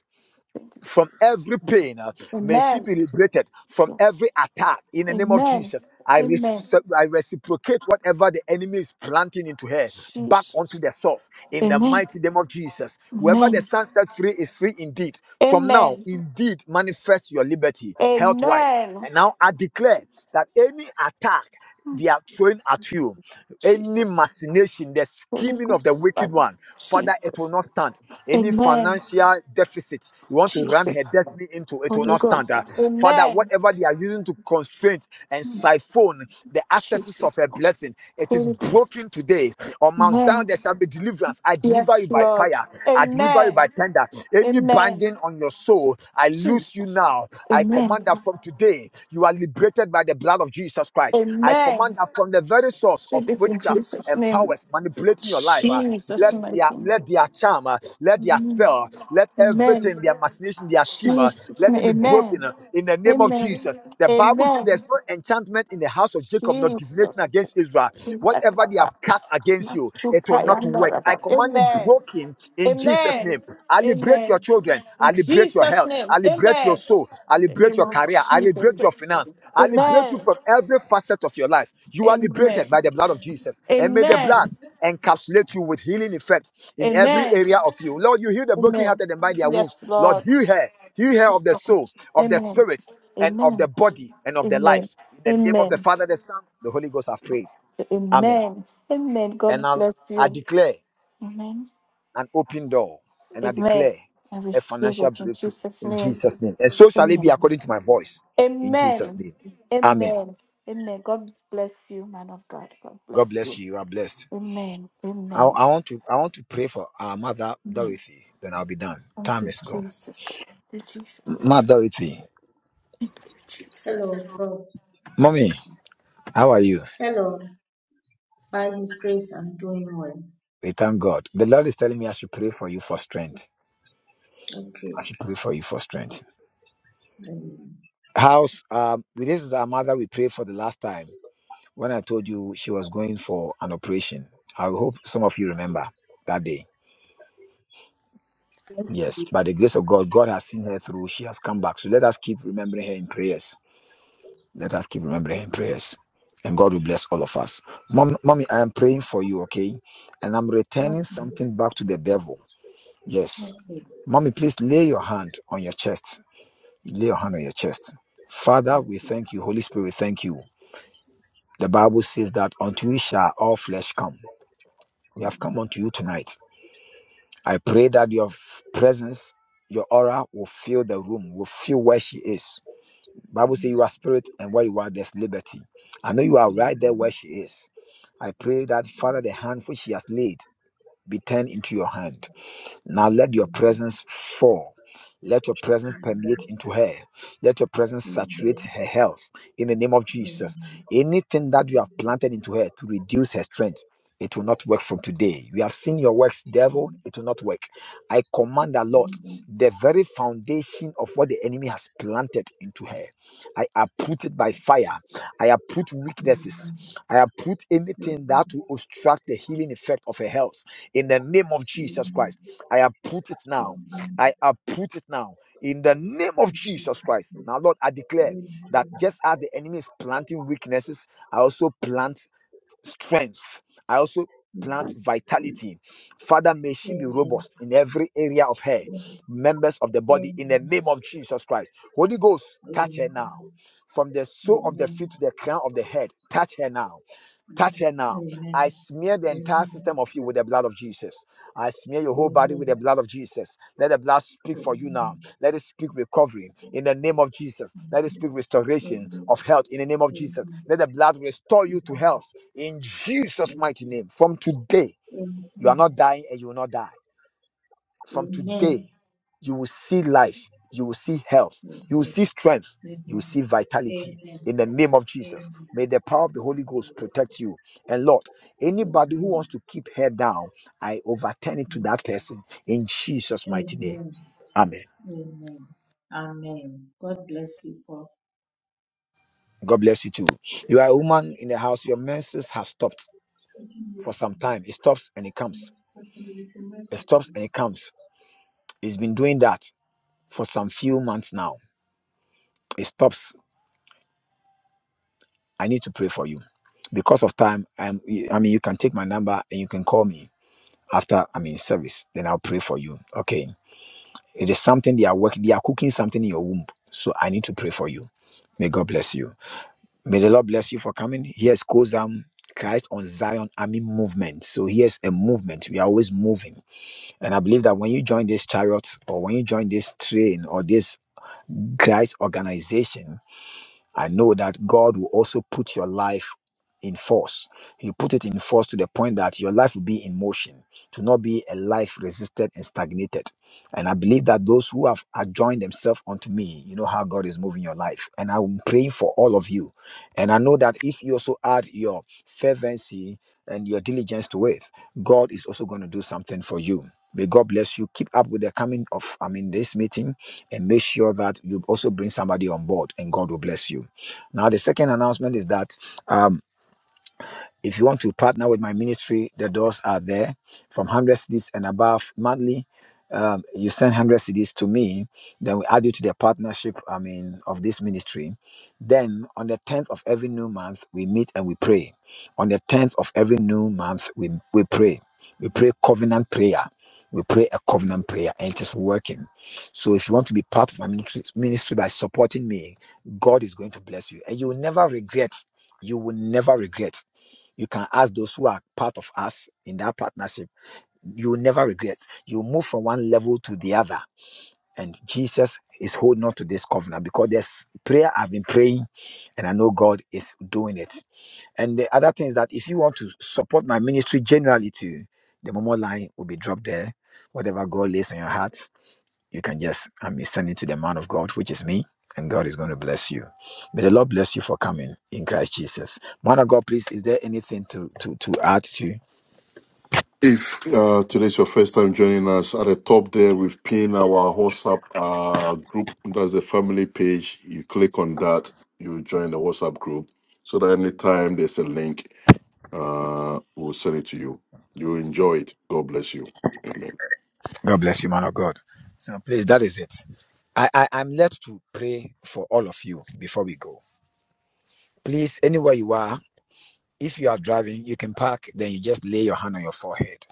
Speaker 11: Thank you,
Speaker 1: from
Speaker 11: Jesus.
Speaker 1: every pain. uh, May she
Speaker 11: Amen.
Speaker 1: be liberated from
Speaker 11: Yes.
Speaker 1: every attack in the name of
Speaker 11: Amen.
Speaker 1: Jesus. I,
Speaker 11: Amen.
Speaker 1: rece- I reciprocate whatever the enemy is planting into her back onto
Speaker 11: Jesus.
Speaker 1: the source in the
Speaker 11: Amen.
Speaker 1: mighty name of Jesus. Whoever the
Speaker 11: Amen.
Speaker 1: sun set free is free indeed. From now,
Speaker 11: Amen.
Speaker 1: indeed, manifest your liberty health wise.
Speaker 11: Amen.
Speaker 1: And now I declare that any attack they are throwing at you. Any
Speaker 11: Jesus.
Speaker 1: machination, the
Speaker 11: Holy
Speaker 1: scheming of the
Speaker 11: Ghost. Fire.
Speaker 1: wicked one, Father, it will
Speaker 11: Jesus.
Speaker 1: not stand. Any
Speaker 11: Amen.
Speaker 1: financial deficit you want to run
Speaker 11: Jesus.
Speaker 1: her destiny into, it will
Speaker 11: Holy
Speaker 1: not stand.
Speaker 11: Ghost.
Speaker 1: Uh, Father,
Speaker 11: Amen.
Speaker 1: whatever they are using to constrain and siphon the accesses of
Speaker 11: Jesus.
Speaker 1: her blessing, it is
Speaker 11: Holy Ghost.
Speaker 1: broken today. On Mount Zion,
Speaker 11: Amen.
Speaker 1: there shall be deliverance. I deliver
Speaker 11: Yes,
Speaker 1: you by
Speaker 11: Lord.
Speaker 1: fire, I deliver you by tender. Any
Speaker 11: Amen.
Speaker 1: binding on your soul, I loose you now
Speaker 11: Jesus.
Speaker 1: now. I
Speaker 11: Amen.
Speaker 1: command that from today, you are liberated by the blood of Jesus Christ. I
Speaker 11: Amen.
Speaker 1: command that from the very source of
Speaker 11: Save it in
Speaker 1: witchcraft
Speaker 11: Jesus'
Speaker 1: and
Speaker 11: name.
Speaker 1: powers manipulating your life. uh,
Speaker 11: Jesus'
Speaker 1: let their
Speaker 11: mighty name.
Speaker 1: let their charm, uh, let their
Speaker 11: Amen.
Speaker 1: spell, let
Speaker 11: Amen.
Speaker 1: everything, their machination, their scheme, uh,
Speaker 11: Jesus'
Speaker 1: let
Speaker 11: name.
Speaker 1: it be broken
Speaker 11: Amen.
Speaker 1: uh, in the name of
Speaker 11: Amen.
Speaker 1: Jesus. The Bible says there's
Speaker 11: Amen.
Speaker 1: no enchantment in the house of Jacob, no divination
Speaker 11: Jesus.
Speaker 1: against Israel. Whatever they
Speaker 11: Rakaba.
Speaker 1: have cast against you, it will not work.
Speaker 11: Masukayandara.
Speaker 1: I command it
Speaker 11: Amen.
Speaker 1: broken in Jesus'
Speaker 11: Amen.
Speaker 1: name. I liberate your
Speaker 11: Amen.
Speaker 1: children. I
Speaker 11: In
Speaker 1: liberate your
Speaker 11: Jesus'
Speaker 1: health.
Speaker 11: name.
Speaker 1: I liberate your
Speaker 11: Amen.
Speaker 1: soul. I
Speaker 11: In the
Speaker 1: liberate
Speaker 11: name
Speaker 1: your
Speaker 11: of
Speaker 1: career. I
Speaker 11: Jesus.
Speaker 1: liberate your finance. I liberate you
Speaker 11: Amen.
Speaker 1: from every facet of your life. You are liberated
Speaker 11: Amen.
Speaker 1: by the blood of Jesus. And may the blood
Speaker 11: Amen.
Speaker 1: encapsulate you with healing effects in every
Speaker 11: Amen.
Speaker 1: area of you. Lord, you heal the
Speaker 11: Amen.
Speaker 1: brokenhearted and by their wounds.
Speaker 11: Yes,
Speaker 1: Lord,
Speaker 11: Lord.
Speaker 1: heal her. Heal her of the soul, of the
Speaker 11: Amen.
Speaker 1: spirit, and of the
Speaker 11: Amen.
Speaker 1: body, and of the
Speaker 11: Amen.
Speaker 1: life. In the name of the
Speaker 11: Amen.
Speaker 1: Father, the Son, the Holy Ghost, I pray. Amen.
Speaker 11: Amen. Amen.
Speaker 1: And
Speaker 11: God
Speaker 1: I'll,
Speaker 11: bless
Speaker 1: I
Speaker 11: you.
Speaker 1: declare
Speaker 11: Amen.
Speaker 1: an open door and I
Speaker 11: Amen.
Speaker 1: declare
Speaker 11: I
Speaker 1: a
Speaker 11: receive
Speaker 1: financial
Speaker 11: it in
Speaker 1: breakthrough
Speaker 11: Jesus'
Speaker 1: in
Speaker 11: name.
Speaker 1: Jesus' name. And so shall it be
Speaker 11: Amen.
Speaker 1: according to my voice in Jesus'
Speaker 11: Amen.
Speaker 1: name. Amen.
Speaker 11: Amen. Amen. God bless you, man of God. God
Speaker 1: God
Speaker 11: bless
Speaker 1: bless
Speaker 11: you.
Speaker 1: you. You are blessed.
Speaker 11: Amen.
Speaker 1: I,
Speaker 11: Amen.
Speaker 1: I want to I want to pray for our mother
Speaker 11: Amen.
Speaker 1: Dorothy. Then I'll be done.
Speaker 11: Thank
Speaker 1: Time
Speaker 11: you,
Speaker 1: is gone.
Speaker 11: Jesus. Thank you, Jesus.
Speaker 1: Mother Dorothy,
Speaker 11: Thank you, Jesus.
Speaker 12: Hello, Prof.
Speaker 1: mommy, how are you?
Speaker 12: Hello. By His grace, I'm doing well.
Speaker 1: We thank God. The Lord is telling me I should pray for you for strength.
Speaker 12: Okay.
Speaker 1: I should pray for you for strength.
Speaker 12: Um,
Speaker 1: House, um, with this is our mother. We prayed for the last time when I told you she was going for an operation. I hope some of you remember that day
Speaker 4: Amen.
Speaker 1: Yes, by the grace of God, God has seen her through. She has come back. So let us keep remembering her in prayers. Let us keep remembering her in prayers. And God will bless all of us. Mom, mommy, I am praying for you, okay? And I'm returning
Speaker 12: okay.
Speaker 1: something back to the devil. Yes.
Speaker 12: Okay.
Speaker 1: Mommy, please lay your hand on your chest. Lay your hand on your chest. Father, we
Speaker 12: Okay.
Speaker 1: thank you. Holy Spirit, we thank you. The Bible says that unto you shall all flesh come. We have come unto
Speaker 12: Yes.
Speaker 1: you tonight. I pray that your f- presence, your aura will fill the room, will fill where she is Bible says you are spirit, and where you are, there's liberty. I know you are right
Speaker 12: Mm,
Speaker 1: there where she is. I pray that, Father, the hand which she has laid be turned into your hand. Now let your
Speaker 12: mm,
Speaker 1: presence fall. Let your presence permeate into her. Let your presence
Speaker 12: mm, mm, mm,
Speaker 1: saturate her health in the name of Jesus. Anything that you have planted into her to reduce her strength, it will not work from today. We have seen your works, devil. It will not work. I command the Lord, the very foundation of what the enemy has planted into her. I uproot it by fire. I uproot weaknesses. I uproot anything that will obstruct the healing effect of her health in the name of
Speaker 12: mm,
Speaker 1: Jesus Christ. I uproot it
Speaker 12: mm,
Speaker 1: now.
Speaker 12: mm,
Speaker 1: I uproot it now in the name of Jesus Christ. Now, Lord, I declare that just as the enemy is planting weaknesses, I also plant strength. I also plant
Speaker 12: Yes.
Speaker 1: vitality. Father, may she be robust in every area of her,
Speaker 12: Amen.
Speaker 1: members of the body,
Speaker 12: Amen.
Speaker 1: in
Speaker 12: Amen.
Speaker 1: the name of Jesus Christ. Holy Ghost, touch
Speaker 12: Amen.
Speaker 1: her now. From the sole of the feet to the crown of the head, touch her now. Touch her now. I smear the entire system of you with the blood of Jesus. I smear your whole body with the blood of Jesus. Let the blood speak for you
Speaker 12: Amen.
Speaker 1: now. Let it speak recovery in the name of Jesus. Let it speak
Speaker 12: Amen.
Speaker 1: restoration
Speaker 12: Amen.
Speaker 1: of health in the name of Jesus.
Speaker 12: Amen.
Speaker 1: Let the blood restore
Speaker 12: Amen.
Speaker 1: you to health in Jesus'
Speaker 12: Amen.
Speaker 1: mighty name. From today,
Speaker 12: Amen. Amen.
Speaker 1: you are not dying and you will not die from today,
Speaker 12: Amen.
Speaker 1: you will see life, you will see health,
Speaker 12: Amen. Amen.
Speaker 1: you will see strength, you will see vitality.
Speaker 12: Amen.
Speaker 1: In the name of Jesus, may
Speaker 12: Amen.
Speaker 1: the power of the Holy Ghost protect you. And Lord, anybody who wants to keep head down, I overturn it to that person in Jesus' mighty name.
Speaker 12: Amen.
Speaker 1: Amen.
Speaker 12: Amen. Amen. God bless you
Speaker 1: God bless you too. You are a woman in the house, your menses have stopped for some time. It stops and it comes. It stops
Speaker 12: all.
Speaker 1: and it comes. It's been doing that for some few months now. It stops. I need to pray for you. because of time um, y- i mean you can take my number and you can call me after i mean service then i'll pray for you okay it is something they are working they are cooking something in your womb so i need to pray for you may god bless you may the lord bless you for coming here's kozam christ on zion army movement so here's a movement we are always moving and i believe that when you join this chariot or when you join this train or this christ organization I know that God will also put your life in force. You put it in force to the point that your life will be in motion, to not be a life resisted and stagnated. And I believe that those who have joined themselves unto me, you know how God is moving your life. And I'm praying for all of you. And I know that if you also add your fervency and your diligence to it, God is also going to do something for you. May God bless you. Keep up with the coming of, I mean, this meeting and make sure that you also bring somebody on board and God will bless you. Now, the second announcement is that um, if you want to partner with my ministry, the doors are there from 100 cities and above monthly. Um, you send 100 cities to me, then we add you to the partnership, I mean, of this ministry. Then on the 10th of every new month, we meet and we pray. On the 10th of every new month, we, we pray. We pray covenant prayer. We pray a covenant prayer and it is working. So if you want to be part of my ministry, ministry by supporting me, God is going to bless you. And you will never regret. You will never regret you can ask those who are part of us in that partnership. You will never regret. You move from one level to the other. And Jesus is holding on to this covenant because there's prayer I've been praying, and I know God is doing it. And the other thing is that if you want to support my ministry generally too, the Momo line will be dropped there. Whatever God lays on your heart, you can just I mean send it to the man of God, which is me, and God is going to bless you. May the Lord bless you for coming in Christ Jesus. Man of God, please, is there anything to to to add to?
Speaker 2: If uh, today's your first time joining us at the top there, we've pinned our WhatsApp uh, group. That's the family page. You click on that, you join the WhatsApp group. So that anytime there's a link, uh, we'll send it to you. You'll enjoy it. God bless you. Amen.
Speaker 1: God bless you, man of God. So please, that is it. I, I I'm led to pray for all of you before we go. Please, anywhere you are, if you are driving, you can park. Then you just lay your hand on your forehead.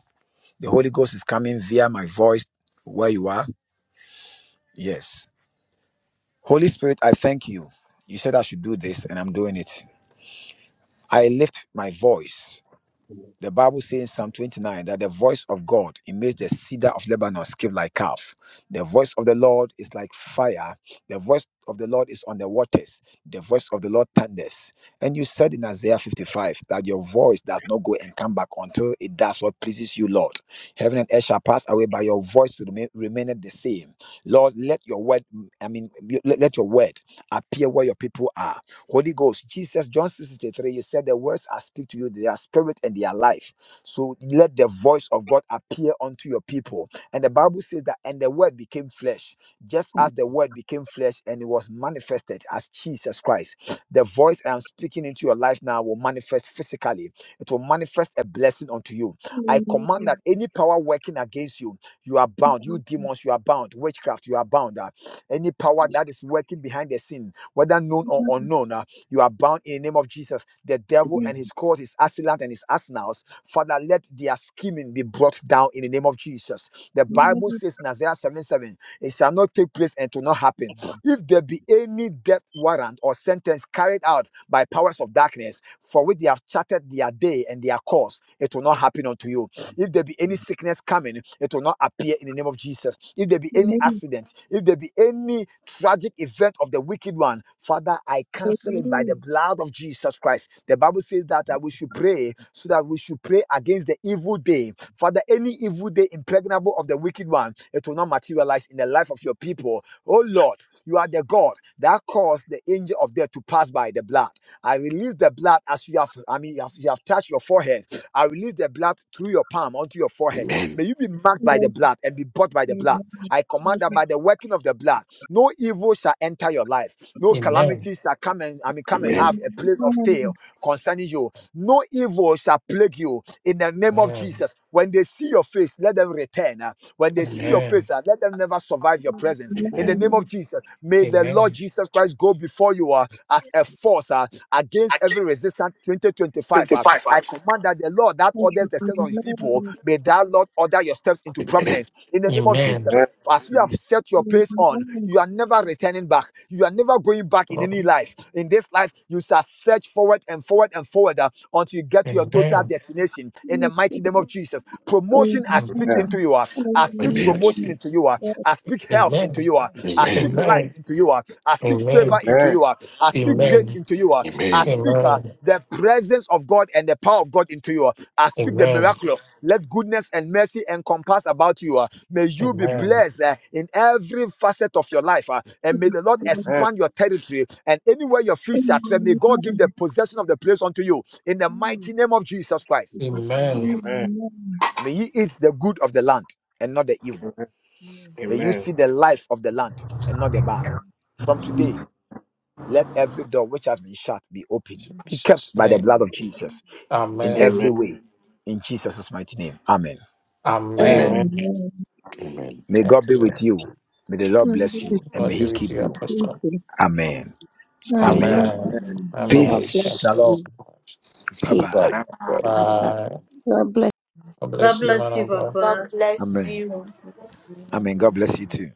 Speaker 1: The Holy Ghost is coming via my voice where you are. Yes, Holy Spirit, I thank you. You said I should do this, and I'm doing it. I lift my voice. The Bible says in Psalm 29 that the voice of God it makes the cedar of Lebanon skip like calf. The voice of the Lord is like fire. The voice of the Lord is on the waters. The voice of the Lord thunders. And you said in Isaiah 55 that your voice does not go and come back until it does what pleases you, Lord. Heaven and earth shall pass away, but your voice remain, remaineth the same. Lord, let your word, I mean, let let your word appear where your people are Holy Ghost, Jesus, John six, six, three. you said the words I speak to you, they are spirit and they are life. So let the voice of God appear unto your people. And the Bible says that, and the word became flesh, just as the word became flesh and it was manifested as Jesus Christ. The voice I am speaking into your life now will manifest physically, it will manifest a blessing unto you. I command that any power working against you, you are bound. You demons, you are bound. Witchcraft, you are bound. Uh, Any power that is working behind the scene, whether known or unknown. uh, you are bound in the name of Jesus. The devil and his court, his assailant and his arsenals, Father, let their scheming be brought down in the name of Jesus. The Bible says in Isaiah 7 7, it shall not take place and to not happen. If there be any death warrant or sentence carried out by powers of darkness, for which they have charted their day and their course, it will not happen unto you. If there be any sickness coming, it will not appear in the name of Jesus. If there be any accident, if there be any tragic event of the wicked one, Father, I cancel it by the blood of Jesus Christ. The Bible says that uh, we should pray so that we should pray against the evil day. Father, any evil day impregnable of the wicked one, it will not materialize in the life of your people. Oh Lord, you are the God that caused the angel of death to pass by the blood. I release the blood as you have, I mean, you have, you have touched your forehead I release the blood through your palm onto your forehead.
Speaker 2: Amen.
Speaker 1: May you be marked by the blood and be bought by the blood. I command that by the working of the blood, no evil shall enter your life. No
Speaker 9: Amen.
Speaker 1: calamity shall come and I mean come and have
Speaker 2: Amen.
Speaker 1: a place of stay
Speaker 3: Amen.
Speaker 1: concerning you. No evil shall plague you in the name of
Speaker 9: Amen.
Speaker 1: Jesus. When they see your face, let them return. uh, When they see
Speaker 2: Amen.
Speaker 1: your
Speaker 9: Amen.
Speaker 1: face, uh, let them never survive your presence. In the name
Speaker 2: Amen.
Speaker 1: of Jesus, may the Lord
Speaker 9: Amen.
Speaker 1: Jesus Christ go before you uh, as a force uh,
Speaker 2: I
Speaker 1: against every resistance 2025. uh. I command that the Lord that orders the steps of his people, may that Lord order your steps in into
Speaker 2: give
Speaker 1: prominence in the name of
Speaker 9: Amen.
Speaker 1: Jesus. As you have set your pace on, you are never returning back. You are never going back in any
Speaker 9: Lord.
Speaker 1: life. In this life, you shall search forward and forward and forward uh, until you get to your total
Speaker 9: Amen.
Speaker 1: destination. In the mighty name of Jesus, promotion I speak into
Speaker 3: Amen.
Speaker 1: you. uh, I speak
Speaker 2: Amen.
Speaker 1: promotion into
Speaker 9: Jesus.
Speaker 1: you. uh, I speak health into
Speaker 9: Amen.
Speaker 1: you. uh, I speak
Speaker 2: Amen. Amen.
Speaker 1: life
Speaker 9: Amen.
Speaker 1: into you. uh, I
Speaker 9: Amen.
Speaker 1: speak favor
Speaker 9: Amen.
Speaker 1: into you. ah. I speak grace
Speaker 9: Amen.
Speaker 1: into you. ah. I
Speaker 2: Amen.
Speaker 1: speak ah,
Speaker 9: Amen.
Speaker 1: the presence of God and the power of God into you. ah. I speak the
Speaker 9: Amen.
Speaker 1: miraculous. Let goodness and mercy encompass about you. ah. May you be
Speaker 9: Amen.
Speaker 1: blessed ah, in every facet of your life. ah. And may the Lord expand your territory. And anywhere your feet shall tread, may God give the possession of the place unto you. In the mighty
Speaker 13: Amen.
Speaker 1: name of Jesus Christ. May ye eat the good of the land and not the evil.
Speaker 13: Amen.
Speaker 1: May you see the life of the land and not the bad.
Speaker 9: In
Speaker 1: From
Speaker 13: Jesus.
Speaker 1: today, let every door which has been shut be open,
Speaker 13: Amen.
Speaker 1: be kept
Speaker 9: Jesus'
Speaker 1: by the
Speaker 9: name.
Speaker 1: blood of Jesus in
Speaker 13: Amen.
Speaker 9: Amen.
Speaker 1: every way. In Jesus' mighty name. Amen.
Speaker 13: Amen.
Speaker 10: Amen.
Speaker 2: Amen.
Speaker 9: Amen.
Speaker 2: Amen.
Speaker 1: May God
Speaker 9: Thank
Speaker 1: be
Speaker 9: you.
Speaker 1: with you. May the Lord bless you and may
Speaker 9: Lord
Speaker 1: He
Speaker 9: be with
Speaker 1: keep
Speaker 9: you,
Speaker 1: you.
Speaker 3: Amen.
Speaker 9: Apostle.
Speaker 1: Amen.
Speaker 13: Bless you.
Speaker 1: Amen.
Speaker 2: Amen.
Speaker 9: Amen.
Speaker 13: Bless
Speaker 3: Amen.
Speaker 2: God
Speaker 13: you.
Speaker 3: God
Speaker 1: Peace.
Speaker 9: Amen.
Speaker 2: bless
Speaker 3: bless
Speaker 9: Thank you
Speaker 2: you.
Speaker 1: Shalom.
Speaker 3: you.
Speaker 9: so much.
Speaker 1: Bye
Speaker 3: Peace.
Speaker 2: Bye.
Speaker 1: bye.
Speaker 2: Bye.
Speaker 3: Bye.
Speaker 9: Bye.
Speaker 3: God bless.
Speaker 13: Bless
Speaker 9: God
Speaker 14: God
Speaker 9: bless you, man
Speaker 14: bless you,
Speaker 9: of God.
Speaker 14: Papa.
Speaker 11: God bless
Speaker 1: Amen.
Speaker 11: you.
Speaker 13: you. We God
Speaker 1: Amen. God
Speaker 13: bless
Speaker 1: bless you too.
Speaker 13: you.